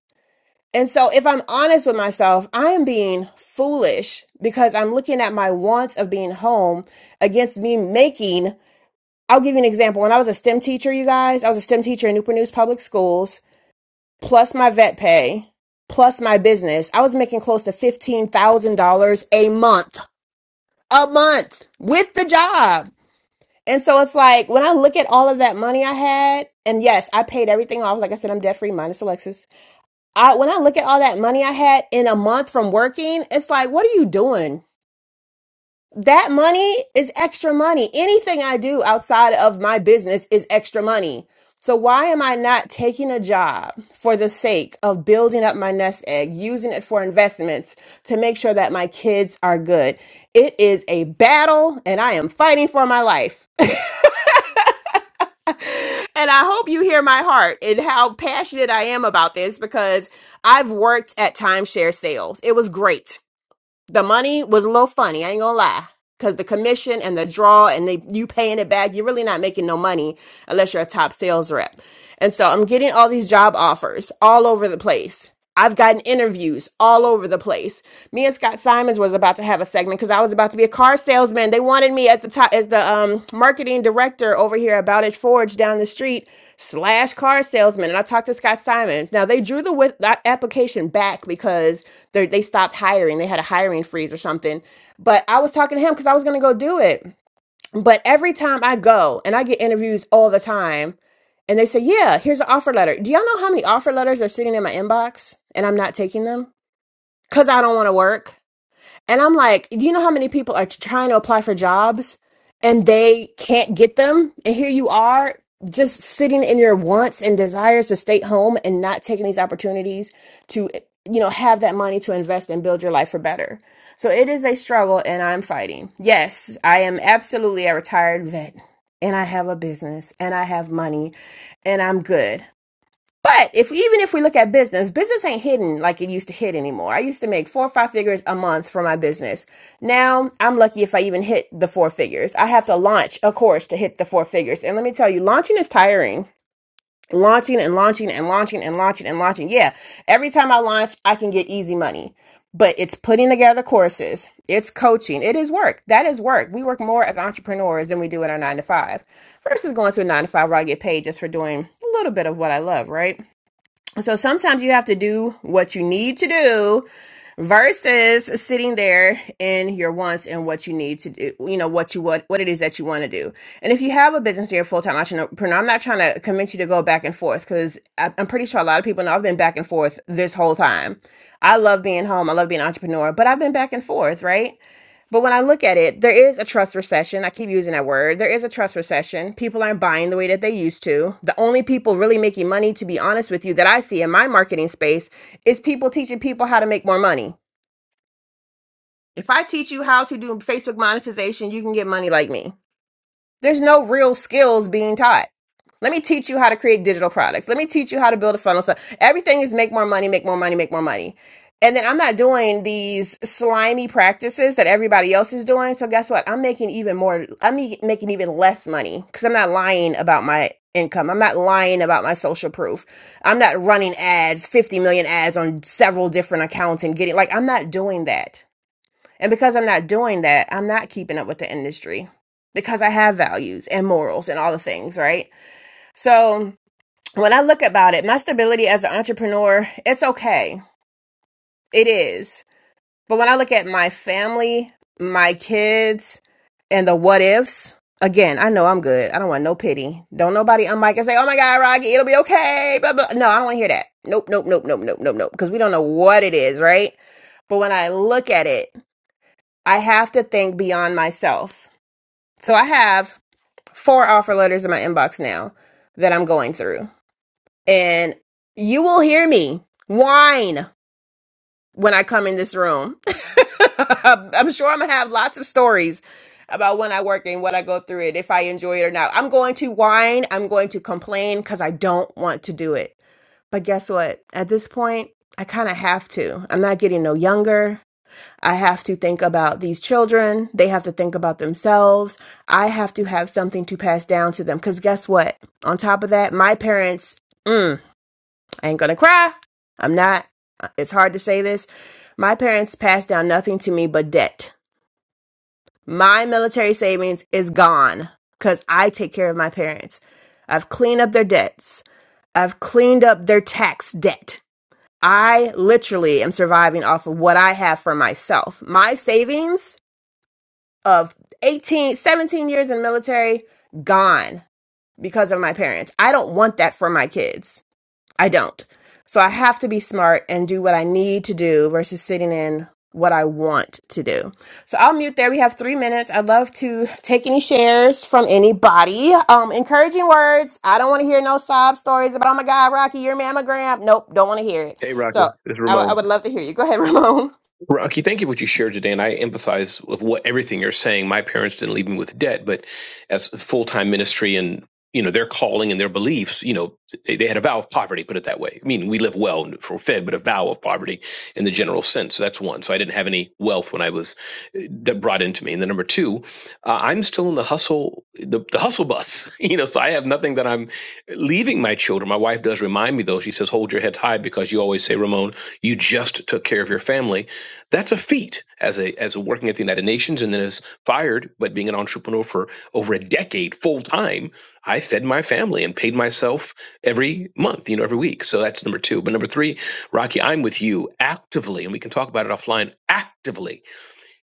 And so, if I'm honest with myself, I am being foolish because I'm looking at my wants of being home against me making. I'll give you an example. When I was a STEM teacher, you guys, I was a STEM teacher in Newport News Public Schools, plus my vet pay, plus my business. I was making close to $15,000 a month, a month with the job. And so it's like when I look at all of that money I had, and yes, I paid everything off. Like I said, I'm debt free minus Alexis. I when I look at all that money I had in a month from working, it's like, what are you doing? That money is extra money. Anything I do outside of my business is extra money. So why am I not taking a job for the sake of building up my nest egg, using it for investments to make sure that my kids are good? It is a battle and I am fighting for my life. and I hope you hear my heart and how passionate I am about this because I've worked at timeshare sales. It was great the money was a little funny. I ain't gonna lie, because the commission and the draw and they you paying it back, you're really not making no money unless you're a top sales rep. And so I'm getting all these job offers all over the place. I've gotten interviews all over the place. Me and Scott Simons was about to have a segment because I was about to be a car salesman. They wanted me as the top, as the um, marketing director over here at Bowditch Forge down the street slash car salesman. And I talked to Scott Simons. Now they drew the with- that application back because they they stopped hiring. They had a hiring freeze or something. But I was talking to him because I was gonna go do it. But every time I go and I get interviews all the time, and they say, "Yeah, here's an offer letter." Do y'all know how many offer letters are sitting in my inbox and I'm not taking them because I don't want to work? And I'm like, do you know how many people are trying to apply for jobs and they can't get them? And here you are just sitting in your wants and desires to stay home and not taking these opportunities to, you know, have that money to invest and build your life for better. So it is a struggle and I'm fighting. Yes, I am absolutely a retired vet and I have a business and I have money and I'm good. But if even if we look at business, business ain't hidden like it used to hit anymore. I used to make four or five figures a month for my business. Now I'm lucky if I even hit the four figures. I have to launch a course to hit the four figures. And let me tell you, launching is tiring. Launching and launching and launching and launching and launching. Yeah, every time I launch, I can get easy money. But it's putting together courses, it's coaching, it is work. That is work. We work more as entrepreneurs than we do in our nine to five versus going to a nine to five where I get paid just for doing a little bit of what I love, right? So sometimes you have to do what you need to do versus sitting there in your wants and what you need to do you know what you what what it is that you want to do and if you have a business or you're a full-time entrepreneur i'm not trying to convince you to go back and forth because i'm pretty sure a lot of people know i've been back and forth this whole time i love being home i love being an entrepreneur but i've been back and forth right but when I look at it, there is a trust recession. I keep using that word. There is a trust recession. People aren't buying the way that they used to. The only people really making money, to be honest with you, that I see in my marketing space is people teaching people how to make more money. If I teach you how to do Facebook monetization, you can get money like me. There's no real skills being taught. Let me teach you how to create digital products. Let me teach you how to build a funnel. So everything is make more money, make more money, make more money. And then I'm not doing these slimy practices that everybody else is doing. So guess what? I'm making even more. I'm e- making even less money because I'm not lying about my income. I'm not lying about my social proof. I'm not running ads, 50 million ads on several different accounts and getting like, I'm not doing that. And because I'm not doing that, I'm not keeping up with the industry because I have values and morals and all the things, right? So when I look about it, my stability as an entrepreneur, it's okay. It is. But when I look at my family, my kids, and the what ifs, again, I know I'm good. I don't want no pity. Don't nobody unmic and say, oh my God, Rocky, it'll be okay. Blah, blah. No, I don't want to hear that. Nope, nope, nope, nope, nope, nope, nope. Because we don't know what it is, right? But when I look at it, I have to think beyond myself. So I have four offer letters in my inbox now that I'm going through. And you will hear me whine when I come in this room. I'm sure I'm going to have lots of stories about when I work and what I go through it, if I enjoy it or not. I'm going to whine, I'm going to complain because I don't want to do it. But guess what? At this point, I kind of have to. I'm not getting no younger. I have to think about these children. They have to think about themselves. I have to have something to pass down to them. Because guess what? On top of that, my parents, mm, I ain't going to cry. I'm not. It's hard to say this. My parents passed down nothing to me but debt. My military savings is gone because I take care of my parents. I've cleaned up their debts, I've cleaned up their tax debt. I literally am surviving off of what I have for myself. My savings of 18, 17 years in the military gone because of my parents. I don't want that for my kids. I don't. So I have to be smart and do what I need to do versus sitting in what I want to do. So I'll mute there. We have three minutes. I'd love to take any shares from anybody. Um, encouraging words. I don't want to hear no sob stories about, oh my God, Rocky, your mammogram. Nope, don't want to hear it. Hey, Rocky. So This is I, I Ramon. would love to hear you. Go ahead, Ramon. Rocky, thank you for what you shared today, and I empathize with what everything you're saying. My parents didn't leave me with debt, but as full time ministry and you know their calling and their beliefs, you know they, they had a vow of poverty. Put it that way. I mean, we live well and are fed, but a vow of poverty in the general sense. So that's one. So I didn't have any wealth when I was uh, that brought into me. And then number two, uh, I'm still in the hustle, the, the hustle bus, you know, so I have nothing that I'm leaving my children. My wife does remind me though. She says, hold your heads high because you always say, Ramon, you just took care of your family. That's a feat as a, as a working at the United Nations and then as fired, but being an entrepreneur for over a decade full time. I fed my family and paid myself every month, you know, every week. So that's number two. But number three, Rocky, I'm with you actively, and we can talk about it offline actively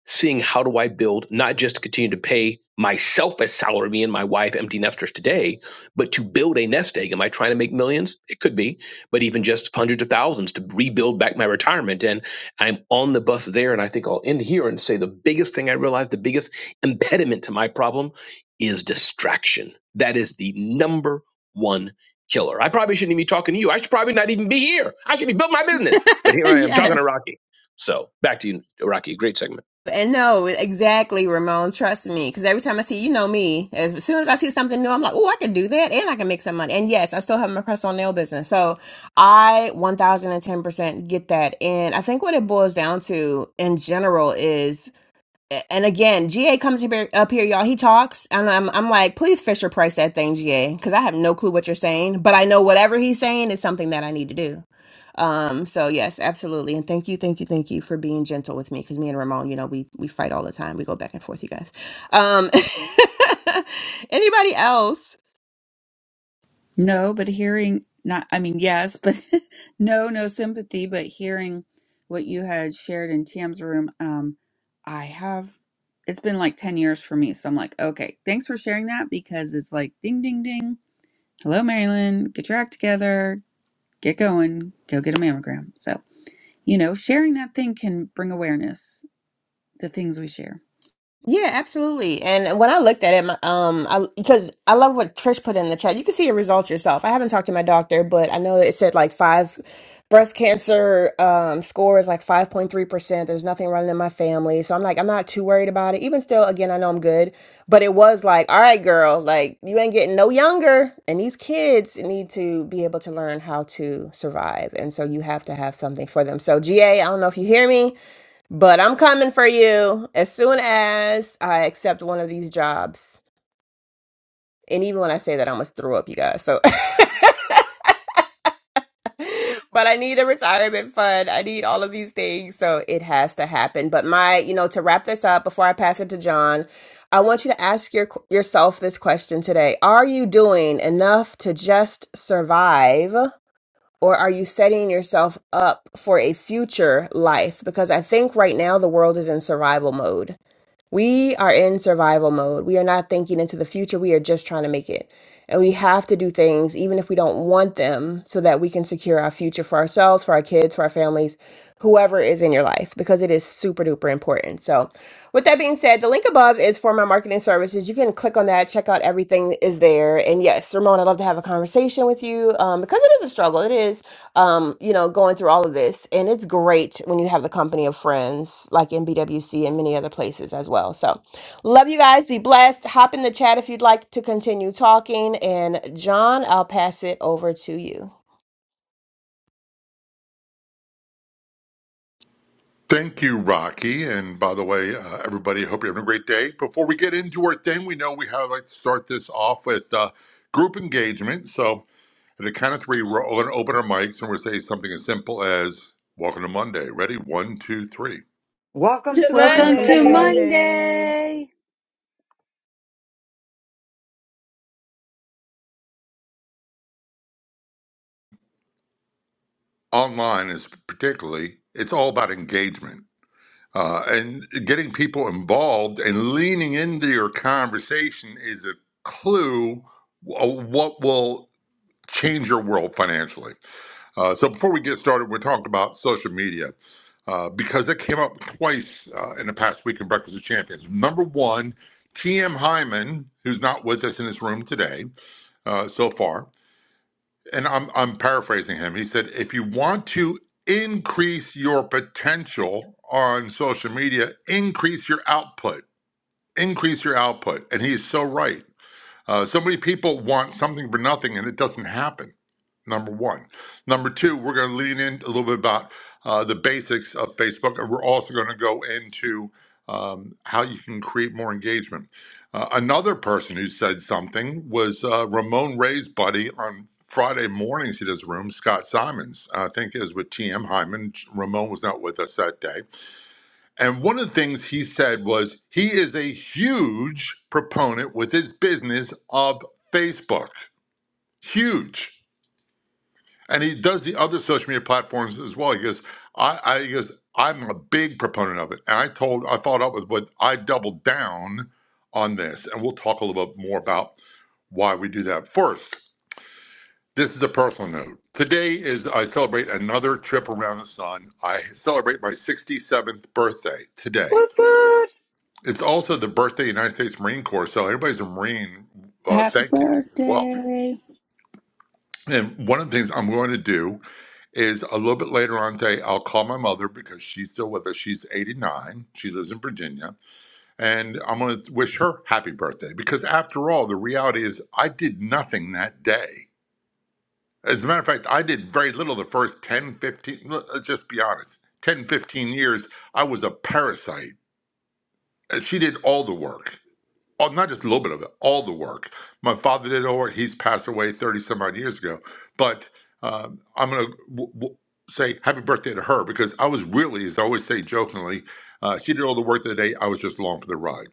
seeing how do I build not just to continue to pay myself a salary, me and my wife, empty nesters today, but to build a nest egg. Am I trying to make millions? It could be, but even just hundreds of thousands to rebuild back my retirement. And I'm on the bus there. And I think I'll end here and say the biggest thing I realized, the biggest impediment to my problem is distraction. That is the number one killer. I probably shouldn't even be talking to you. I should probably not even be here. I should be building my business. But here I am talking to yes. Rocky. So back to you, Rocky. Great segment. And no, exactly, Ramon. Trust me. Because every time I see, you know me, as soon as I see something new, I'm like, oh, I can do that and I can make some money. And yes, I still have my personal nail business. So I 1010% get that. And I think what it boils down to in general is and again, GA comes here, up here, y'all. He talks, and I'm, I'm like, please Fisher Price that thing, GA, because I have no clue what you're saying, but I know whatever he's saying is something that I need to do. Um, so yes, absolutely, and thank you, thank you, thank you for being gentle with me, because me and Ramon, you know, we we fight all the time. We go back and forth, you guys. Um, anybody else? No, but hearing not, I mean, yes, but no, no sympathy, but hearing what you had shared in Tam's room, um, I have, it's been like 10 years for me. So I'm like, okay, thanks for sharing that because it's like ding, ding, ding. Hello, Marilyn, get your act together, get going, go get a mammogram. So, you know, sharing that thing can bring awareness to things we share. Yeah, absolutely. And when I looked at it, my, um, I because I love what Trish put in the chat. You can see your results yourself. I haven't talked to my doctor, but I know it said like five breast cancer um score is like 5.3%. There's nothing running in my family. So I'm like, I'm not too worried about it. Even still, again, I know I'm good, but it was like, all right, girl, like you ain't getting no younger. And these kids need to be able to learn how to survive. And so you have to have something for them. So GA, I don't know if you hear me but I'm coming for you as soon as I accept one of these jobs. And even when I say that, I almost throw up, you guys. So, but I need a retirement fund. I need all of these things. So it has to happen. But my, you know, to wrap this up before I pass it to John, I want you to ask your, yourself this question today Are you doing enough to just survive? Or are you setting yourself up for a future life? Because I think right now the world is in survival mode We are in survival mode. We are not thinking into the future. We are just trying to make it. And we have to do things, even if we don't want them, so that we can secure our future for ourselves, for our kids, for our families, whoever is in your life, because it is super duper important. So, with that being said, the link above is for my marketing services. You can click on that, check out everything is there. And yes, Ramon, I'd love to have a conversation with you um, because it is a struggle. It is um, you know, going through all of this. And it's great when you have the company of friends like in BWC and many other places as well. So love you guys. Be blessed. Hop in the chat if you'd like to continue talking. And John, I'll pass it over to you. Thank you, Rocky. And by the way, uh, everybody, hope you're having a great day. Before we get into our thing, we know we have like to start this off with uh, group engagement. So at the count of three, we're going to open our mics and we're going to say something as simple as "Welcome to Monday." Ready? One, two, three. Welcome to to Welcome to Monday. Monday. Online is particularly it's all about engagement uh, and getting people involved and leaning into your conversation is a clue of what will change your world financially. Uh, so before we get started, we're talking about social media uh, because it came up twice uh, in the past week in Breakfast of Champions. Number one, T.M. Hyman, who's not with us in this room today uh, so far, and I'm, I'm paraphrasing him. He said, if you want to increase your potential on social media, increase your output, increase your output. And he's so right. Uh, so many people want something for nothing and it doesn't happen number one. Number two, we're going to lean in a little bit about uh, the basics of Facebook, and we're also going to go into um, how you can create more engagement. Uh, another person who said something was uh, Ramon Ray's buddy on Friday mornings at his room, Scott Simons, I think is with TM Hyman. Ramon was not with us that day. And one of the things he said was he is a huge proponent with his business of Facebook. Huge and he does the other social media platforms as well. He goes, I, I he goes, I'm a big proponent of it, and I told, I followed up with what I doubled down on this, and we'll talk a little bit more about why we do that. First, this is a personal note. Today is I celebrate another trip around the sun. I celebrate my 67th birthday today. It's also the birthday of the United States Marine Corps, so everybody's a Marine. Uh, Happy thank you as well. birthday. And one of the things I'm going to do is a little bit later on today, I'll call my mother because she's still with us. She's 89. She lives in Virginia. And I'm going to wish her happy birthday because, after all, the reality is I did nothing that day. As a matter of fact, I did very little the first 10, 15, l- let's just be honest, 10, 15 years. I was a parasite. And She did all the work all, not just a little bit of it, all the work. My father did all work. He's passed away 30 some odd years ago. But um, I'm going to w- w- say happy birthday to her because I was really, as I always say jokingly, uh, she did all the work of the day. I was just along for the ride.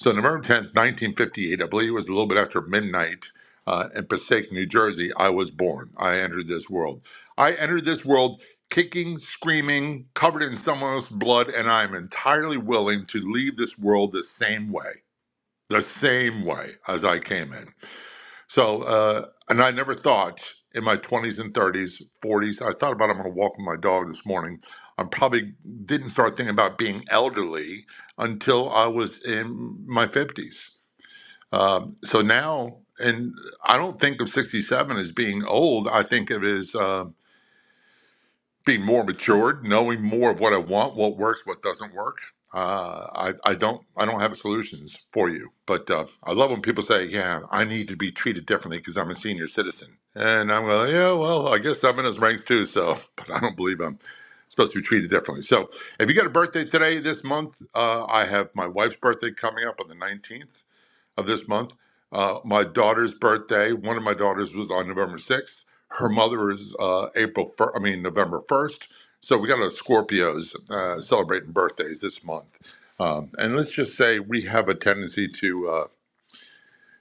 So November 10th, 1958, I believe it was a little bit after midnight uh, in Passaic, New Jersey, I was born. I entered this world. I entered this world kicking, screaming, covered in someone else's blood, and I'm entirely willing to leave this world the same way the same way as I came in. So, uh, and I never thought in my 20s and 30s, 40s, I thought about I'm going to walk with my dog this morning. I probably didn't start thinking about being elderly until I was in my 50s. Um, so now, and I don't think of 67 as being old. I think it is. Uh, being more matured, knowing more of what I want, what works, what doesn't work. Uh, I, I don't I don't have solutions for you, but uh, I love when people say, "Yeah, I need to be treated differently because I'm a senior citizen," and I'm going, "Yeah, well, I guess I'm in his ranks too." So, but I don't believe I'm supposed to be treated differently. So, if you got a birthday today this month, uh, I have my wife's birthday coming up on the 19th of this month. Uh, my daughter's birthday, one of my daughters was on November 6th. Her mother is uh, April, fir- I mean, November 1st. So we got a Scorpios uh, celebrating birthdays this month. Um, and let's just say we have a tendency to uh,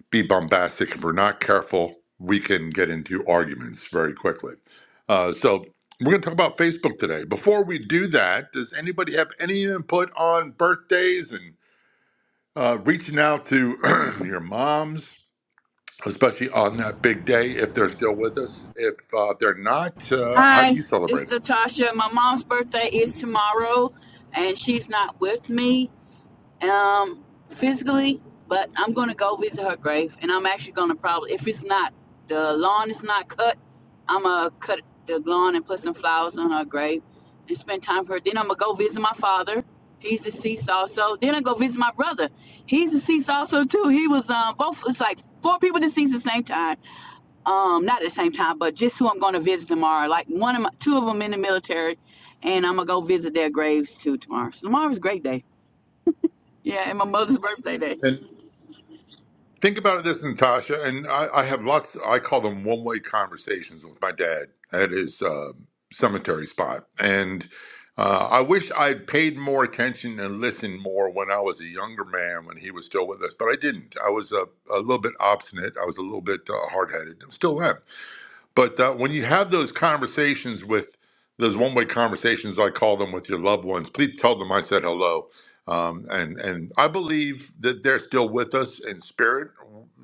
be bombastic. If we're not careful, we can get into arguments very quickly. Uh, so we're going to talk about Facebook today. Before we do that, does anybody have any input on birthdays and uh, reaching out to your moms? especially on that big day if they're still with us. If uh, they're not, uh, how do Hi, you celebrate it's it? Natasha. My mom's birthday is tomorrow, and she's not with me. um, physically, but I'm gonna go visit her grave, and I'm actually gonna probably, if it's not the lawn is not cut, I'm gonna cut the lawn and put some flowers on her grave, and spend time for her. Then I'm gonna go visit my father. He's deceased also. Then I go visit my brother. He's deceased also too. He was um both. It's like four people deceased at the same time. Um, not at the same time, but just who I'm gonna visit tomorrow. Like one of my, two of them in the military, and I'm gonna go visit their graves too tomorrow. So tomorrow's a great day. Today. And think about this, Natasha. And I, I have lots. I call them one-way conversations with my dad at his uh, cemetery spot, and. Uh, I wish I'd paid more attention and listened more when I was a younger man when he was still with us, but I didn't. I was a, a little bit obstinate. I was a little bit uh, hard headed. Still am. But uh, when you have those conversations with those one-way conversations, I call them with your loved ones. Please tell them I said hello, um, and and I believe that they're still with us in spirit.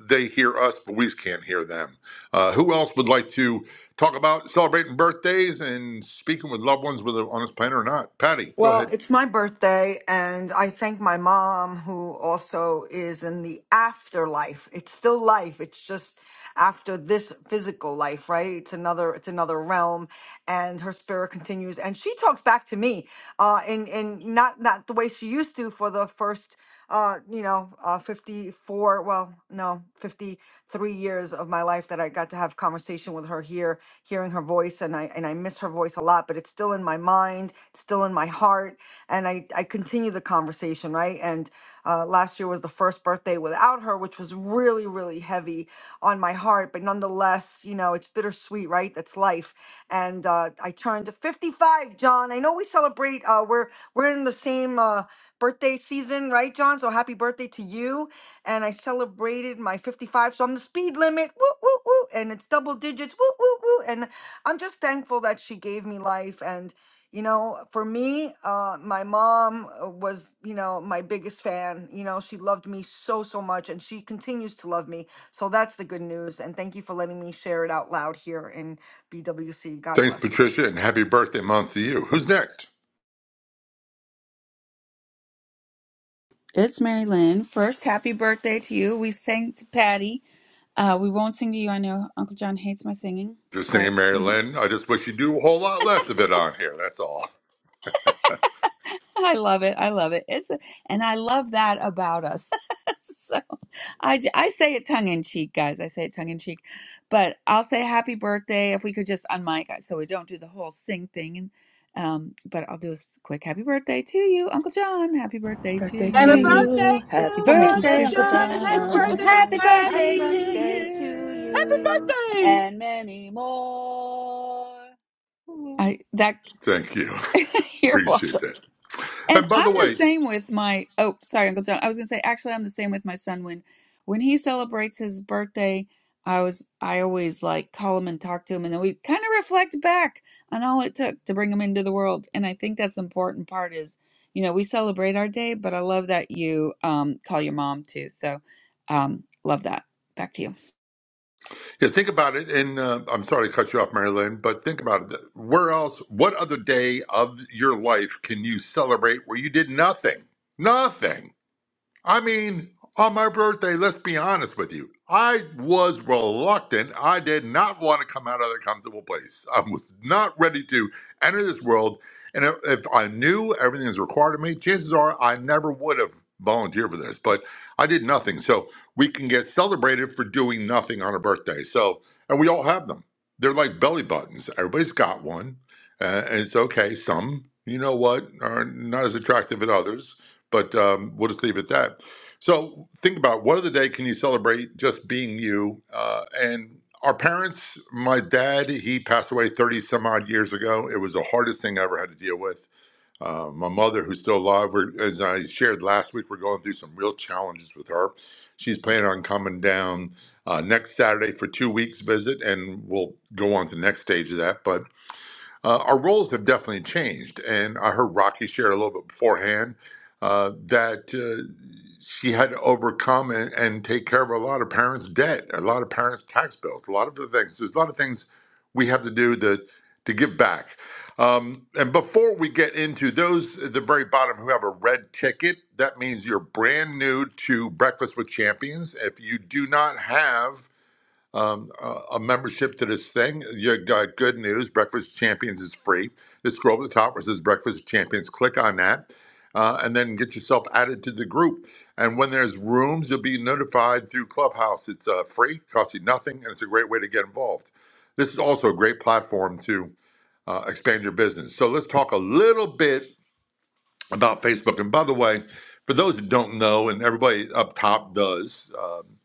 They hear us, but we just can't hear them. Uh, who else would like to talk about celebrating birthdays and speaking with loved ones, whether on this planet or not? Patty, go Well, ahead. it's my birthday, and I thank my mom, who also is in the afterlife. It's still life. It's just after this physical life, right? It's another, it's another realm, and her spirit continues. And she talks back to me, uh, in in not not the way she used to for the first, uh, you know, uh, fifty four. Well, no, fifty three years of my life that I got to have conversation with her here hearing her voice and I and I miss her voice a lot, but it's still in my mind, it's still in my heart, and I I continue the conversation, right? And uh, last year was the first birthday without her, which was really really heavy on my heart, but nonetheless, you know, it's bittersweet, right? That's life. And uh, I turned 55, John. I know we celebrate. Uh, we're we're in the same uh, birthday season, right, John? So happy birthday to you and I celebrated my 55. So I'm the speed limit, woo, woo, woo, and it's double digits, woo, woo, woo. And I'm just thankful that she gave me life. And, you know, for me, uh, my mom uh, was, you know, my biggest fan. You know, she loved me so, so much, and she continues to love me. So that's the good news. And thank you for letting me share it out loud here in BWC. God Thanks, bless. Patricia, and happy birthday month to you. Who's next? It's Mary Lynn. First, happy birthday to you. We sang to Patty. Uh, we won't sing to you. I know Uncle John hates my singing, Just but name Mary you know, Lynn. I just wish you do a whole lot less of it on here. That's all. I love it. I love it. It's a, and I love that about us. so I, j- I say it tongue in cheek, guys. I say it tongue in cheek, but I'll say happy birthday if we could just unmic uh, so we don't do the whole sing thing. And um, but I'll do a s- quick happy birthday to you, Uncle John. Happy birthday to you. We'll make it super. Birthday, Happy dear birthday to John. Happy birthday Patty! to Happy you. birthday! I that Thank you. here. Appreciate that. And And by I'm the the way, same with my oh, sorry, Uncle John. I was gonna say actually I'm the same with my son when when he celebrates his birthday, I was I always like call him and talk to him and then we kind of reflect back on all it took to bring him into the world. And I think that's the important part is, you know, we celebrate our day, but I love that you um call your mom too. So um love that. Back to you. yeah, think about it. And uh, I'm sorry to cut you off, Mary Lynn, but think about it. Where else, what other day of your life can you celebrate where you did nothing? Nothing. I mean, on my birthday, let's be honest with you. I was reluctant. I did not want to come out of the comfortable place. I was not ready to enter this world. And if, if I knew everything was required of me, chances are I never would have volunteered for this. But I did nothing. So we can get celebrated for doing nothing on a birthday. So, and we all have them. They're like belly buttons. Everybody's got one. Uh, and it's okay. Some, you know what, are not as attractive as others but um, we'll just leave it at that. So think about what other day can you celebrate just being you? Uh, and our parents, my dad, he passed away 30 some odd years ago. It was the hardest thing I ever had to deal with. Uh, my mother, who's still alive, we're, as I shared last week, we're going through some real challenges with her. She's planning on coming down uh, next Saturday for two weeks visit, and we'll go on to the next stage of that. But uh, our roles have definitely changed, and I heard Rocky share a little bit beforehand uh, that uh, she had to overcome and, and take care of a lot of parents' debt, a lot of parents' tax bills, a lot of the things. There's a lot of things we have to do that to give back. Um, and before we get into those at the very bottom who have a red ticket, that means you're brand new to Breakfast with Champions. If you do not have um, a a membership to this thing. You got good news. Breakfast Champions is free. Just scroll to the top where it says Breakfast Champions. Click on that, uh, and then get yourself added to the group. And when there's rooms, you'll be notified through Clubhouse. It's uh, free, costs you nothing, and it's a great way to get involved. This is also a great platform to uh, expand your business. So let's talk a little bit about Facebook. And by the way, for those who don't know, and everybody up top does. um,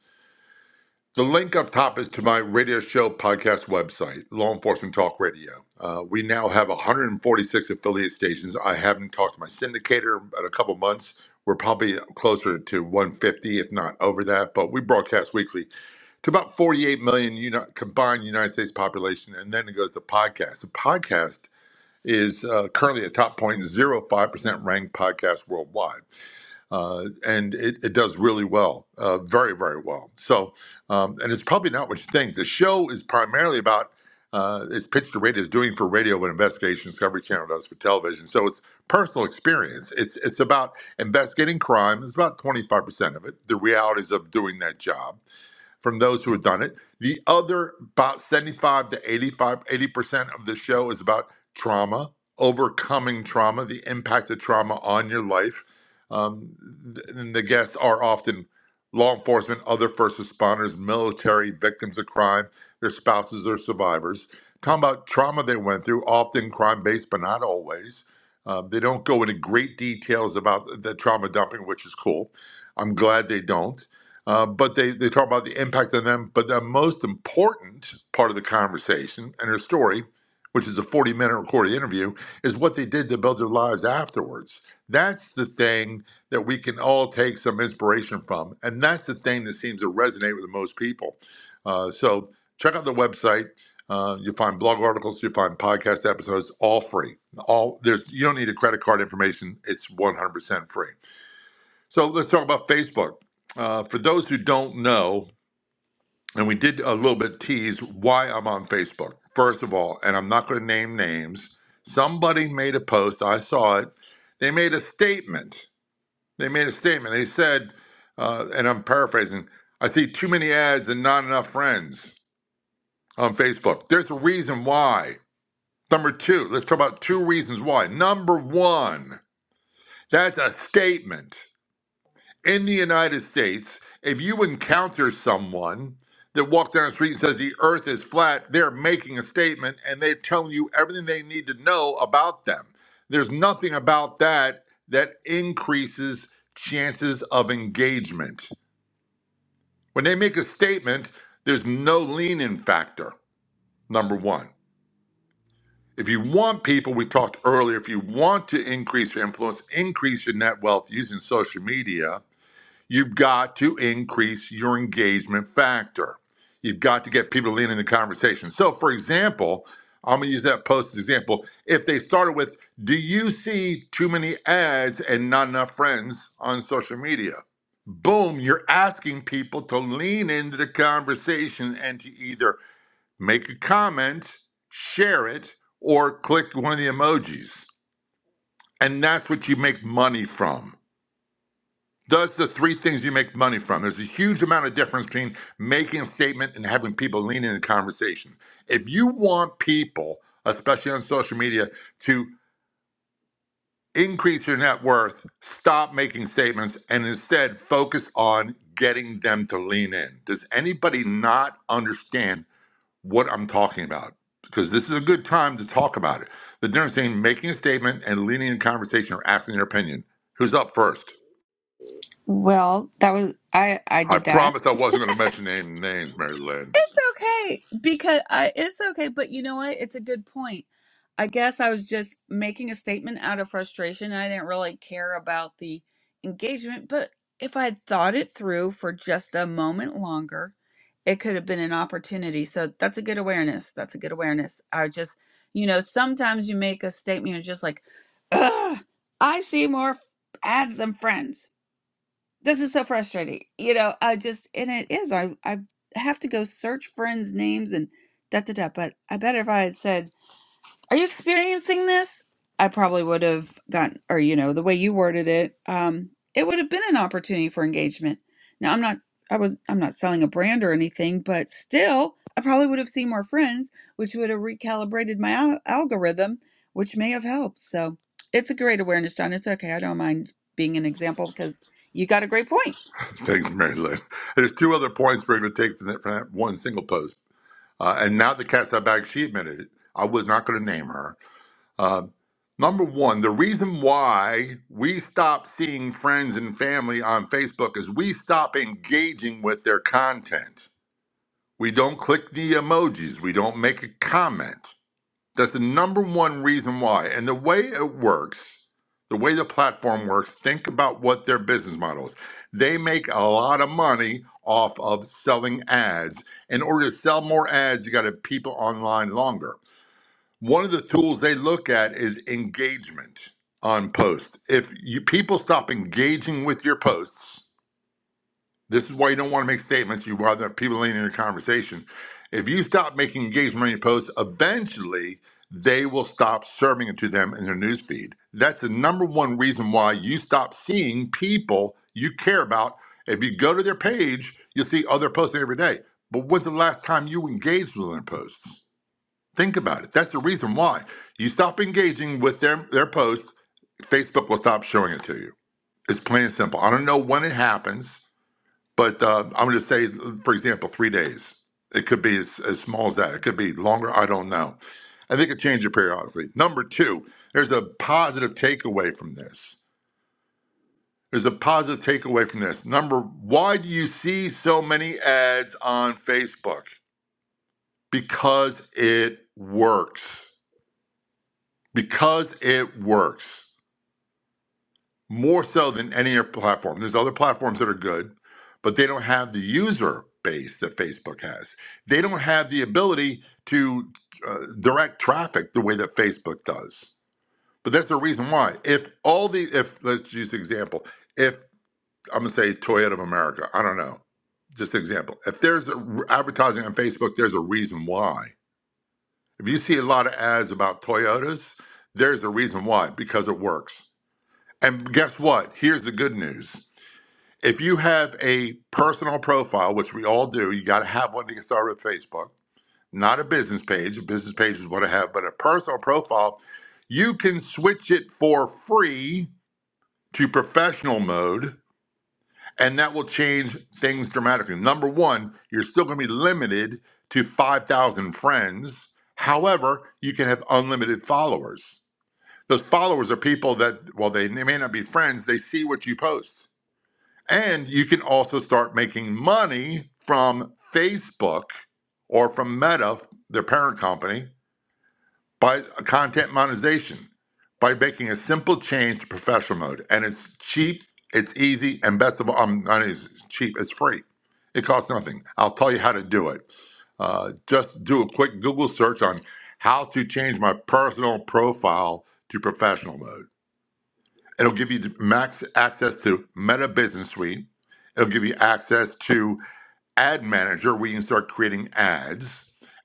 the link up top is to my radio show podcast website, Law Enforcement Talk Radio. Uh, we now have 146 affiliate stations. I haven't talked to my syndicator in a couple months. We're probably closer to 150, if not over that. But we broadcast weekly to about 48 million uni- combined United States population, and then it goes to podcast. The podcast is uh, currently a top 0.05% ranked podcast worldwide uh, and it, it does really well, uh, very very well. So, um, and it's probably not what you think. The show is primarily about uh, it's pitched to radio is doing for radio what Investigation Discovery Channel does for television. So it's personal experience. It's it's about investigating crime. It's about twenty five percent of it. The realities of doing that job from those who have done it. The other about 75 to eighty-five, eighty percent of the show is about trauma, overcoming trauma, the impact of trauma on your life. Um, th- and the guests are often law enforcement, other first responders, military, victims of crime, their spouses or survivors. Talking about trauma they went through, often crime based, but not always. Um, they don't go into great details about the trauma dumping, which is cool. I'm glad they don't uh, but they, they talk about the impact on them. But the most important part of the conversation and her story, which is a 40 minute recorded interview, is what they did to build their lives afterwards. That's the thing that we can all take some inspiration from. And that's the thing that seems to resonate with the most people. Uh, so check out the website. Uh, you'll find blog articles, you'll find podcast episodes, all free. All there's you don't need a credit card information. It's 100% free. So let's talk about Facebook. Uh, for those who don't know, and we did a little bit tease why I'm on Facebook. First of all, and I'm not going to name names, somebody made a post. I saw it. They made a statement. They made a statement. They said, uh, and I'm paraphrasing, I see too many ads and not enough friends on Facebook. There's a reason why. Number two, let's talk about two reasons why. Number one, that's a statement. in the United States, if you encounter someone that walks down the street and says the earth is flat, they're making a statement and they're telling you everything they need to know about them. There's nothing about that that increases chances of engagement. When they make a statement, there's no lean in factor, number one. If you want people, we talked earlier, if you want to increase your influence, increase your net wealth using social media, You've got to increase your engagement factor. You've got to get people to lean in the conversation. So, for example, I'm going to use that post as an example. If they started with, Do you see too many ads and not enough friends on social media? Boom, you're asking people to lean into the conversation and to either make a comment, share it, or click one of the emojis. And that's what you make money from does the three things you make money from. There's a huge amount of difference between making a statement and having people lean in a conversation. If you want people, especially on social media, to increase your net worth, stop making statements and instead focus on getting them to lean in. Does anybody not understand what I'm talking about? Because this is a good time to talk about it. The difference between making a statement and leaning in conversation or asking their opinion. Who's up first? Well, that was I I I did that. promised I wasn't going to mention any names, Mary Lynn. It's okay because I it's okay, but you know what? It's a good point. I guess I was just making a statement out of frustration. I didn't really care about the engagement, but if I had thought it through for just a moment longer, it could have been an opportunity. So that's a good awareness. That's a good awareness. I just, you know, sometimes you make a statement, you're just like, Ugh, I see more ads than friends this is so frustrating you know i just and it is i i have to go search friends names and da da da but i bet if i had said are you experiencing this i probably would have gotten or you know the way you worded it um it would have been an opportunity for engagement now i'm not i was i'm not selling a brand or anything but still i probably would have seen more friends which would have recalibrated my al- algorithm which may have helped so it's a great awareness john it's okay i don't mind being an example because you got a great point Thanks, Mary Lynn. There's two other points we're going to take from that, from that one single post. Uh, and now the cat's out bag, she admitted it. I was not going to name her. Uh, number one, the reason why we stop seeing friends and family on Facebook is we stop engaging with their content. We don't click the emojis. We don't make a comment. That's the number one reason why. And the way it works, the way the platform works, think about what their business model is. They make a lot of money off of selling ads. In order to sell more ads, you got to have people online longer. One of the tools they look at is engagement on posts. If you people stop engaging with your posts, this is why you don't want to make statements. You want have people in your conversation. If you stop making engagement money posts, eventually they will stop serving it to them in their newsfeed. That's the number one reason why you stop seeing people you care about. If you go to their page, you'll see other posting every day. But when's the last time you engaged with their posts? Think about it. That's the reason why you stop engaging with their, their posts. Facebook will stop showing it to you. It's plain and simple. I don't know when it happens. But uh, I'm going to say, for example, three days. It could be as, as small as that. It could be longer. I don't know. I think it changes periodically. Number two, there's a positive takeaway from this. There's a positive takeaway from this. Number, why do you see so many ads on Facebook? Because it works. Because it works. more so than any other platform. There's other platforms that are good, but they don't have the user base that Facebook has. They don't have the ability to uh, direct traffic the way that Facebook does. But that's the reason why. If all the, if let's use an example, if I'm gonna say Toyota of America, I don't know, just an example. If there's a- advertising on Facebook, there's a reason why. If you see a lot of ads about Toyotas, there's a reason why because it works. And guess what? Here's the good news. If you have a personal profile, which we all do, you got to have one to get started with Facebook, not a business page. A business page is what I have, but a personal profile, you can switch it for free to professional mode, and that will change things dramatically. Number one, you're still going to be limited to 5,000 friends. However, you can have unlimited followers. Those followers are people that, well, they, they may not be friends, they see what you post and you can also start making money from Facebook or from Meta, their parent company, by content monetization, by making a simple change to professional mode. And it's cheap, it's easy, and best of all, um, not easy, it's cheap, it's free. It costs nothing. I'll tell you how to do it. Uh, just do a quick Google search on how to change my personal profile to professional mode It'll give you max access to Meta Business Suite. It'll give you access to Ad Manager where you can start creating ads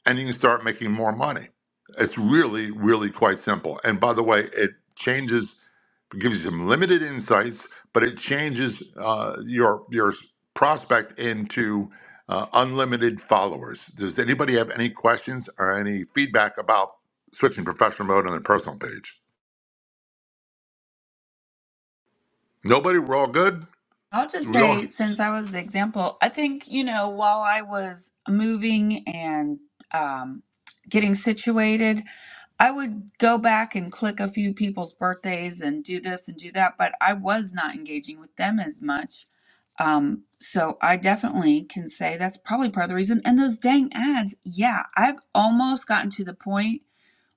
and you can start making more money. It's really, really quite simple. And by the way, it changes, it gives you some limited insights, but it changes uh, your, your prospect into uh, unlimited followers. Does anybody have any questions or any feedback about switching professional mode on their personal page? Nobody? We're all good? I'll just Do we all? say, since I was the example, I think, you know, while I was moving and um, getting situated, I would go back and click a few people's birthdays and do this and do that, but I was not engaging with them as much. Um, so I definitely can say that's probably part of the reason. And those dang ads, yeah, I've almost gotten to the point.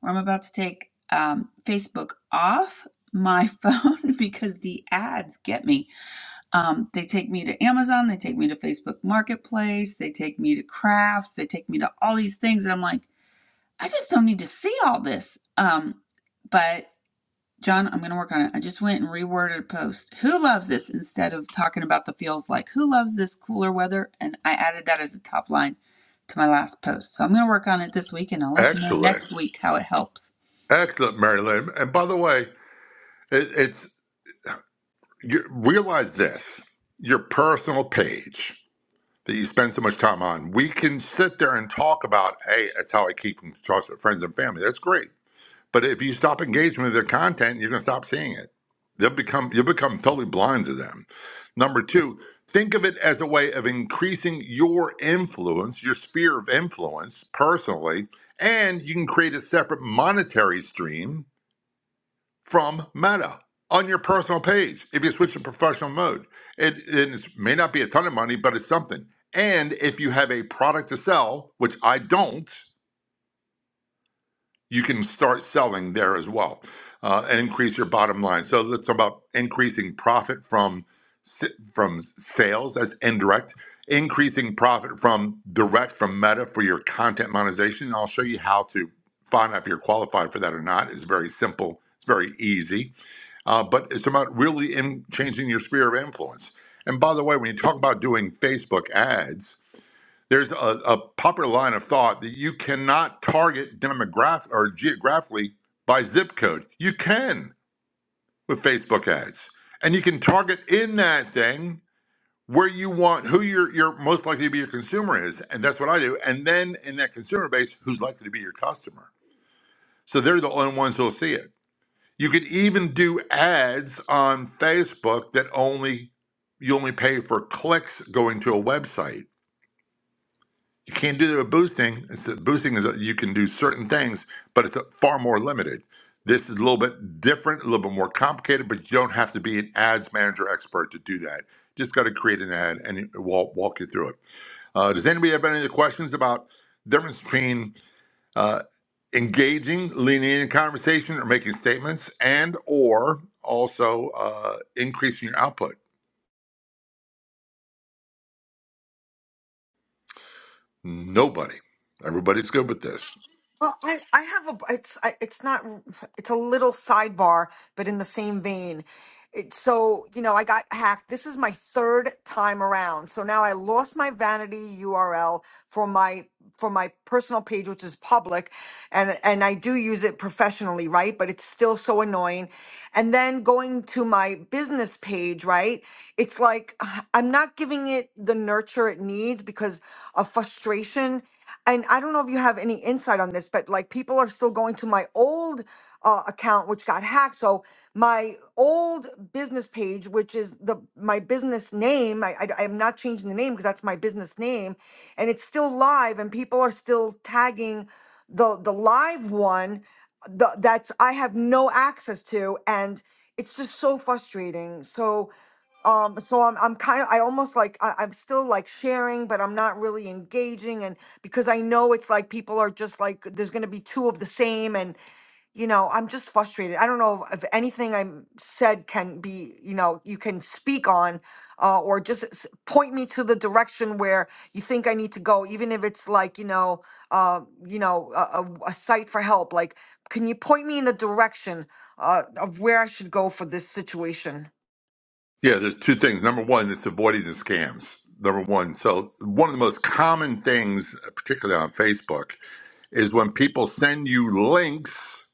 I'm about to take um, Facebook off my phone because the ads get me. Um, they take me to Amazon, they take me to Facebook Marketplace, they take me to crafts, they take me to all these things. And I'm like, I just don't need to see all this. Um, but John, I'm going to work on it. I just went and reworded a post. Who loves this instead of talking about the feels like? Who loves this cooler weather? And I added that as a top line to my last post. So I'm going to work on it this week and I'll let you know next Excellent. week how it helps. Excellent, Mary Lynn. And by the way, it, it's you realize this your personal page that you spend so much time on we can sit there and talk about hey that's how i keep in touch with friends and family that's great but if you stop engaging with their content you're going to stop seeing it they'll become you'll become totally blind to them number two think of it as a way of increasing your influence your sphere of influence personally and you can create a separate monetary stream from Meta on your personal page if you switch to professional mode. It, it may not be a ton of money, but it's something. And if you have a product to sell, which I don't, you can start selling there as well uh, and increase your bottom line. So let's talk about increasing profit from from sales. That's indirect. Increasing profit from direct from Meta for your content monetization. And I'll show you how to find out if you're qualified for that or not. It's very simple. It's very easy uh, but it's about really in changing your sphere of influence. And by the way, when you talk about doing Facebook ads, there's a, a popular line of thought that you cannot target demographic or geographically by zip code. You can with Facebook ads, and you can target in that thing where you want who your your most likely to be your consumer is, and that's what I do. And then in that consumer base, who's likely to be your customer. So they're the only ones who'll see it. You could even do ads on Facebook that only you only pay for clicks going to a website. You can't do that with boosting. It's that boosting is that you can do certain things, but it's far more limited. This is a little bit different, a little bit more complicated, but you don't have to be an ads manager expert to do that. Just got to create an ad and it will walk you through it. Uh, does anybody have any other questions about the difference between? uh, engaging, leaning in conversation, or making statements, and or also uh, increasing your output. Nobody, everybody's good with this. Well, I, I have a it's I, it's not it's a little sidebar, but in the same vein. It, so you know, I got hacked. This is my third time around. So now I lost my vanity URL for my for my personal page, which is public, and and I do use it professionally, right? But it's still so annoying. And then going to my business page, right? It's like I'm not giving it the nurture it needs because of frustration and I don't know if you have any insight on this, but like people are still going to my old uh, account, which got hacked. So my old business page, which is the my business name, I, I am not changing the name because that's my business name, and it's still live, and people are still tagging the the live one the, that's I have no access to, and it's just so frustrating. So um so i'm i'm kind of i almost like I, i'm still like sharing but i'm not really engaging and because i know it's like people are just like there's going to be two of the same and you know i'm just frustrated i don't know if anything i said can be you know you can speak on uh, or just s- point me to the direction where you think i need to go even if it's like you know uh you know a, a a site for help like can you point me in the direction uh, of where i should go for this situation Yeah, there's two things. Number one, it's avoiding the scams. Number one, so one of the most common things, particularly on Facebook, is when people send you links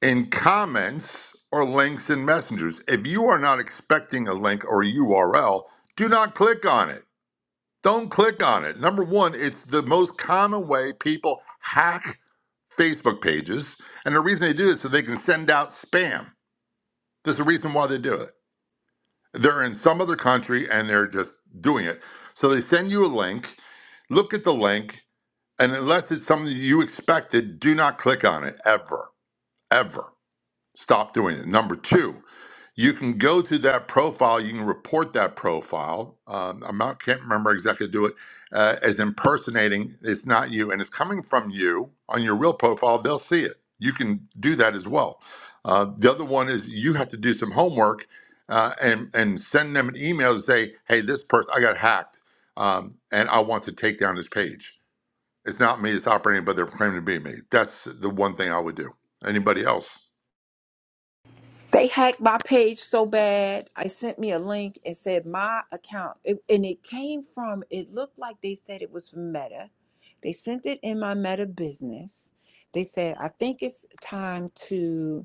in comments or links in messengers. If you are not expecting a link or a URL, do not click on it Don't click on it. Number one, it's the most common way people hack Facebook pages. And the reason they do it is so they can send out spam. There's a reason why they do it. They're in some other country and they're just doing it. So they send you a link, look at the link, and unless it's something you expected, do not click on it ever, ever. Stop doing it. Number two, you can go to that profile. You can report that profile. Um, I'm not can't remember exactly do it uh, as impersonating. It's not you, and it's coming from you on your real profile. They'll see it. You can do that as well. Uh, the other one is you have to do some homework uh, and and send them an email and say, hey, this person I got hacked, um, and I want to take down this page. It's not me. It's operating, but they're claiming to be me. That's the one thing I would do. Anybody else? They hacked my page so bad. I sent me a link and said my account, it, and it came from. It looked like they said it was from Meta. They sent it in my Meta business. They said I think it's time to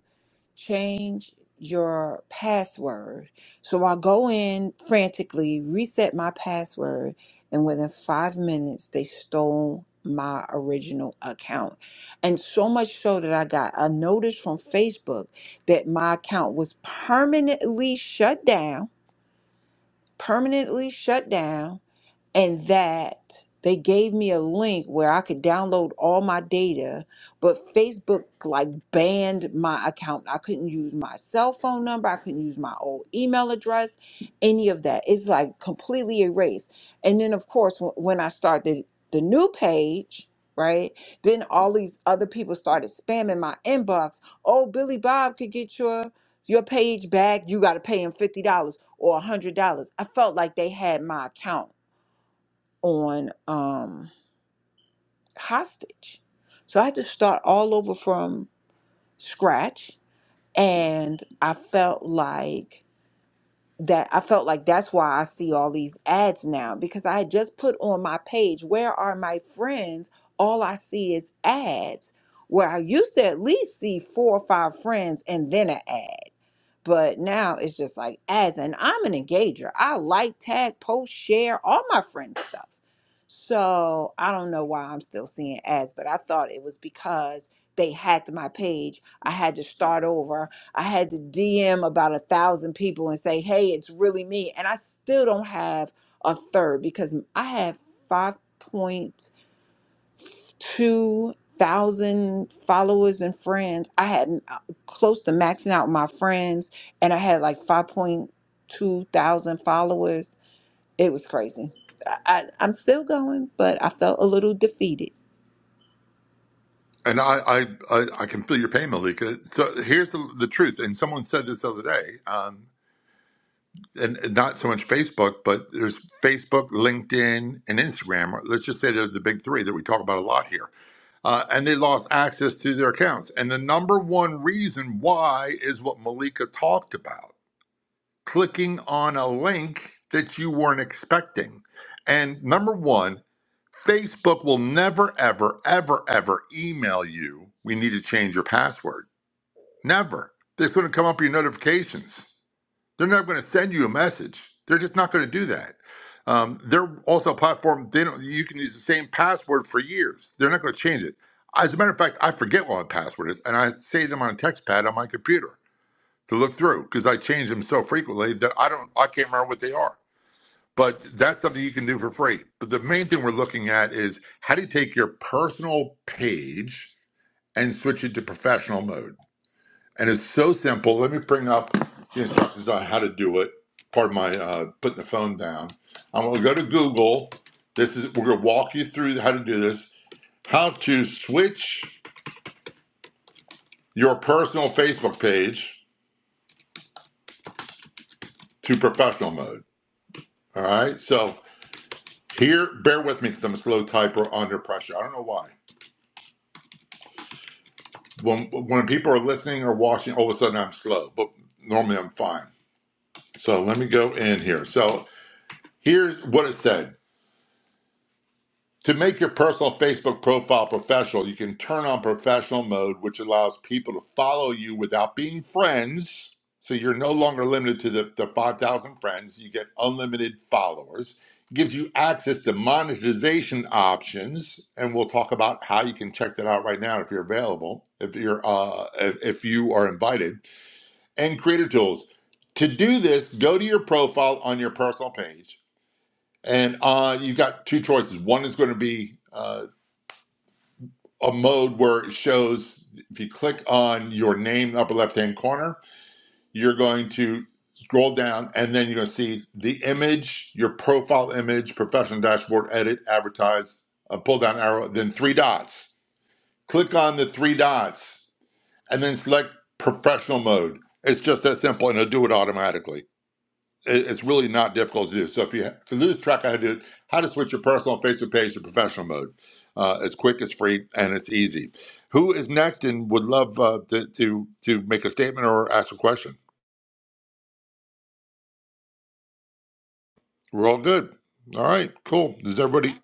change your password. So I go in frantically, reset my password, and within five minutes, they stole my original account. And so much so that I got a notice from Facebook that my account was permanently shut down, permanently shut down and that they gave me a link where I could download all my data, but Facebook like banned my account. I couldn't use my cell phone number, I couldn't use my old email address, any of that. It's like completely erased. And then of course wh- when I started the new page, right? Then all these other people started spamming my inbox. Oh, Billy Bob could get your your page back. You got to pay him $50 or $100. I felt like they had my account on um, hostage. So I had to start all over from scratch. And I felt like that I felt like that's why I see all these ads now because I had just put on my page, Where are my friends? All I see is ads. Where I used to at least see four or five friends and then an ad. But now it's just like ads, and I'm an engager. I like tag, post, share all my friends' stuff. So I don't know why I'm still seeing ads, but I thought it was because they hacked my page. I had to start over. I had to DM about a thousand people and say, hey, it's really me. And I still don't have a third because I had five point. 2,000 followers and friends. I had uh, close to maxing out my friends, and I had like 5.2 thousand followers. It was crazy. I, I, I'm still going, but I felt a little defeated. And I, I, I, I can feel your pain, Malika. So here's the, the truth. And someone said this the other day, um, and and not so much Facebook, but there's Facebook, LinkedIn, and Instagram. Or Let's just say they're the big three that we talk about a lot here. Uh, and they lost access to their accounts. And the number one reason why is what Malika talked about clicking on a link that you weren't expecting. And number one, Facebook will never, ever, ever, ever email you, we need to change your password Never. They're just going to come up with your notifications. They're not going to send you a message. They're just not going to do that. Um, they're also a platform. They don't. You can use the same password for years. They're not going to change it. As a matter of fact, I forget what my password is, and I save them on a text pad on my computer to look through because I change them so frequently that I don't. I can't remember what they are. But that's something you can do for free. But the main thing we're looking at is how do you take your personal page and switch it to professional mode and it's so simple. Let me bring up the instructions on how to do it. Pardon my uh, putting the phone down. I'm going to go to Google. This is we're going to walk you through how to do this. How to switch your personal Facebook page to professional mode. All right. So here, bear with me because I'm a slow typer under pressure. I don't know why. When when people are listening or watching, all of a sudden I'm slow, but normally I'm fine. So let me go in here. So here's what it said. To make your personal Facebook profile professional, you can turn on professional mode, which allows people to follow you without being friends. So you're no longer limited to the, the 5,000 friends. You get unlimited followers. It gives you access to monetization options, and we'll talk about how you can check that out right now if you're available, if you're uh, if, if you are invited. And creator tools. To do this, go to your profile on your personal page, and uh, you've got two choices. One is going to be uh a mode where it shows if you click on your name in the upper left hand corner, you're going to scroll down and then you're going to see the image, your profile image, professional dashboard, edit, advertise, a pull down arrow, then three dots. Click on the three dots and then select professional mode. It's just that simple and it'll do it automatically it- it's really not difficult to do. So if you to lose track of how to do it, how to switch your personal Facebook page to professional mode. Uh, it's quick, it's free, and it's easy. Who is next and would love uh, to, to to make a statement or ask a question? We're all good. All right, cool. Does everybody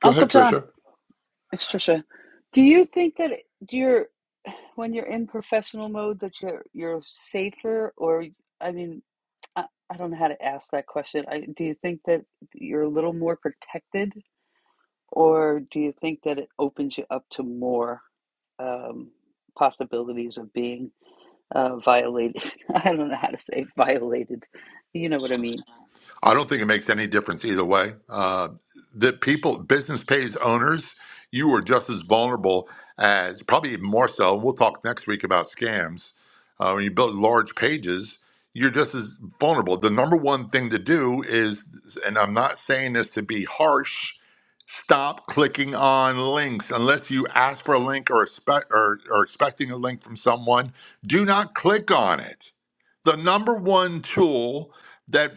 go ahead, Tricia? I don't think it makes any difference either way. Uh, the people, business pays owners, you are just as vulnerable as probably even more so. we'll talk next week about scams. Uh, when you build large pages, you're just as vulnerable. The number one thing to do is, and I'm not saying this to be harsh, stop clicking on links unless you ask for a link or expect or, or expecting a link from someone. Do not click on it the number one tool that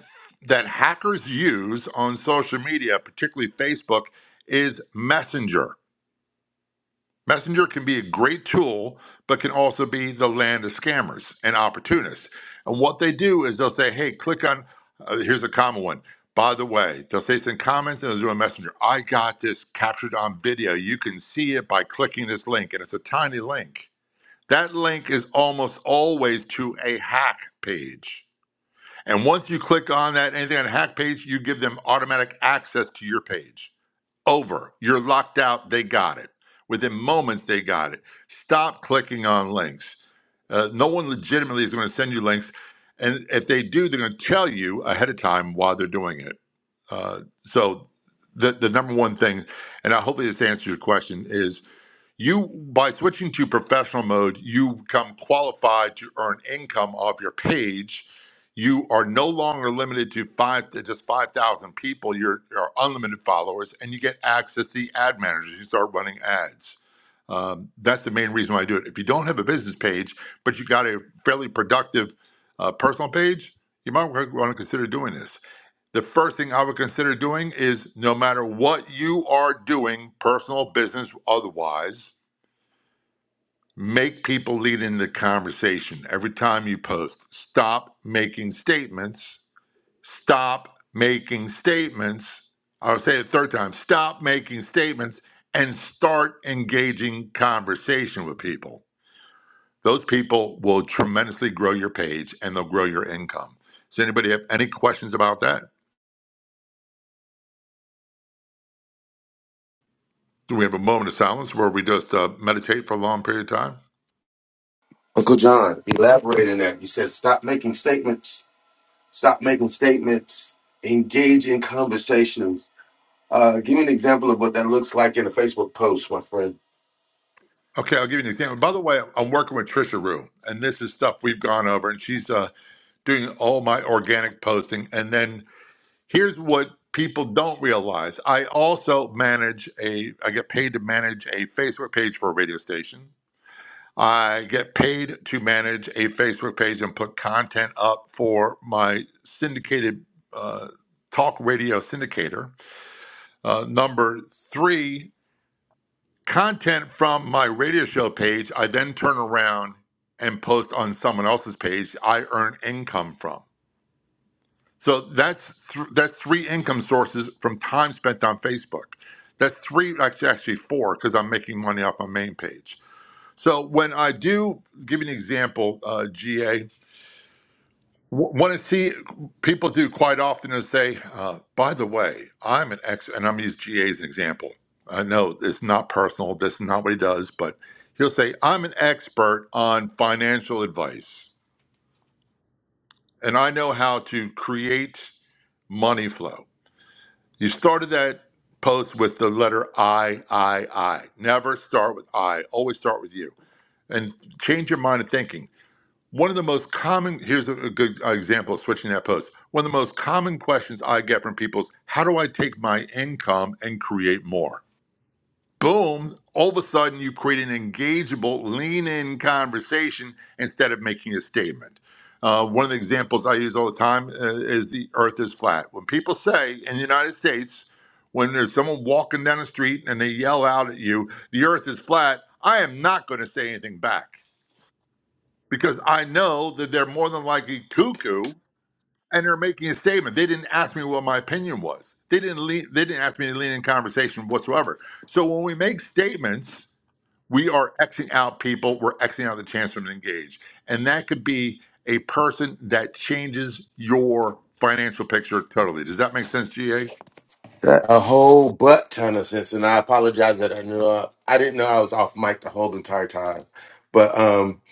that hackers use on social media, particularly Facebook, is Messenger. Messenger can be a great tool, but can also be the land of scammers and opportunists. And what they do is they'll say, "Hey, click on." Uh, here's a common one. By the way, they'll say some comments and they'll do a messenger. I got this captured on video. You can see it by clicking this link, and it's a tiny link. That link is almost always to a hack page and once you click on that anything on hack page, you give them automatic access to your page. Over. You're locked out. They got it. Within moments, they got it. Stop clicking on links. Uh, no one legitimately is going to send you links. And if they do, they're going to tell you ahead of time why they're doing it. Uh, so, the, the number one thing, and I hopefully this answers your question, is you by switching to professional mode you become qualified to earn income off your page you are no longer limited to five to just 5000 people you're, you're unlimited followers and you get access to the ad managers you start running ads um, that's the main reason why i do it if you don't have a business page but you got a fairly productive uh, personal page you might want to consider doing this the first thing i would consider doing is no matter what you are doing personal business otherwise Make people lead in the conversation every time you post. Stop making statements. Stop making statements. I'll say it a third time. Stop making statements and start engaging conversation with people. Those people will tremendously grow your page and they'll grow your income. Does anybody have any questions about that? Do we have a moment of silence where we just uh, meditate for a long period of time? Uncle John, elaborate in that. You said stop making statements, stop making statements, engage in conversations. Uh, give me an example of what that looks like in a Facebook post, my friend. Okay, I'll give you an example. By the way, I'm working with Trisha Rue, and this is stuff we've gone over, and she's uh, doing all my organic posting. And then here's what people don't realize. I also manage a I get paid to manage a Facebook page for a radio station. I get paid to manage a Facebook page and put content up for my syndicated uh, talk radio syndicator. Uh, number three, content from my radio show page, I then turn around and post on someone else's page I earn income from. So that's th- that's three income sources from time spent on Facebook. That's three, actually, actually four, because I'm making money off my main page. So when I do give you an example, uh, GA, what I see people do quite often is say, uh, by the way, I'm an ex, and I'm going to use GA as an example. I know it's not personal, This is not what he does, but he'll say, I'm an expert on financial advice, and I know how to create money flow. You started that post with the letter I, I, I. Never start with I. Always start with you. And change your mind of thinking. One of the most common, here's a good example of switching that post. One of the most common questions I get from people is how do I take my income and create more? boom, all of a sudden you create an engageable, lean in conversation instead of making a statement. Uh, one of the examples I use all the time uh, is the earth is flat. When people say in the United States, when there's someone walking down the street and they yell out at you, the earth is flat, I am not going to say anything back because I know that they're more than likely cuckoo and they're making a statement. They didn't ask me what my opinion was. They didn't lean, they didn't ask me to lean in conversation whatsoever. So when we make statements, we are Xing out people, we're Xing out the chance for them to engage. And that could be a person that changes your financial picture totally. Does that make sense, GA? A whole butt ton of sense, and I apologize that I knew uh, I didn't know I was off mic the whole entire time. But um,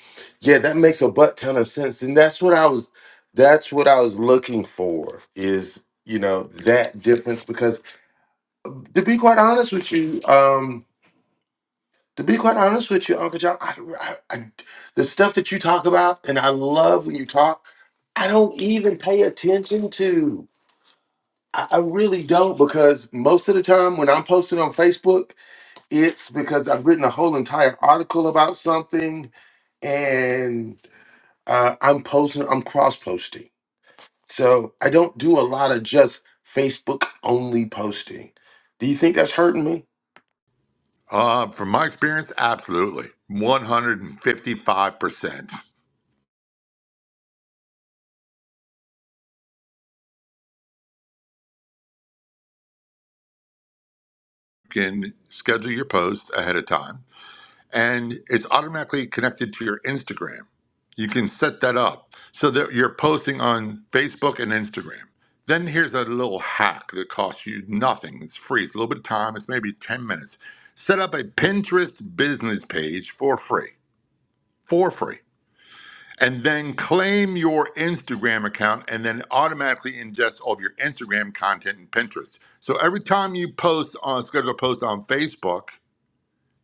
yeah, that makes a butt ton of sense, and that's what I was. That's what I was looking for. Is you know that difference because to be quite honest with you, um, To be quite honest with you, Uncle John, I, I, I, the stuff that you talk about, and I love when you talk, I don't even pay attention to. I, I really don't because most of the time when I'm posting on Facebook, it's because I've written a whole entire article about something and uh, I'm posting, I'm cross posting. So I don't do a lot of just Facebook only posting. Do you think that's hurting me? Uh, from my experience, absolutely. 155%. You can schedule your post ahead of time and it's automatically connected to your Instagram. You can set that up so that you're posting on Facebook and Instagram. Then here's a little hack that costs you nothing. It's free. It's a little bit of time. It's maybe 10 minutes. Set up a Pinterest business page for free. For free. And then claim your Instagram account and then automatically ingest all of your Instagram content in Pinterest. So every time you post on schedule a post on Facebook,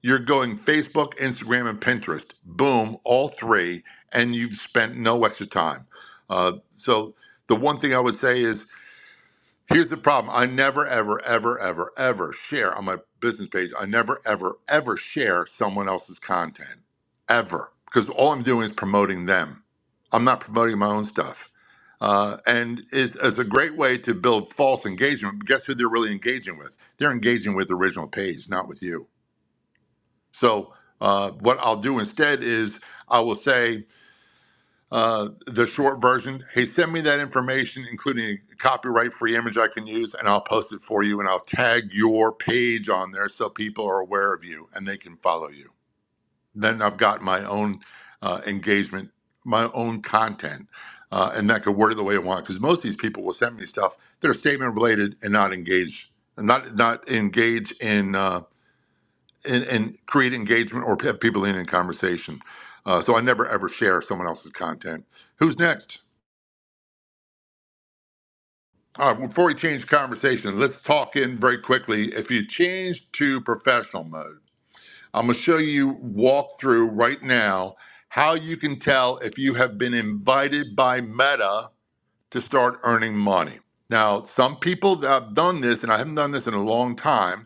you're going Facebook, Instagram, and Pinterest. Boom, all three, and you've spent no extra time. Uh, so the one thing I would say is here's the problem. I never, ever, ever, ever, ever share on my business page. I never, ever, ever share someone else's content ever because all I'm doing is promoting them. I'm not promoting my own stuff. Uh, and it's, it's a great way to build false engagement. Guess who they're really engaging with? They're engaging with the original page, not with you. So uh, what I'll do instead is I will say uh, the short version. Hey, send me that information, including a copyright-free image I can use, and I'll post it for you, and I'll tag your page on there so people are aware of you and they can follow you. Then I've got my own uh, engagement, my own content, uh, and that could word it the way I want. Because most of these people will send me stuff that are statement related and not engage, not not engage in. Uh, and, and create engagement or have people in in conversation. Uh, so I never ever share someone else's content. Who's next? All right, before we change conversation, let's talk in very quickly. If you change to professional mode, I'm going to show you walk through right now how you can tell if you have been invited by Meta to start earning money. Now, some people that have done this, and I haven't done this in a long time,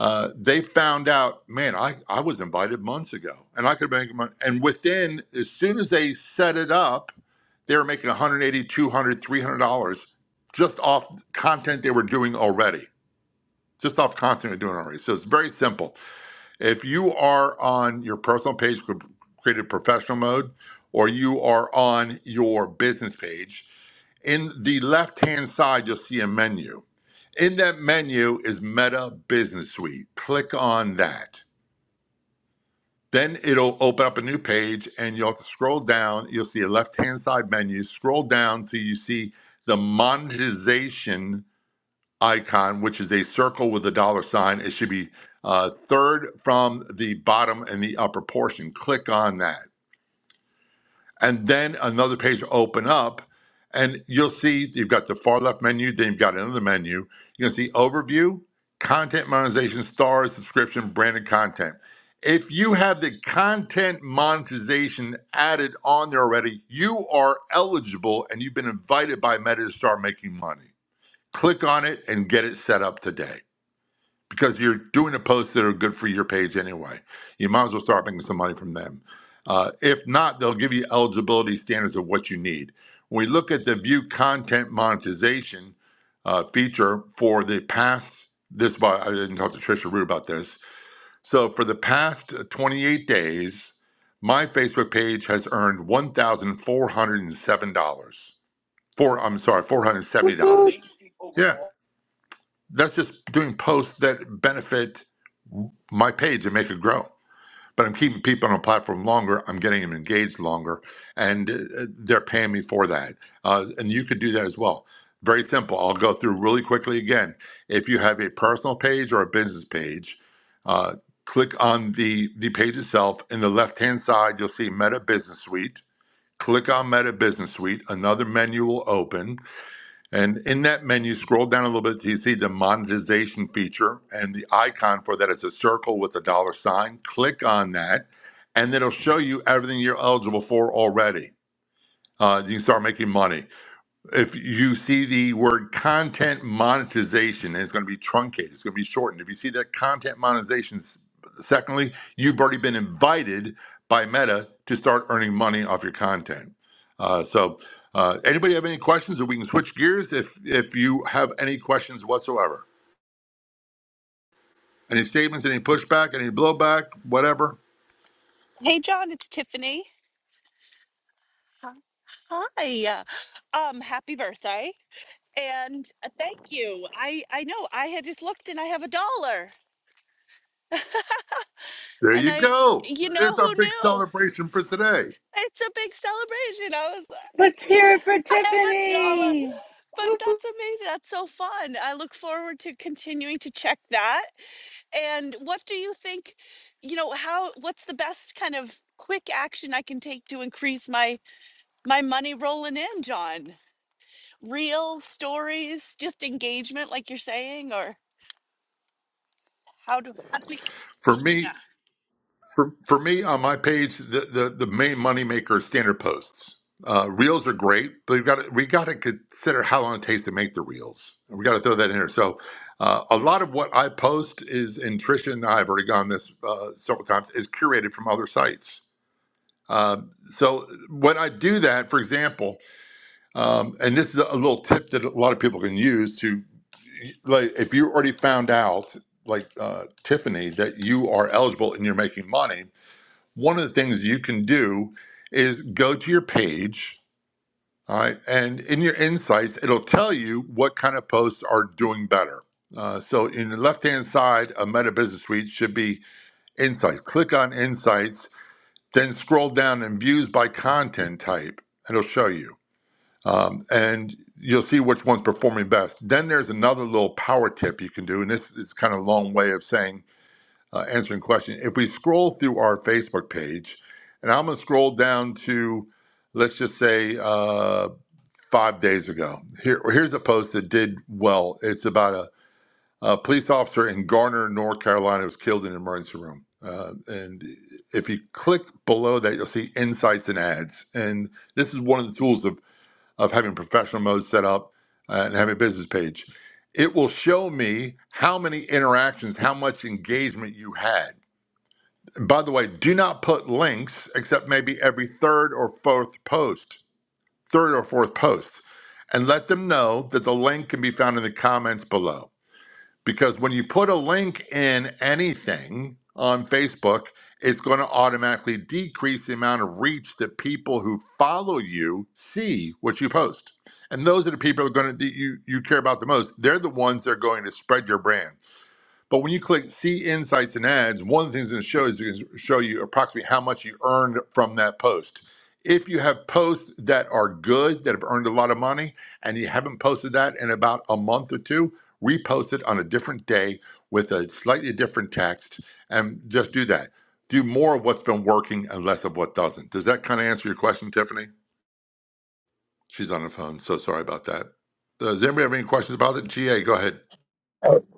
uh, they found out, man, I, I was invited months ago and I could make money. And within, as soon as they set it up, they were making 180, 200, 300 dollars two hundred dollars, three hundred dollars just off content they were doing already, just off content they're doing already. So it's very simple. If you are on your personal page, cre- created professional mode, or you are on your business page, in the left hand side, you'll see a menu in that menu is Meta Business Suite. Click on that. Then it'll open up a new page and you'll have to scroll down. You'll see a left hand side menu. Scroll down till you see the monetization icon, which is a circle with a dollar sign. It should be uh, third from the bottom in the upper portion. Click on that and then another page will open up and you'll see you've got the far left menu then you've got another menu you're going to see overview content monetization stars subscription branded content if you have the content monetization added on there already you are eligible and you've been invited by meta to start making money click on it and get it set up today because you're doing the posts that are good for your page anyway. You might as well start making some money from them. Uh, if not, they'll give you eligibility standards of what you need. When we look at the view content monetization uh, feature for the past, this I didn't talk to Trisha Root about this. So for the past uh, 28 days, my Facebook page has earned $1,407. Four, hundred seven dollars. Four, I'm sorry, $470. Yeah. That's just doing posts that benefit my page and make it grow. But I'm keeping people on a platform longer. I'm getting them engaged longer, and uh, they're paying me for that. Uh, and you could do that as well. Very simple. I'll go through really quickly again. If you have a personal page or a business page, uh, click on the the page itself. In the left hand side, you'll see Meta Business Suite. Click on Meta Business Suite. Another menu will open and in that menu, scroll down a little bit till you see the monetization feature, and the icon for that is a circle with a dollar sign. Click on that, and it'll show you everything you're eligible for already. Uh, you can start making money if you see the word content monetization, it's going to be truncated, it's going to be shortened. If you see that content monetization, secondly, you've already been invited by Meta to start earning money off your content. Uh, so, uh, anybody have any questions, or we can switch gears if if you have any questions whatsoever, any statements, any pushback, any blowback, whatever. Hey, John, it's Tiffany. Hi. Um, happy birthday. And uh, thank you. I I know I had just looked and I have a dollar. There And you I go. you It's know our who big knew? celebration for today. It's a big celebration. I was I have a dollar. But that's amazing. That's so fun. I look forward to continuing to check that. And what do you think, you know, how what's the best kind of quick action I can take to increase my my money rolling in, John? Real stories, just engagement, like you're saying, or how do how do we? For Yeah. me, For for me on my page, the the, the main moneymaker is standard posts. Uh, reels are great, but we've got to, we got to consider how long it takes to make the reels. We got to throw that in here. So, uh, a lot of what I post is, and Tricia and I have already gone this uh, several times, is curated from other sites. Um, so when I do that, for example, um, and this is a little tip that a lot of people can use to, like, if you already found out, like uh, Tiffany, that you are eligible and you're making money, one of the things you can do is go to your page all right and in your insights it'll tell you what kind of posts are doing better uh, so in the left hand side of meta business suite should be insights click on insights then scroll down and views by content type and it'll show you um, and you'll see which one's performing best then there's another little power tip you can do and this is kind of a long way of saying uh, answering questions. If we scroll through our Facebook page, and I'm going to scroll down to, let's just say, uh, five days ago. Here, here's a post that did well. It's about a, a police officer in Garner, North Carolina, was killed in an emergency room. Uh, and if you click below that, you'll see insights and ads. And this is one of the tools of, of having professional mode set up uh, and having a business page. It will show me how many interactions, how much engagement you had by the way, do not put links except maybe every third or fourth post, third or fourth post, and let them know that the link can be found in the comments below. Because when you put a link in anything on Facebook, it's going to automatically decrease the amount of reach that people who follow you see what you post. And those are the people that are going to that you you care about the most. They're the ones that are going to spread your brand. But when you click see insights and ads, one of the things it's going to show is it's going to show you approximately how much you earned from that post. If you have posts that are good, that have earned a lot of money, and you haven't posted that in about a month or two, repost it on a different day with a slightly different text and just do that. Do more of what's been working and less of what doesn't. Does that kind of answer your question, Tiffany? She's on the phone, so sorry about that. Uh, Does anybody have any questions about it? GA, go ahead.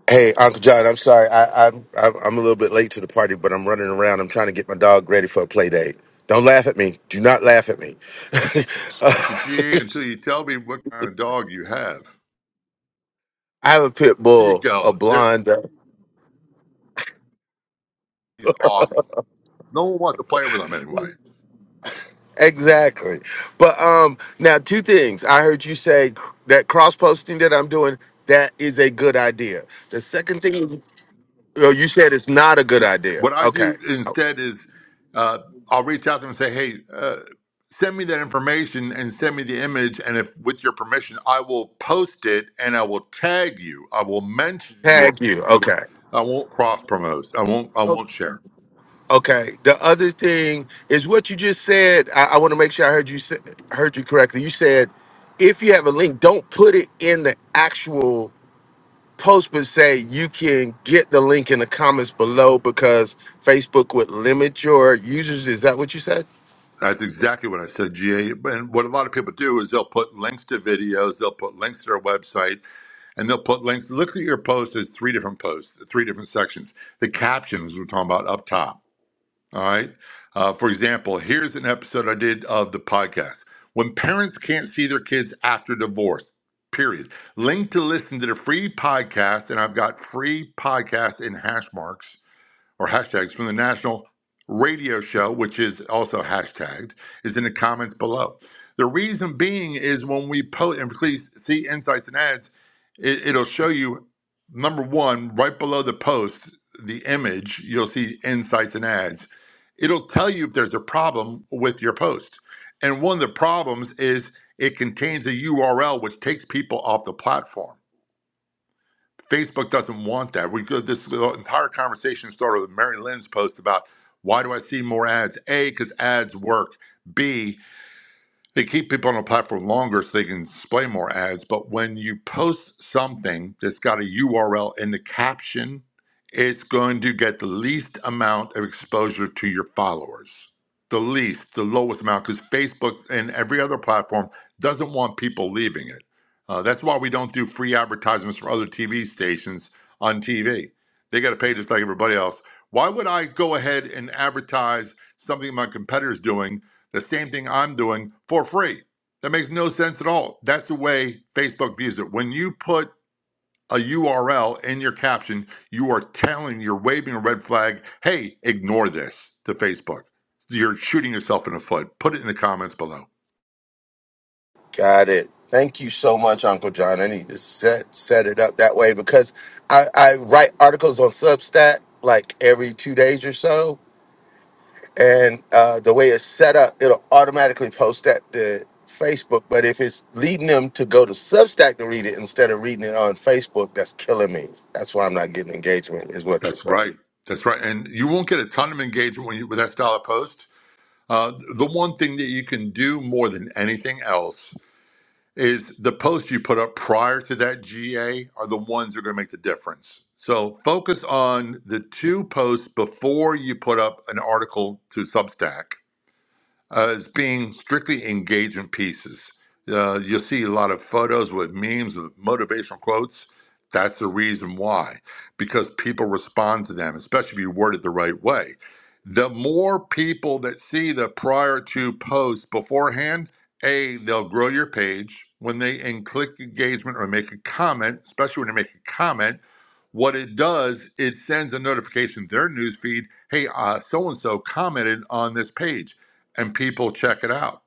Hey, Uncle John, I'm sorry. I, I'm I'm I'm a little bit late to the party, but I'm running around. I'm trying to get my dog ready for a play date. Don't laugh at me. Do not laugh at me. Uh, at your GA until you tell me what kind of dog you have. I have a pit Here you bull, a go. There, blonde. he's awesome. No one wants to play with him anyway. Exactly. But um, now two things. I heard you say c- that cross posting that I'm doing that is a good idea. The second thing, is- oh, you said it's not a good No- idea. What I Okay, do I'll instead is uh, I'll reach out to them and say, hey, uh, send me that information and send me the image. And if with your permission, I will post it and I will tag you. I will mention your tag you. page. Okay. I won't cross promote. I won't. I won't share. Okay. The other thing is what you just said. I, I want to make sure I heard you say, heard you correctly. You said if you have a link, don't put it in the actual post, but say you can get the link in the comments below because Facebook would limit your users. Is that what you said? That's exactly what I said, GA. And what a lot of people do is they'll put links to videos, they'll put links to their website, and they'll put links. Look at your post as three different posts, three different sections. The captions we're talking about up top. All right. Uh, for example, here's an episode I did of the podcast. When parents can't see their kids after divorce, period. Link to listen to the free podcast, and I've got free podcast in hash marks or hashtags from the National Radio Show, which is also hashtagged, is in the comments below. The reason being is when we post, and please see Insights and Ads, it, it'll show you number one, right below the post, the image, you'll see Insights and Ads. It'll tell you if there's a problem with your post. And one of the problems is it contains a URL which takes people off the platform. Facebook doesn't want that. We could this the entire conversation started with Mary Lynn's post about why do I see more ads? A, because ads work. B, they keep people on a platform longer so they can display more ads. But when you post something that's got a URL in the caption, it's going to get the least amount of exposure to your followers. The least, the lowest amount, because Facebook and every other platform doesn't want people leaving it. Uh, that's why we don't do free advertisements for other TV stations on TV. They got to pay just like everybody else. Why would I go ahead and advertise something my competitor's doing the same thing I'm doing for free. That makes no sense at all. That's the way Facebook views it. When you put a URL in your caption, you are telling, you're waving a red flag, hey, ignore this to Facebook. You're shooting yourself in the foot. Put it in the comments below. Got it. Thank you so much, Uncle John. I need to set set it up that way because I, I write articles on Substack like every two days or so, and uh, the way it's set up, it'll automatically post that to Facebook. But if it's leading them to go to Substack to read it instead of reading it on Facebook, that's killing me. That's why I'm not getting engagement. Is what you're That's saying. right. That's right. And you won't get a ton of engagement when you, with that style of post. Uh, the one thing that you can do more than anything else is the posts you put up prior to that GA are the ones that are going to make the difference. So focus on the two posts before you put up an article to Substack uh, as being strictly engagement pieces. Uh, you'll see a lot of photos with memes, with motivational quotes. That's the reason why, because people respond to them, especially if you word it the right way. The more people that see the prior to posts beforehand, A, they'll grow your page. When they and click engagement or make a comment, especially when they make a comment, what it does, it sends a notification to their newsfeed, hey, so and so commented on this page and people check it out.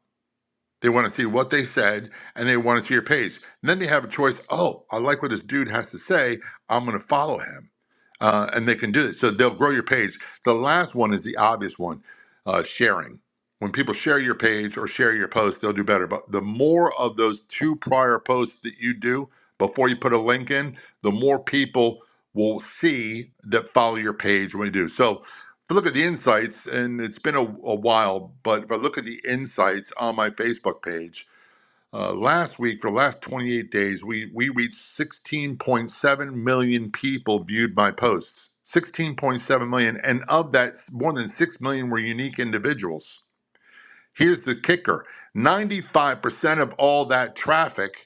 They want to see what they said and they want to see your page. And then they have a choice. Oh, I like what this dude has to say. I'm going to follow him. Uh, and they can do this. So they'll grow your page. The last one is the obvious one uh, sharing. When people share your page or share your post, they'll do better. But the more of those two prior posts that you do before you put a link in, the more people will see that follow your page when you do. So I look at the insights, and it's been a, a while, but if I look at the insights on my Facebook page, uh, last week for the last 28 days, we we reached 16.7 million people viewed my posts. 16.7 million, and of that, more than 6 million were unique individuals. Here's the kicker: 95% of all that traffic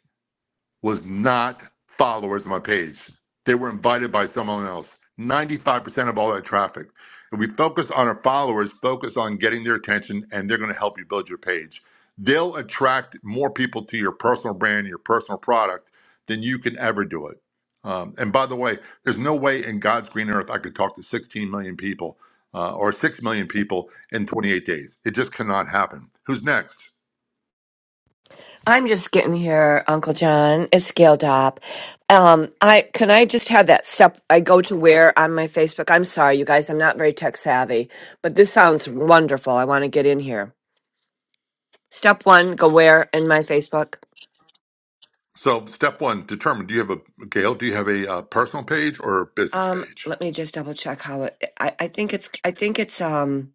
was not followers on my page. They were invited by someone else. 95% of all that traffic. If we focus on our followers, focus on getting their attention, and they're going to help you build your page. They'll attract more people to your personal brand, your personal product, than you can ever do it. Um, and by the way, there's no way in God's green earth I could talk to 16 million people uh, or 6 million people in 28 days. It just cannot happen. Who's next? I'm just getting here, Uncle John. It's Gail Dopp. Um, I can I just have that step I go to where on my Facebook. I'm sorry, you guys, I'm not very tech savvy, but this sounds wonderful. I want to get in here. Step one, go where in my Facebook. So step one, determine do you have a Gail? Do you have a uh, personal page or a business Um, page? let me just double check how it I, I think it's I think it's um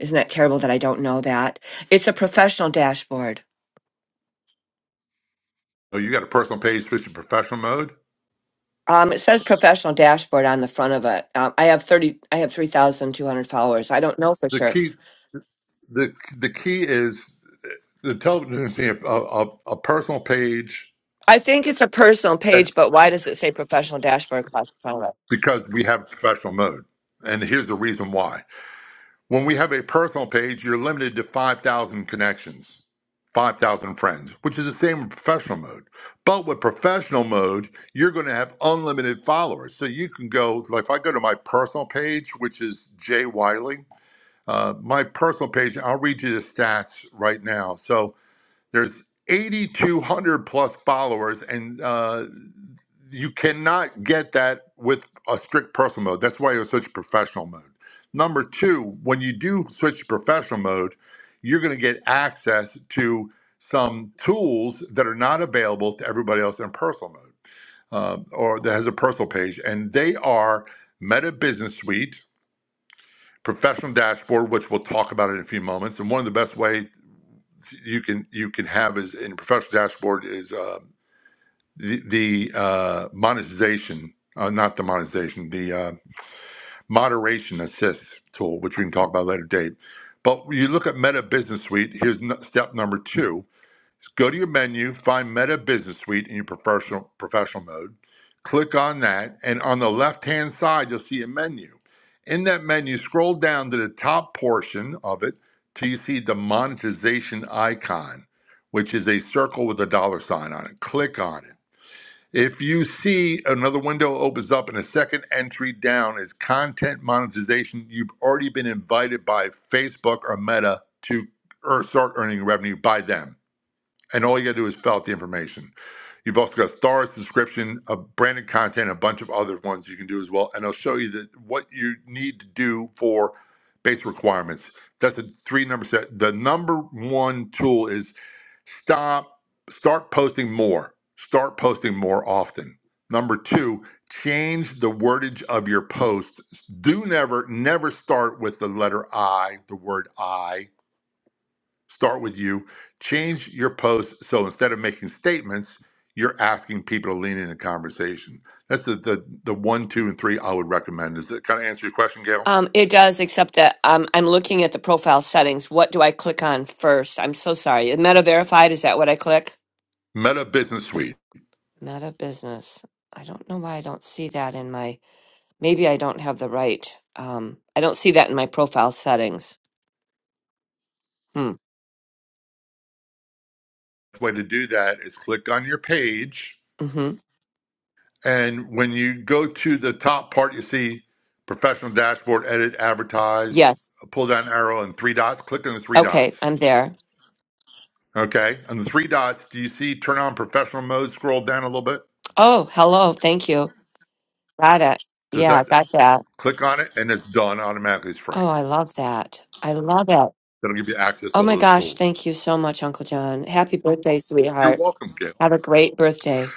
isn't that terrible that I don't know that? It's a professional dashboard. Oh, you got a personal page, switch to professional mode. Um, it says professional dashboard on the front of it. Um, I have thirty I have three thousand two hundred followers. I don't know for The sure. key, the the key is the television is a, a, a personal page I think it's a personal that page, but why does it say professional dashboard classified? because we have professional mode, and here's the reason why. When we have a personal page, you're limited to 5,000 connections, 5,000 friends, which is the same with professional mode. But with professional mode, you're going to have unlimited followers. So you can go, like if I go to my personal page, which is Jay Wiley, uh, my personal page, I'll read you the stats right now. So there's 8,200 plus followers and uh, you cannot get that with a strict personal mode. That's why you'll switch to professional mode. Number two, when you do switch to professional mode, you're going to get access to some tools that are not available to everybody else in personal mode um, or that has a personal page. And they are Meta Business Suite, Professional Dashboard, which we'll talk about in a few moments. And one of the best way you can you can have is in professional dashboard is uh, the the uh, monetization, uh, not the monetization, the uh, moderation assist tool, which we can talk about later date. But when you look at Meta Business Suite, here's n- step number two. Go to your menu, find Meta Business Suite in your professional professional mode. Click on that, and on the left-hand side, you'll see a menu. In that menu, scroll down to the top portion of it till you see the monetization icon, which is a circle with a dollar sign on it. Click on it if you see another window opens up and a second entry down is content monetization, you've already been invited by Facebook or Meta to or start earning revenue by them. And all you got to do is fill out the information. You've also got stars, subscription, uh, branded content, a bunch of other ones you can do as well. And it'll show you that what you need to do for base requirements. That's the three number set. The number one tool is Stop, start posting more. Start posting more often. Number two, change the wordage of your posts. Do never, never start with the letter I, the word I. Start with you. Change your post so instead of making statements, you're asking people to lean in a conversation. That's the, the the one, two, and three I would recommend. Does that kind of answer your question, Gail? Um, it does, except that um, I'm looking at the profile settings. What do I click on first? I'm so sorry. Meta verified, is that what I click? Meta Business Suite. Meta business. I don't know why I don't see that in my. Maybe I don't have the right. Um, I don't see that in my profile settings. Hmm. The way to do that is click on your page Mm-hmm. And when you go to the top part, you see professional dashboard, edit, advertise, Yes. pull down arrow and three dots. Click on the three dots. Okay, I'm there. Okay. On the three dots, do you see turn on professional mode? Scroll down a little bit. Oh, hello. Thank you. Got it. Does Yeah, that got that. click on it and it's done automatically? It's free. Oh, I love that. I love it. That'll give you access to Oh all my those gosh, tools. thank you so much, Uncle John. Happy birthday, You're sweetheart. welcome, Gabe. Have a great birthday.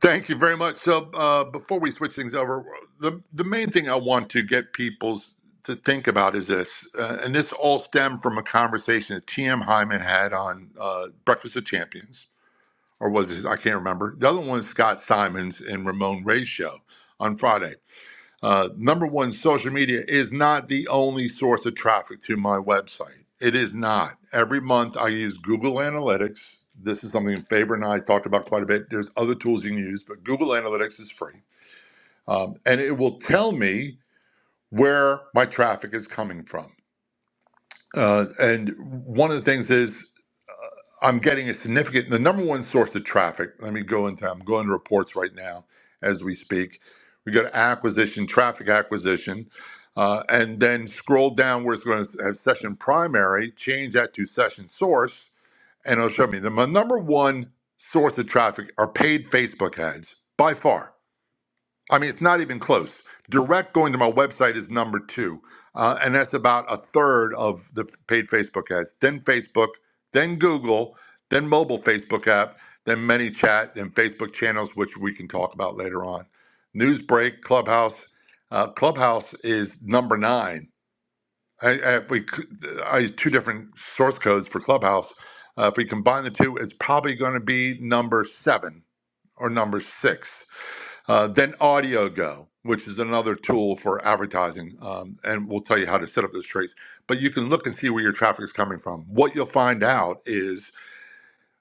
Thank you very much. So, uh, before we switch things over, the the main thing I want to get people to think about is this, uh, and this all stemmed from a conversation that T.M. Hyman had on uh, Breakfast of Champions, or was it? I can't remember. The other one was Scott Simons and Ramon Ray's show on Friday. Uh, number one, social media is not the only source of traffic to my website. It is not. Every month I use Google Analytics. This is something Faber and I talked about quite a bit. There's other tools you can use, but Google Analytics is free. Um, and it will tell me where my traffic is coming from. Uh, and one of the things is uh, I'm getting a significant, the number one source of traffic. Let me go into, I'm going to reports right now as we speak. We go to acquisition, traffic acquisition, uh, and then scroll down where it's going to have session primary, change that to session source, and it'll show me the my number one source of traffic are paid Facebook ads by far. I mean, it's not even close. Direct going to my website is number two, uh, and that's about a third of the paid Facebook ads. Then Facebook, then Google, then mobile Facebook app, then ManyChat, then Facebook channels, which we can talk about later on. Newsbreak, Clubhouse. Uh, Clubhouse is number nine. I, I, if we, could- I use two different source codes for Clubhouse. Uh, if we combine the two, it's probably going to be number seven or number six. Uh, then AudioGo, which is another tool for advertising, um, and we'll tell you how to set up those traits. But you can look and see where your traffic is coming from. What you'll find out is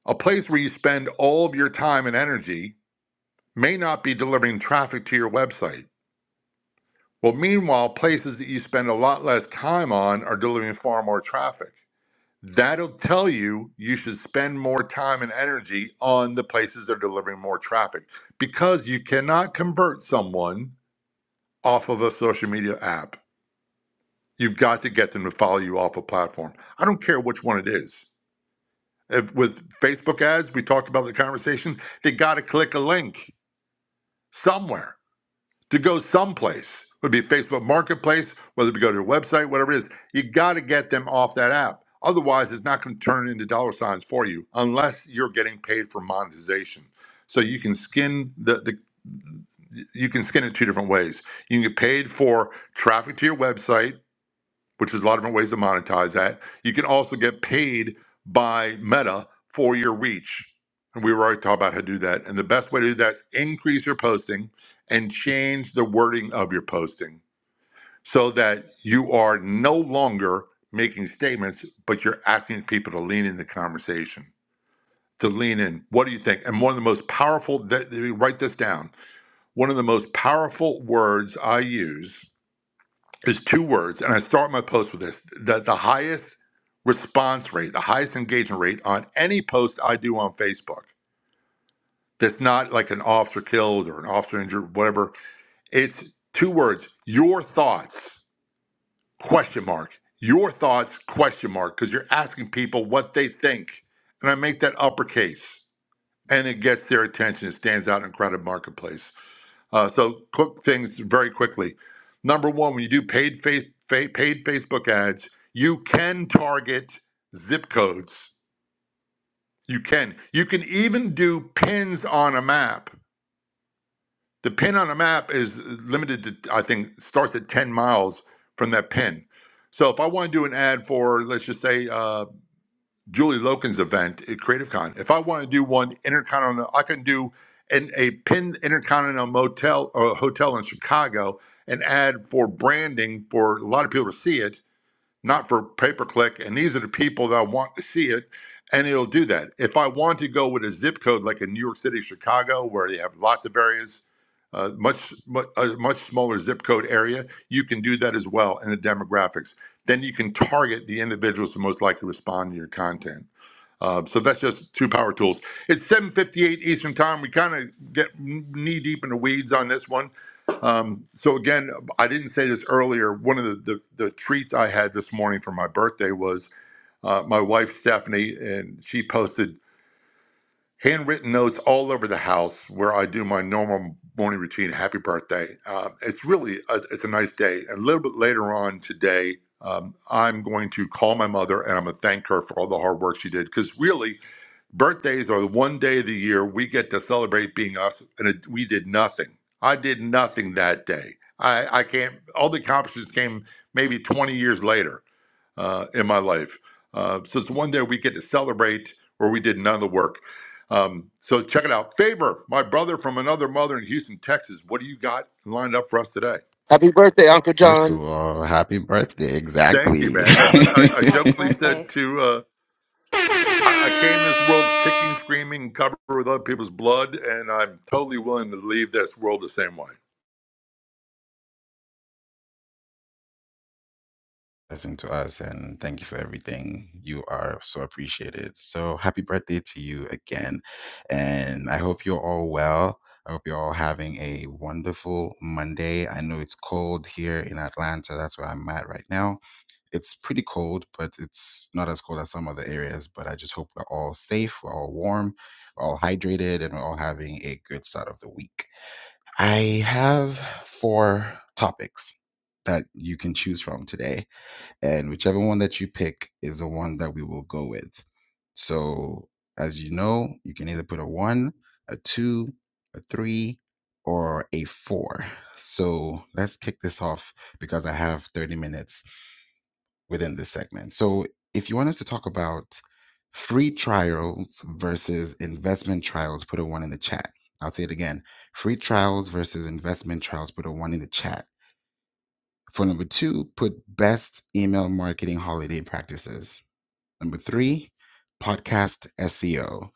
a place where you spend all of your time and energy may not be delivering traffic to your website. Well, meanwhile, places that you spend a lot less time on are delivering far more traffic. That'll tell you you should spend more time and energy on the places that are delivering more traffic because you cannot convert someone off of a social media app. You've got to get them to follow you off a platform. I don't care which one it is. If, with Facebook ads, we talked about the conversation, they got to click a link somewhere to go someplace. It Would be Facebook Marketplace, whether we go to their website, whatever it is. You got to get them off that app. Otherwise, it's not going to turn into dollar signs for you unless you're getting paid for monetization. So you can skin the, the you can skin it two different ways. You can get paid for traffic to your website which is a lot of different ways to monetize that. You can also get paid by Meta for your reach. And we were already talking about how to do that. And the best way to do that is increase your posting and change the wording of your posting so that you are no longer making statements, but you're asking people to lean in the conversation. To lean in. What do you think? And one of the most powerful, that, write this down. One of the most powerful words I use is two words, and I start my post with this: the the highest response rate, the highest engagement rate on any post I do on Facebook. That's not like an officer killed or an officer injured, whatever. It's two words: your thoughts? Question mark. Your thoughts? Question mark. Because you're asking people what they think, and I make that uppercase, and it gets their attention. It stands out in a crowded marketplace. Uh, so quick things very quickly. Number one, when you do paid fa- fa- paid Facebook ads, you can target zip codes. You can. You can even do pins on a map. The pin on a map is limited to, I think, starts at 10 miles from that pin. So if I want to do an ad for, let's just say, uh, Julie Loken's event at CreativeCon. If I want to do one intercontinental, I can do an, a pinned intercontinental motel or hotel in Chicago and add for branding for a lot of people to see it, not for pay per click. And these are the people that I want to see it, and it'll do that. If I want to go with a zip code like in New York City, Chicago, where they have lots of areas, uh, much much a much smaller zip code area, you can do that as well in the demographics. Then you can target the individuals who most likely respond to your content. Uh, so that's just two power tools. It's 7:58 Eastern Time. We kind of get knee deep in the weeds on this one. Um, so again, I didn't say this earlier. One of the, the, the treats I had this morning for my birthday was uh, my wife Stephanie, and she posted handwritten notes all over the house where I do my normal morning routine. Happy birthday! Uh, it's really a, it's a nice day. A little bit later on today. Um, I'm going to call my mother and I'm going to thank her for all the hard work she did because really Birthdays are the one day of the year we get to celebrate being us, and it, we did nothing. I did nothing that day. I, I can't. All the accomplishments came maybe 20 years later uh, in my life. Uh, so it's the one day we get to celebrate where we did none of the work. Um, so check it out. Favor, my brother from another mother in Houston, Texas. What do you got lined up for us today? Happy birthday, Uncle First of John. all, happy birthday. Thank you, Exactly. man. As I, I Happy jokingly said birthday. to. uh, I, I came to this world kicking, screaming, covered with other people's blood, and I'm totally willing to leave this world the same way. Listen to us and thank you for everything. You are so appreciated. So happy birthday to you again. And I hope you're all well. I hope you're all having a wonderful Monday. I know it's cold here in Atlanta. That's where I'm at right now. It's pretty cold, but it's not as cold as some other areas. But I just hope we're all safe, we're all warm, we're all hydrated, and we're all having a good start of the week. I have four topics that you can choose from today, and whichever one that you pick is the one that we will go with. So, as you know, you can either put a one, a two, a three, or a four. So, let's kick this off because I have 30 minutes within this segment. So, if you want us to talk about free trials versus investment trials, put a one in the chat. I'll say it again free trials versus investment trials, put a one in the chat. For number two, put best email marketing holiday practices. Number three, podcast SEO.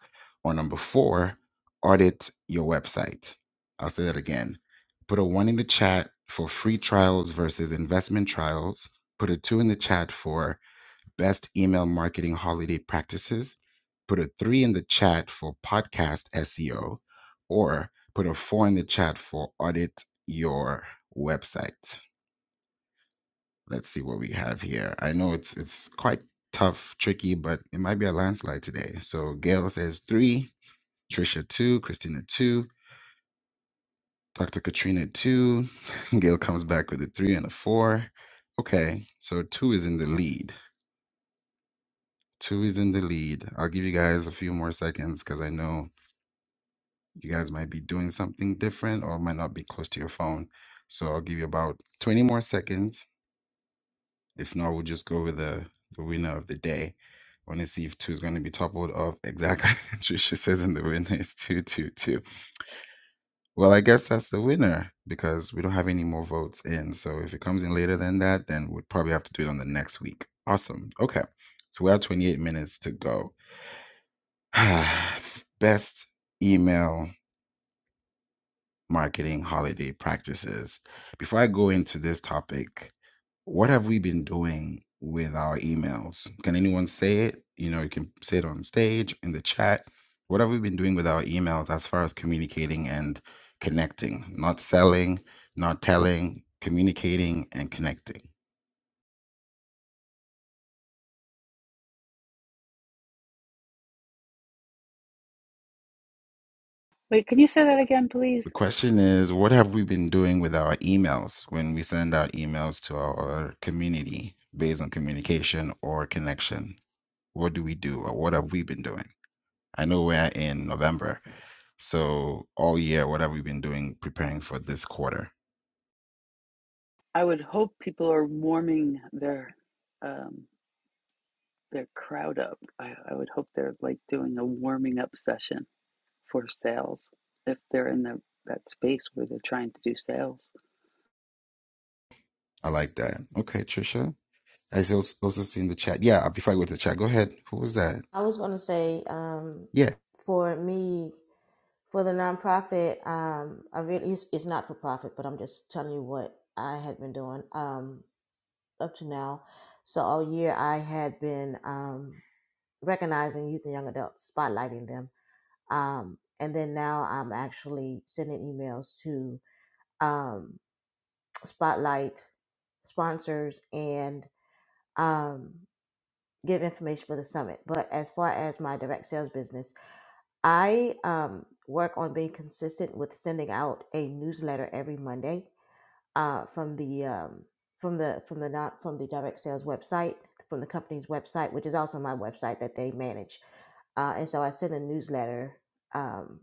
Or number four, audit your website. I'll say that again. Put a one in the chat for free trials versus investment trials. Put a two in the chat for best email marketing holiday practices, put a three in the chat for podcast SEO, or put a four in the chat for audit your website. Let's see what we have here. I know it's it's quite tough, tricky, but it might be a landslide today. So Gail says three, Trisha two, Christina two, Dr. Katrina two. Gail comes back with a three and a four. Okay, so two is in the lead. Two is in the lead. I'll give you guys a few more seconds because I know you guys might be doing something different or might not be close to your phone. So I'll give you about 20 more seconds. If not, we'll just go with the, the winner of the day. I want to see if two is going to be toppled off. Exactly. Trisha says in the winner is 222. Well, I guess that's the winner because we don't have any more votes in. So if it comes in later than that, then we'd probably have to do it on the next week. Awesome. Okay. So we have 28 minutes to go. Best email marketing holiday practices. Before I go into this topic, what have we been doing with our emails? Can anyone say it? You know, you can say it on stage, in the chat. What have we been doing with our emails as far as communicating and connecting? Not selling, not telling, communicating and connecting. The question is, what have we been doing with our emails when we send out emails to our community based on communication or connection? What do we do or what have we been doing? I know we're in November, so all year, what have we been doing preparing for this quarter? I like that. Okay, Trisha. I also also seen the chat. Yeah, before I go to the chat, go ahead. Who was that? I was going to say, um, Yeah. for me, for the nonprofit, um, I really it's, it's not for profit, but I'm just telling you what I had been doing um, up to now. So all year I had been um, recognizing youth and young adults, spotlighting them, um, and then now I'm actually sending emails to um, spotlight sponsors and um, give information for the summit. But as far as my direct sales business. I um, work on being consistent with sending out a newsletter every Monday uh, from the um, from the from the not from the direct sales website from the company's website, which is also my website that they manage. Uh, and so I send a newsletter, um,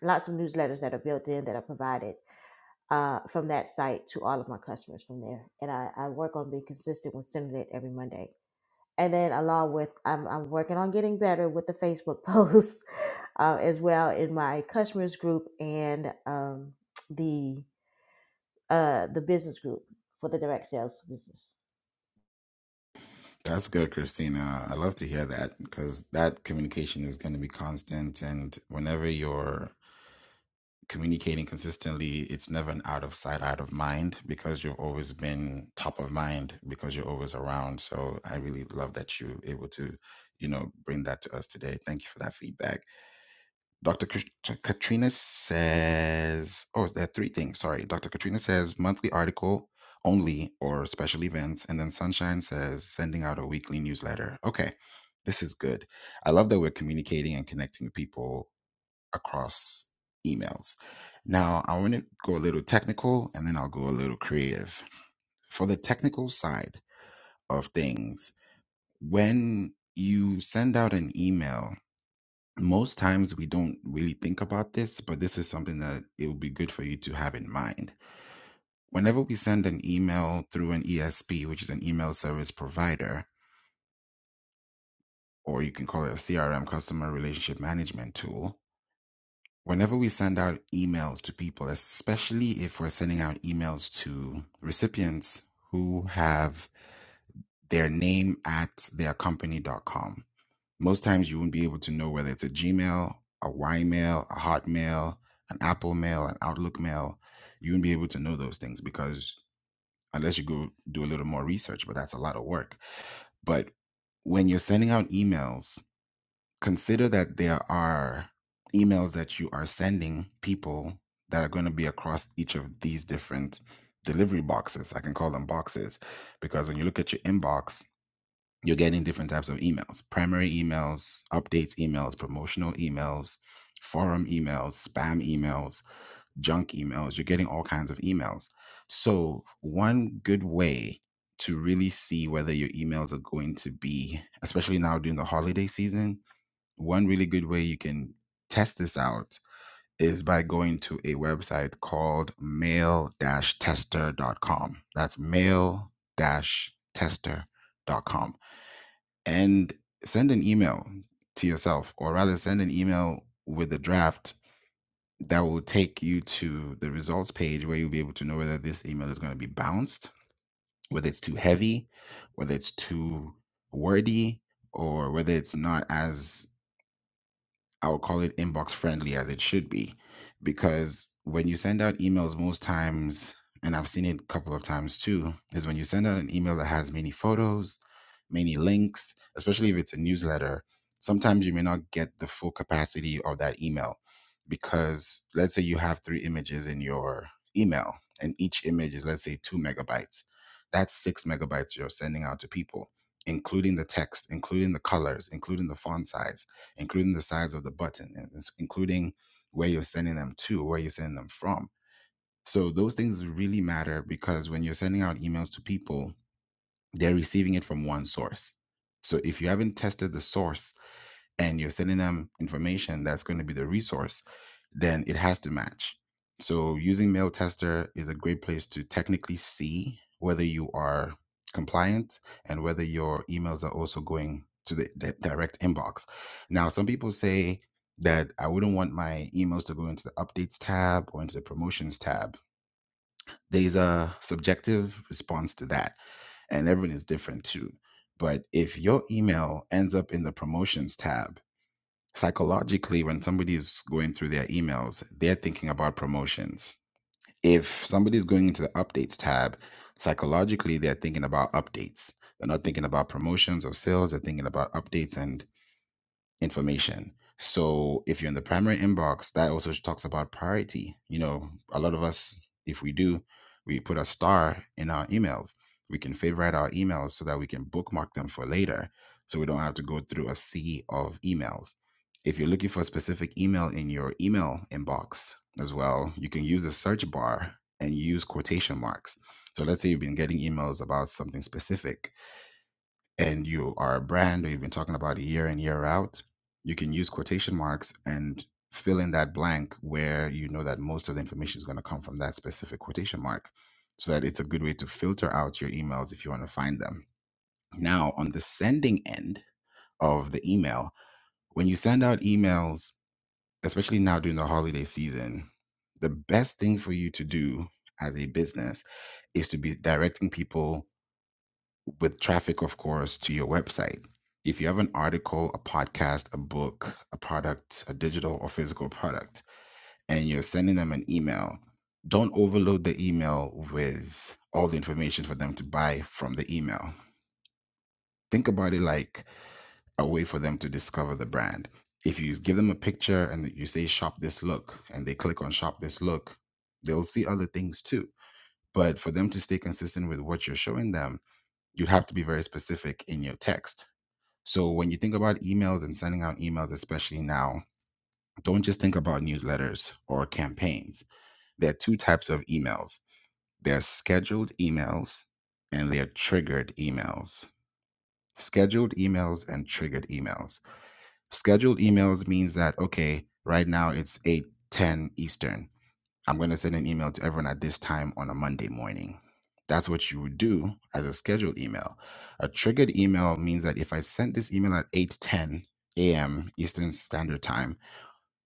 lots of newsletters that are built in that are provided uh, from that site to all of my customers from there. And I, I work on being consistent with sending it every Monday and then along with I'm, I'm working on getting better with the facebook posts uh, as well in my customers group and um, the uh, the business group for the direct sales business That's good, Christina. I love to hear that because that communication is going to be constant. And whenever you're communicating consistently, it's never an out of sight, out of mind because you've always been top of mind because you're always around. So I really love that you're able to, you know, bring that to us today. Thank you for that feedback. Dr. Kat- Katrina says, oh, there are three things. Sorry. Dr. Katrina says monthly article only or special events. And then Sunshine says sending out a weekly newsletter. Okay. This is good. I love that we're communicating and connecting with people across emails. Now, I want to go a little technical and then I'll go a little creative. For the technical side of things, when you send out an email, most times we don't really think about this, but this is something that it would be good for you to have in mind. Whenever we send an email through an ESP, which is an email service provider, or you can call it a CRM, customer relationship management tool, whenever we send out emails to people, especially if we're sending out emails to recipients who have their name at their company.com, most times you won't be able to know whether it's a Gmail, a Y Mail, a Hotmail, an Apple Mail, an Outlook Mail. You won't be able to know those things because unless you go do a little more research, but that's a lot of work. But when you're sending out emails, consider that there are emails that you are sending people that are going to be across each of these different delivery boxes. I can call them boxes because when you look at your inbox, you're getting different types of emails primary emails, updates emails, promotional emails, forum emails, spam emails, junk emails. You're getting all kinds of emails. So, one good way to really see whether your emails are going to be, especially now during the holiday season, one really good way you can test this out is by going to a website called mail-tester.com. That's mail-tester.com. And send an email to yourself, or rather, send an email with a draft that will take you to the results page where you'll be able to know whether this email is going to be bounced, whether it's too heavy, whether it's too wordy, or whether it's not as i would call it inbox friendly as it should be. Because when you send out emails, most times, and I've seen it a couple of times too, is when you send out an email that has many photos, many links, especially if it's a newsletter, sometimes you may not get the full capacity of that email. Because let's say you have three images in your email, and each image is, let's say, two megabytes. That's six megabytes you're sending out to people, including the text, including the colors, including the font size including the size of the button, and it's- including where you're sending them to, where you're sending them from. So those things really matter because when you're sending out emails to people, they're receiving it from one source. So if you haven't tested the source and you're sending them information that's going to be the resource, then it has to match. So using mail tester is a great place to technically see whether you are compliant and whether your emails are also going to the, the direct inbox. Now, some people say that I wouldn't want my emails to go into the updates tab or into the promotions tab. There's a subjective response to that, and everyone is different too. But if your email ends up in the promotions tab, psychologically when somebody is going through their emails they're thinking about promotions if somebody is going into the updates tab psychologically they're thinking about updates they're not thinking about promotions or sales they're thinking about updates and information. So if you're in the primary inbox, that also talks about priority. You know, a lot of us, if we do, we put a star in our emails. We can favorite our emails so that we can bookmark them for later. So we don't have to go through a sea of emails. If you're looking for a specific email in your email inbox as well, you can use a search bar and use quotation marks. So let's say you've been getting emails about something specific and you are a brand or you've been talking about it year in year out you can use quotation marks and fill in that blank where you know that most of the information is going to come from that specific quotation mark so that it's a good way to filter out your emails if you want to find them now on the sending end of the email when you send out emails especially now during the holiday season the best thing for you to do as a business is to be directing people with traffic, of course, to your website. If you have an article, a podcast, a book, a product, a digital or physical product, and you're sending them an email, don't overload the email with all the information for them to buy from the email. Think about it like a way for them to discover the brand. If you give them a picture and you say, shop this look, and they click on shop this look, they'll see other things too. But for them to stay consistent with what you're showing them, you'd have to be very specific in your text So when you think about emails and sending out emails, especially now, don't just think about newsletters or campaigns. There are two types of emails. There are scheduled emails and there are triggered emails. Scheduled emails and triggered emails. Scheduled emails means that, okay, right now it's 8 10 Eastern. I'm going to send an email to everyone at this time on a Monday morning. That's what you would do as a scheduled email. A triggered email means that if I sent this email at 8:10 a.m. Eastern Standard Time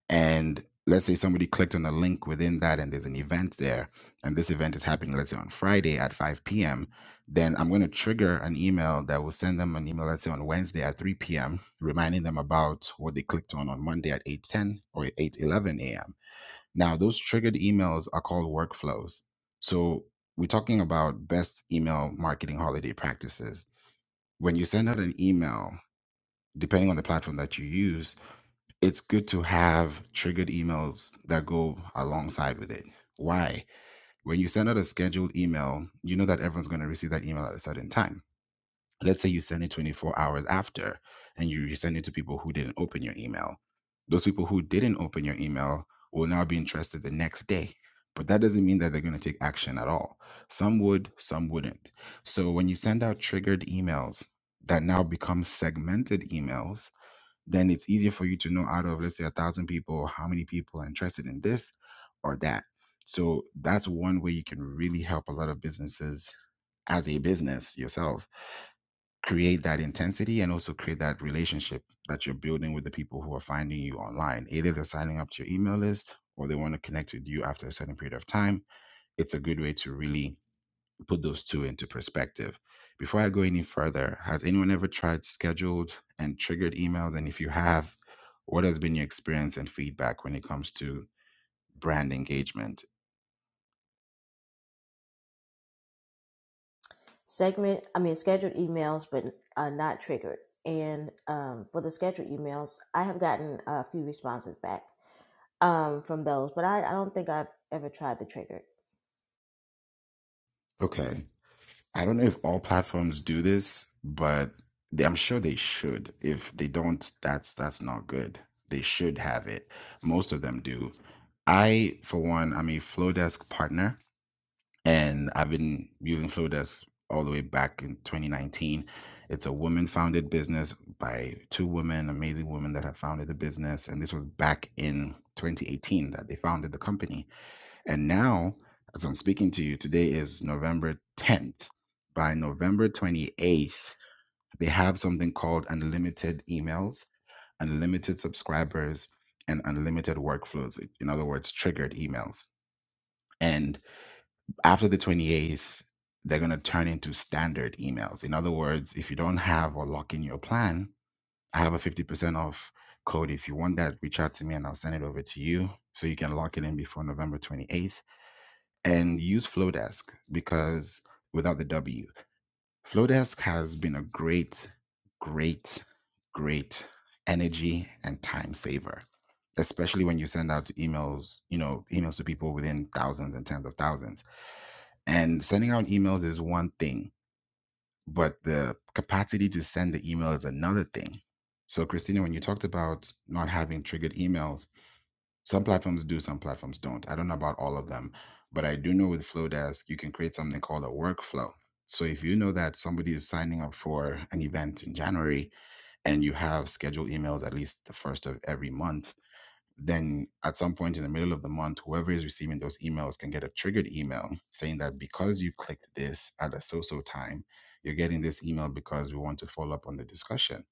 and let's say somebody clicked on a link within that and there's an event there and this event is happening let's say on Friday at 5 p.m. then I'm going to trigger an email that will send them an email let's say on Wednesday at 3 p.m. reminding them about what they clicked on on Monday at 8:10 or 8:11 a.m now, those triggered emails are called workflows. So, we're talking about best email marketing holiday practices. When you send out an email, depending on the platform that you use, it's good to have triggered emails that go alongside with it. Why? When you send out a scheduled email, you know that everyone's going to receive that email at a certain time let's say you send it 24 hours after and you resend it to people who didn't open your email those people who didn't open your email will now be interested the next day but that doesn't mean that they're going to take action at all some would some wouldn't so when you send out triggered emails that now become segmented emails then it's easier for you to know out of let's say a thousand people how many people are interested in this or that so that's one way you can really help a lot of businesses as a business yourself create that intensity and also create that relationship that you're building with the people who are finding you online. Either they're signing up to your email list or they want to connect with you after a certain period of time. It's a good way to really put those two into perspective. Before I go any further, has anyone ever tried scheduled and triggered emails? And if you have, what has been your experience and feedback when it comes to brand engagement? segment i mean scheduled emails but uh, not triggered and um, for the scheduled emails i have gotten a few responses back um, from those but I, I don't think i've ever tried the triggered Okay. I don't know if all platforms do this, but they, I'm sure they should. If they don't, that's that's not good. They should have it. Most of them do. I, for one, I'm a Flowdesk partner, and I've been using Flowdesk all the way back in 2019. It's a woman-founded business by two women, amazing women that have founded the business, and this was back in 2018 that they founded the company and now, as I'm speaking to you, today is November 10th. By November 28th, they have something called unlimited emails, unlimited subscribers, and unlimited workflows. In other words, triggered emails. And after the 28th, they're going to turn into standard emails. In other words, if you don't have or lock in your plan, I have a 50% off code. If you want that, reach out to me and I'll send it over to you so you can lock it in before November 28th and use Flowdesk because without the W, Flowdesk has been a great, great, great energy and time saver, especially when you send out emails, you know, emails to people within thousands and tens of thousands. And sending out emails is one thing, but the capacity to send the email is another thing. So, Christina, when you talked about not having triggered emails, some platforms do, some platforms don't. I don't know about all of them, but I do know with Flowdesk, you can create something called a workflow. So if you know that somebody is signing up for an event in January and you have scheduled emails at least the first of every month, then at some point in the middle of the month, whoever is receiving those emails can get a triggered email saying that because you've clicked this at a so so time, you're getting this email because we want to follow up on the discussion.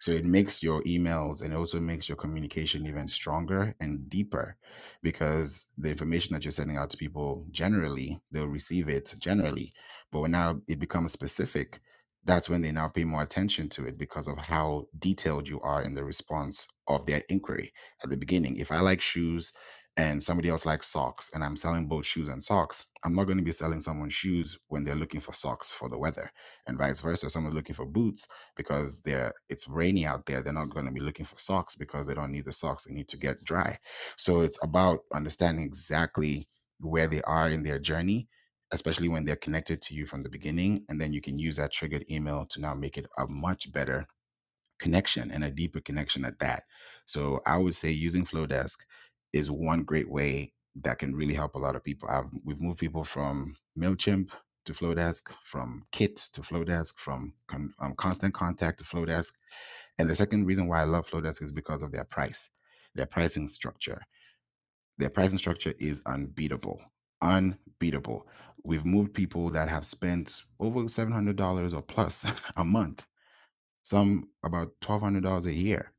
So it makes your emails and also makes your communication even stronger and deeper because the information that you're sending out to people generally, they'll receive it generally. But when now it becomes specific, that's when they now pay more attention to it because of how detailed you are in the response of their inquiry at the beginning. If I like shoes and somebody else likes socks and I'm selling both shoes and socks, I'm not going to be selling someone shoes when they're looking for socks for the weather and vice versa. Someone's looking for boots because they're it's rainy out there. They're not going to be looking for socks because they don't need the socks. They need to get dry. So it's about understanding exactly where they are in their journey. Especially when they're connected to you from the beginning, and then you can use that triggered email to now make it a much better connection and a deeper connection at that. So I would say using Flowdesk is one great way that can really help a lot of people. I've, we've moved people from Mailchimp to Flowdesk, from Kit to Flowdesk, from con, um, Constant Contact to Flowdesk. And the second reason why I love Flowdesk is because of their price, their pricing structure. Their pricing structure is unbeatable, unbeatable. We've moved people that have spent over $700 or plus a month some about $1200 a year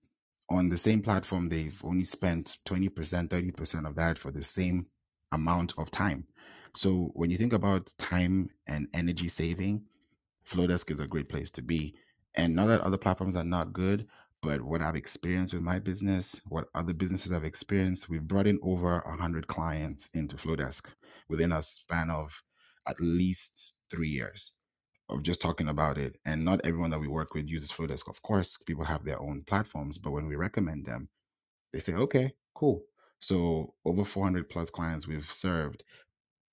on the same platform they've only spent 20% 30% of that for the same amount of time so when you think about time and energy saving flowdesk is a great place to be and not that other platforms are not good but what i've experienced with my business what other businesses have experienced we've brought in over 100 clients into flowdesk within a span of at least three years of just talking about it. And not everyone that we work with uses Flowdesk. Of course, people have their own platforms, but when we recommend them, they say, okay, cool. So over 400 plus clients we've served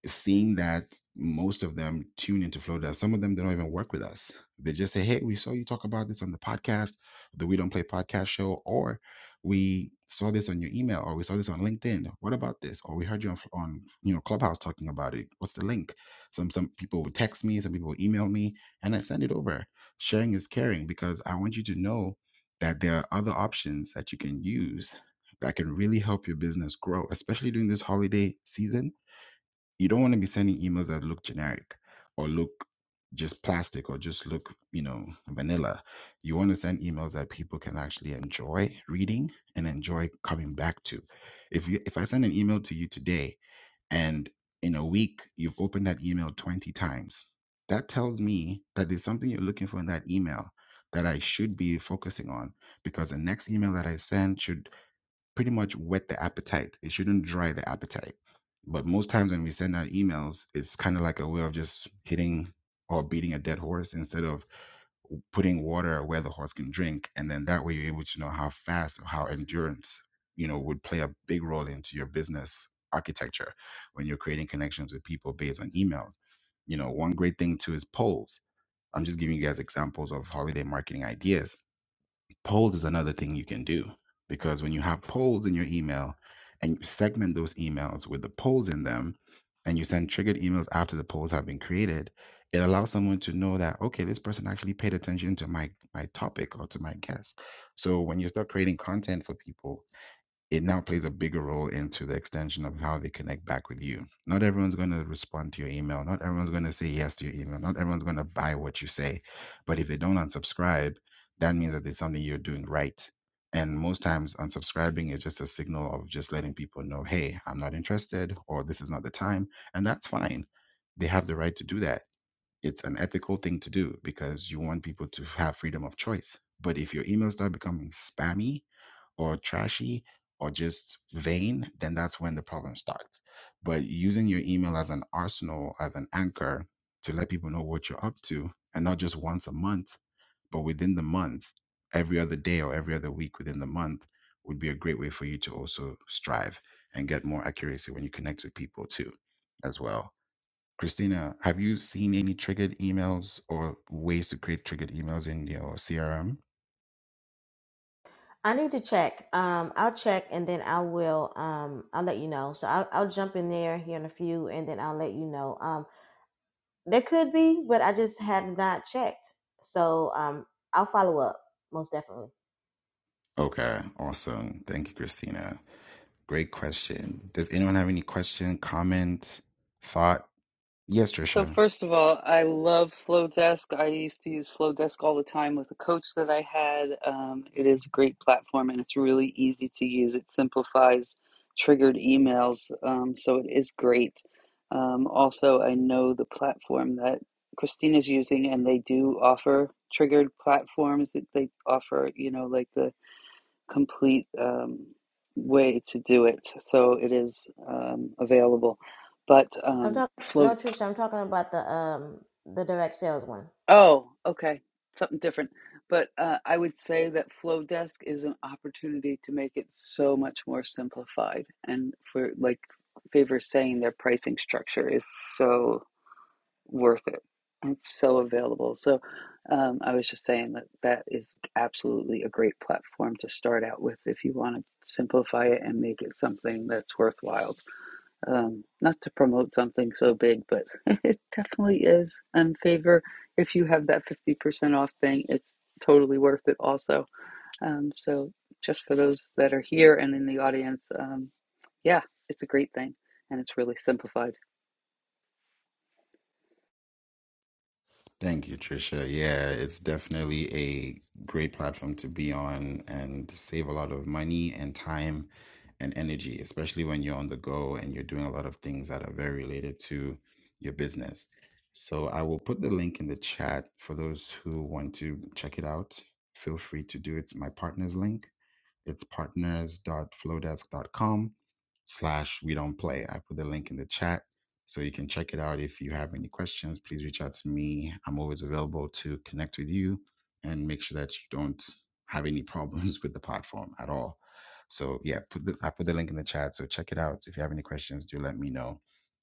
seeing that most of them tune into Flowdesk, some of them they don't even work with us. They just say, "Hey, we saw you talk about this on the podcast, the We Don't Play podcast show, or we saw this on your email, or we saw this on LinkedIn. What about this? Or we heard you on, on you know Clubhouse talking about it. What's the link?" Some some people would text me, some people would email me, and I send it over. Sharing is caring because I want you to know that there are other options that you can use that can really help your business grow, especially during this holiday season you don't want to be sending emails that look generic or look just plastic or just look, you know, vanilla. You want to send emails that people can actually enjoy reading and enjoy coming back to. If you if I send an email to you today and in a week you've opened that email 20 times, that tells me that there's something you're looking for in that email that I should be focusing on because the next email that I send should pretty much whet the appetite. It shouldn't dry the appetite. But most times when we send out emails, it's kind of like a way of just hitting or beating a dead horse instead of putting water where the horse can drink. And then that way you're able to know how fast or how endurance, you know, would play a big role into your business architecture when you're creating connections with people based on emails. You know, one great thing too is polls. I'm just giving you guys examples of holiday marketing ideas polls is another thing you can do because when you have polls in your email and you segment those emails with the polls in them and you send triggered emails after the polls have been created it allows someone to know that okay this person actually paid attention to my my topic or to my guest so when you start creating content for people it now plays a bigger role into the extension of how they connect back with you. Not everyone's going to respond to your email. Not everyone's going to say yes to your email. Not everyone's going to buy what you say. But if they don't unsubscribe, that means that there's something you're doing right. And most times, unsubscribing is just a signal of just letting people know, hey, I'm not interested or this is not the time. And that's fine. They have the right to do that. It's an ethical thing to do because you want people to have freedom of choice. But if your emails start becoming spammy, or trashy or just vain, then that's when the problem starts. But using your email as an arsenal, as an anchor to let people know what you're up to, and not just once a month, but within the month, every other day or every other week within the month would be a great way for you to also strive and get more accuracy when you connect with people too, as well. Christina, have you seen any triggered emails or ways to create triggered emails in your CRM? I need to check. Um, I'll check and then I will. Um, I'll let you know. So I'll I'll jump in there here in a few, and then I'll let you know. Um, there could be, but I just have not checked. So um, I'll follow up most definitely. Okay, awesome. Thank you, Christina. Great question. Does anyone have any question, comment, thought? Yes, Trisha. I'm talking. No, Trisha, I'm talking about the um the direct sales one. Thank you, Trisha. Yeah, it's definitely a great platform to be on and save a lot of money and time and energy, especially when you're on the go and you're doing a lot of things that are very related to your business. So I will put the link in the chat for those who want to check it out. Feel free to do it. It's my partner's link It's partners.flowdesk.com slash we don't play. I put the link in the chat so you can check it out. If you have any questions, please reach out to me. I'm always available to connect with you and make sure that you don't have any problems with the platform at all. So yeah, put the, I put the link in the chat. So check it out. If you have any questions, do let me know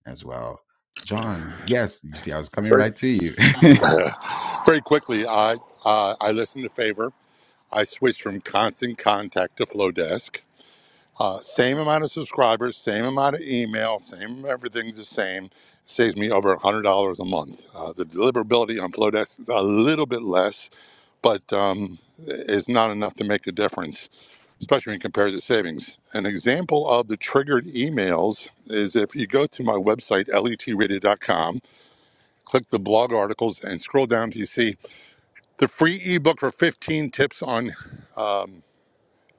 as well. John, yes, you see, I was coming Very, right to you. very quickly, I uh, I listened to Favor. I switched from Constant Contact to FlowDesk. Uh, same amount of subscribers, same amount of email, same everything's the same. Saves me over one hundred dollars a month. Uh, the deliverability on FlowDesk is a little bit less, but um, is not enough to make a difference, especially when compared to savings. An example of the triggered emails is if you go to my website, letradio.com, click the blog articles, and scroll down to you see the free ebook for 15 tips on um,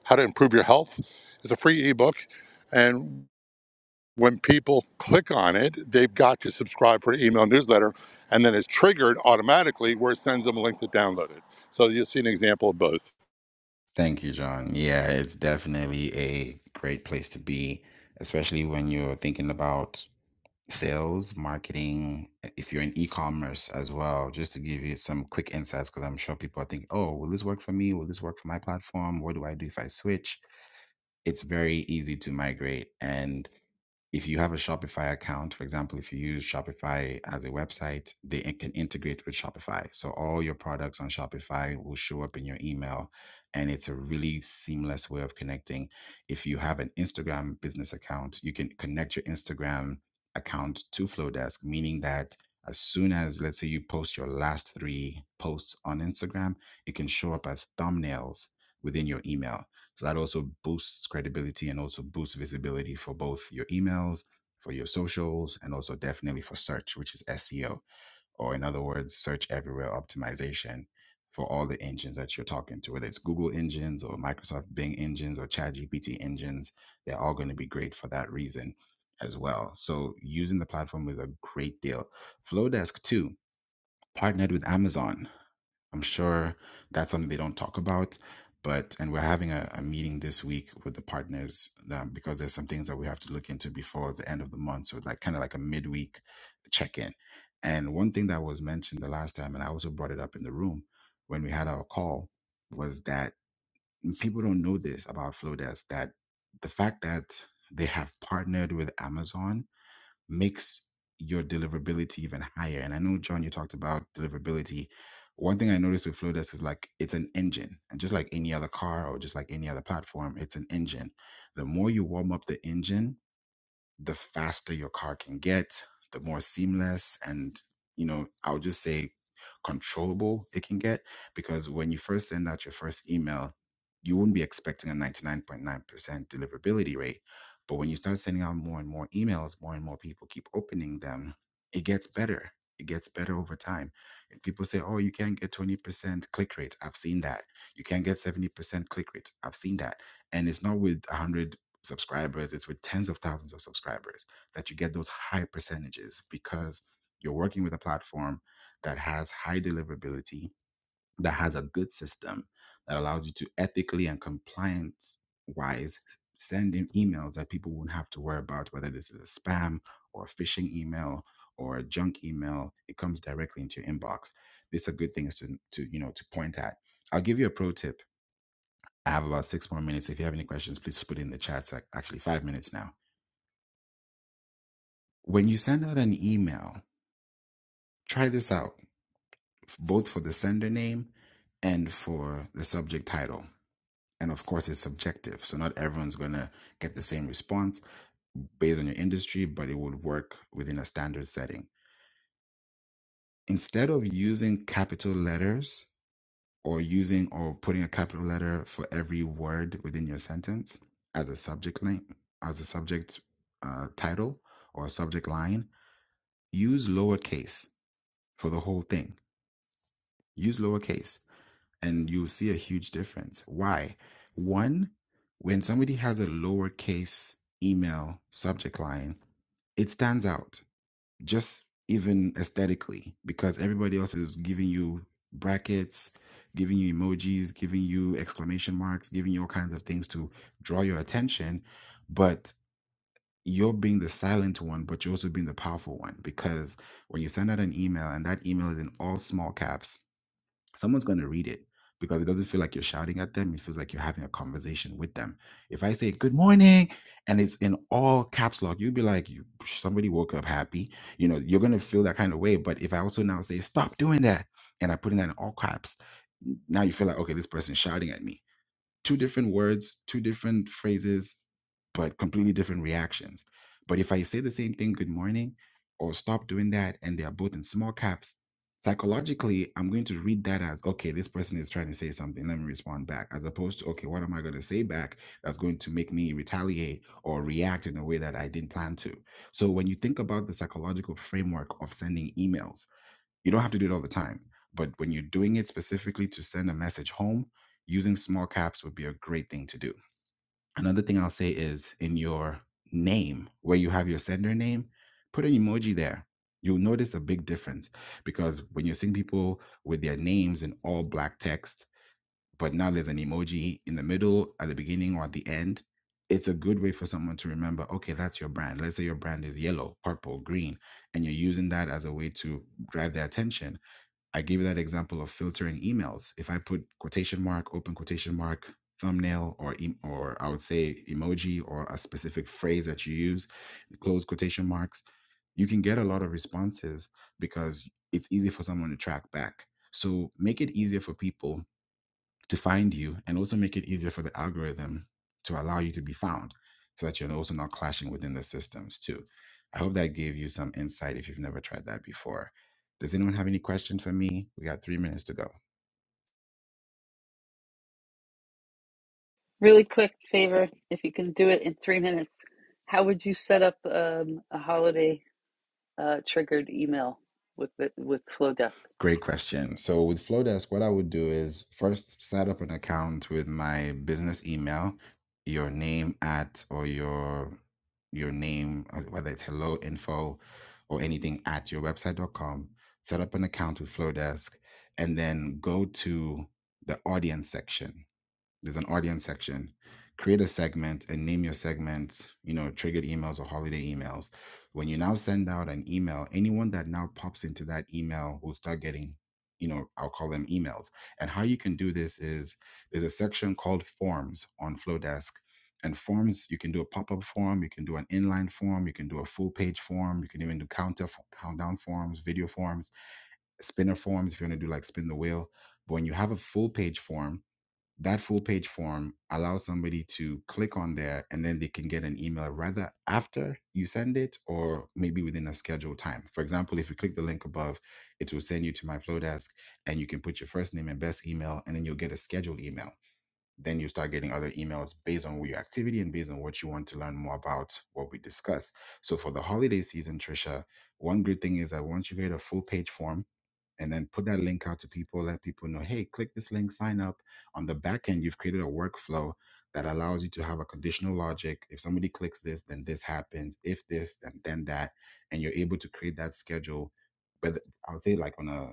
how to improve your health. It's a free ebook. And when people click on it, they've got to subscribe for an email newsletter, and then it's triggered automatically where it sends them a link to download it. So you'll see an example of both. Thank you, John. Yeah, it's definitely a great place to be, especially when you're thinking about sales, marketing, eh, if you're in e-commerce as well, just to give you some quick insights because I'm sure people are thinking, "Oh, will this work for me? Will this work for my platform? What do I do if I switch?" it's very easy to migrate. And if you have a Shopify account, for example, if you use Shopify as a website, they in- can integrate with Shopify. So all your products on Shopify will show up in your email. And it's a really seamless way of connecting. If you have an Instagram business account, you can connect your Instagram account to Flowdesk, meaning that as soon as, let's say, you post your last three posts on Instagram, it can show up as thumbnails within your email. So that also boosts credibility and also boosts visibility for both your emails, for your socials, and also definitely for search, which is SEO, or in other words, search everywhere optimization for all the engines that you're talking to, whether it's Google engines or Microsoft Bing engines or ChatGPT engines, they're all going to be great for that reason as well. So using the platform is a great deal. Flowdesk too partnered with Amazon I'm sure that's something they don't talk about. But and we're having a, a meeting this week with the partners um, because there's some things that we have to look into before the end of the month. So like kind of like a midweek check-in. And one thing that was mentioned the last time, and I also brought it up in the room when we had our call, was that people don't know this about Flowdesk that the fact that they have partnered with Amazon makes your deliverability even higher. And I know, John, you talked about deliverability. One thing I noticed with Flowdesk is like it's an engine, and just like any other car or just like any other platform, it's an engine. The more you warm up the engine, the faster your car can get, the more seamless and, you know, I would just say controllable it can get. Because when you first send out your first email, you wouldn't be expecting a 99.9% deliverability rate. But when you start sending out more and more emails, more and more people keep opening them, it gets better. It gets better over time. And people say, oh, you can't get 20% click rate. I've seen that. You can't get 70% click rate. I've seen that. And it's not with 100 subscribers, it's with tens of thousands of subscribers that you get those high percentages because you're working with a platform that has high deliverability, that has a good system that allows you to ethically and compliance wise send in emails that people won't have to worry about whether this is a spam or a phishing email or a junk email. It comes directly into your inbox. These are good things to, to you know to point at. I'll give you a pro tip I have about six more minutes. If you have any questions, please put it in the chat. It's like actually five minutes now. When you send out an email, try this out, f- both for the sender name and for the subject title. And of course, it's subjective. So not everyone's going to get the same response based on your industry, but it would work within a standard setting. Instead of using capital letters, or using or putting a capital letter for every word within your sentence as a subject line, as a subject uh, title or a subject line, use lowercase for the whole thing. Use lowercase, and you'll see a huge difference. Why? One, when somebody has a lowercase email subject line, it stands out just even aesthetically because everybody else is giving you brackets giving you emojis giving you exclamation marks giving you all kinds of things to draw your attention but you're being the silent one but you're also being the powerful one because when you send out an email and that email is in all small caps someone's going to read it because it doesn't feel like you're shouting at them. It feels like you're having a conversation with them. If I say good morning and it's in all caps lock, you'd be like, you, somebody woke up happy. You know, you're going to feel that kind of way. But if I also now say, stop doing that, and I put in that in all caps, now you feel like, okay, this person's shouting at me two different words, two different phrases, but completely different reactions. But if I say the same thing, good morning, or stop doing that, and they are both in small caps, psychologically, I'm going to read that as, okay, this person is trying to say something. Let me respond back, as opposed to, okay, what am I going to say back that's going to make me retaliate or react in a way that I didn't plan to? So when you think about the psychological framework of sending emails, you don't have to do it all the time, but when you're doing it specifically to send a message home, using small caps would be a great thing to do. Another thing I'll say is in your name, where you have your sender name, put an emoji there. You'll notice a big difference because when you're seeing people with their names in all black text, but now there's an emoji in the middle, at the beginning, or at the end, it's a good way for someone to remember okay, that's your brand. Let's say your brand is yellow, purple, green, and you're using that as a way to grab their attention I gave you that example of filtering emails. If I put quotation mark, open quotation mark, thumbnail, or em- or I would say emoji or a specific phrase that you use, close quotation marks, you can get a lot of responses because it's easy for someone to track back. So make it easier for people to find you and also make it easier for the algorithm to allow you to be found so that you're also not clashing within the systems too. I hope that gave you some insight if you've never tried that before. Does anyone have any questions for me? We got three minutes to go. Great question. So with Flowdesk, what I would do is first set up an account with my business email, your name at or your your name, uh, whether it's hello info or anything at your website.com. Set up an account with Flowdesk and then go to the audience section. There's an audience section. Create a segment and name your segment, you know, triggered emails or holiday emails. When you now send out an email, anyone that now pops into that email will start getting, you know, I'll call them emails. And how you can do this is there's a section called forms on Flowdesk. And forms, you can do a pop-up form, you can do an inline form, you can do a full page form, you can even do counter countdown forms, video forms, spinner forms if you want to do like spin the wheel. But when you have a full page form, that full page form allows somebody to click on there and then they can get an email rather after you send it or maybe within a scheduled time. For example, if you click the link above, it will send you to my FlowDesk, and you can put your first name and best email and then you'll get a scheduled email. Then you start getting other emails based on your activity and based on what you want to learn more about what we discuss. So for the holiday season, Trisha, one good thing is that once you get a full page form, and then put that link out to people, let people know, hey, click this link, sign up. On the back end, you've created a workflow that allows you to have a conditional logic. If somebody clicks this, then this happens. If this, then then that. And you're able to create that schedule. But I would say like on a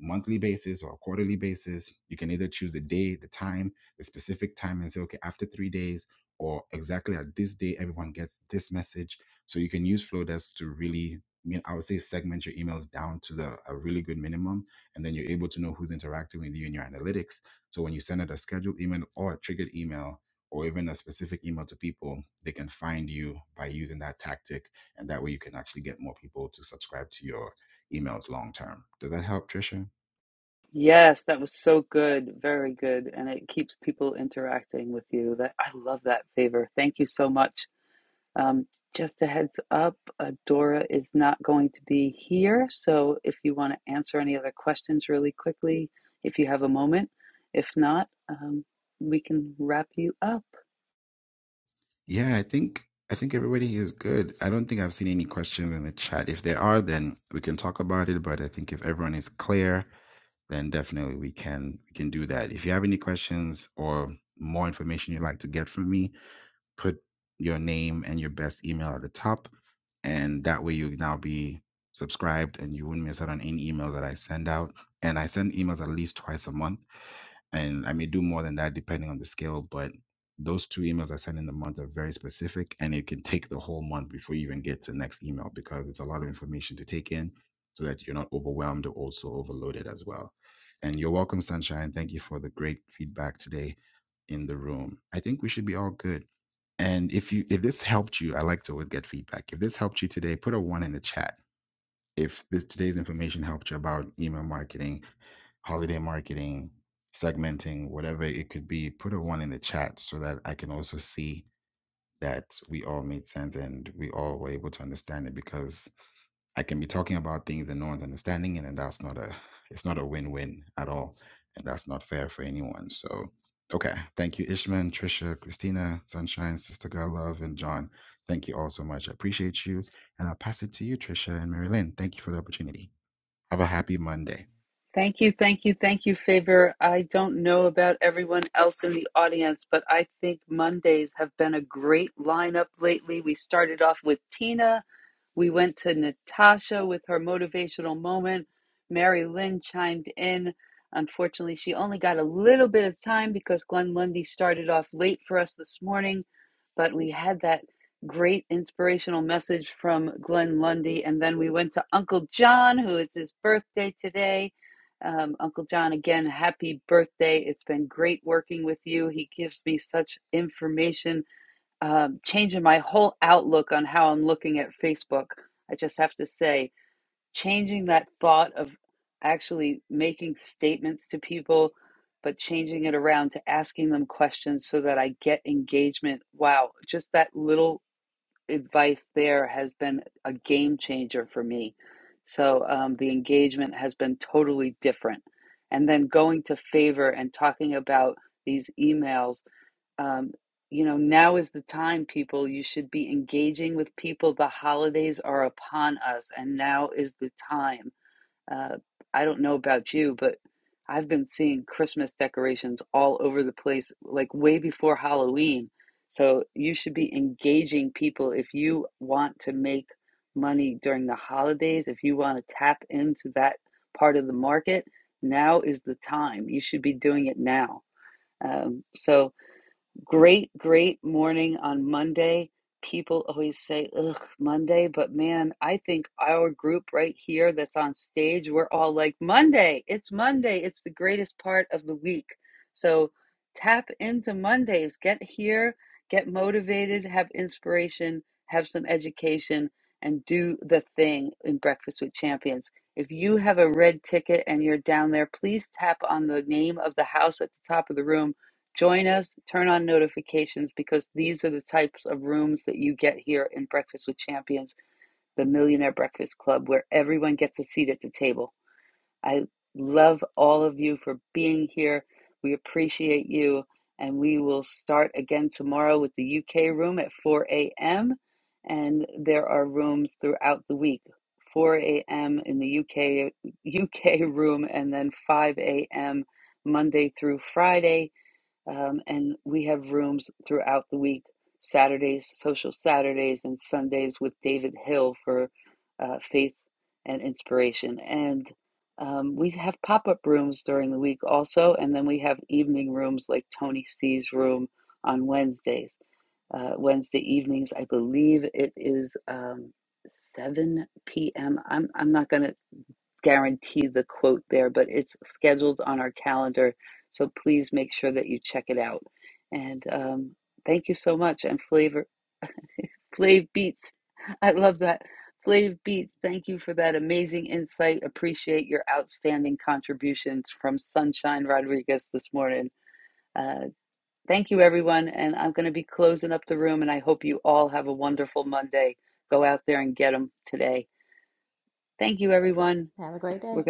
monthly basis or a quarterly basis, you can either choose a day, the time, the specific time and say, okay, after three days or exactly at this day, everyone gets this message. So you can use Flowdesk to really mean, I would say segment your emails down to the a really good minimum, and then you're able to know who's interacting with you in your analytics. So when you send out a scheduled email or a triggered email or even a specific email to people, they can find you by using that tactic, and that way you can actually get more people to subscribe to your emails long term. Does that help, Trisha? Yeah, I think I think everybody is good. I don't think I've seen any questions in the chat. If there are, then we can talk about it. But I think if everyone is clear, then definitely we can we can do that. If you have any questions or more information you'd like to get from me, put your name and your best email at the top, and that way you now be subscribed and you wouldn't miss out on any emails that I send out. And I send emails at least twice a month and I may do more than that depending on the scale, but those two emails I send in the month are very specific and it can take the whole month before you even get to the next email because it's a lot of information to take in so that you're not overwhelmed or also overloaded as well. And you're welcome, Sunshine. Thank you for the great feedback today in the room. I think we should be all good. And if you if this helped you, I like to always get feedback. If this helped you today, put a one in the chat if this today's information helped you about email marketing, holiday marketing, segmenting, whatever it could be, put a one in the chat so that I can also see that we all made sense and we all were able to understand it because I can be talking about things and no one's understanding it and that's not a it's not a win-win at all. And that's not fair for anyone. So okay. Thank you, Ishman, Trisha, Christina, Sunshine, Sister Girl Love, and John. Thank you all so much. I appreciate you. And I'll pass it to you, Trisha and Mary Lynn. Thank you for the opportunity. Have a happy Monday. Have a great day.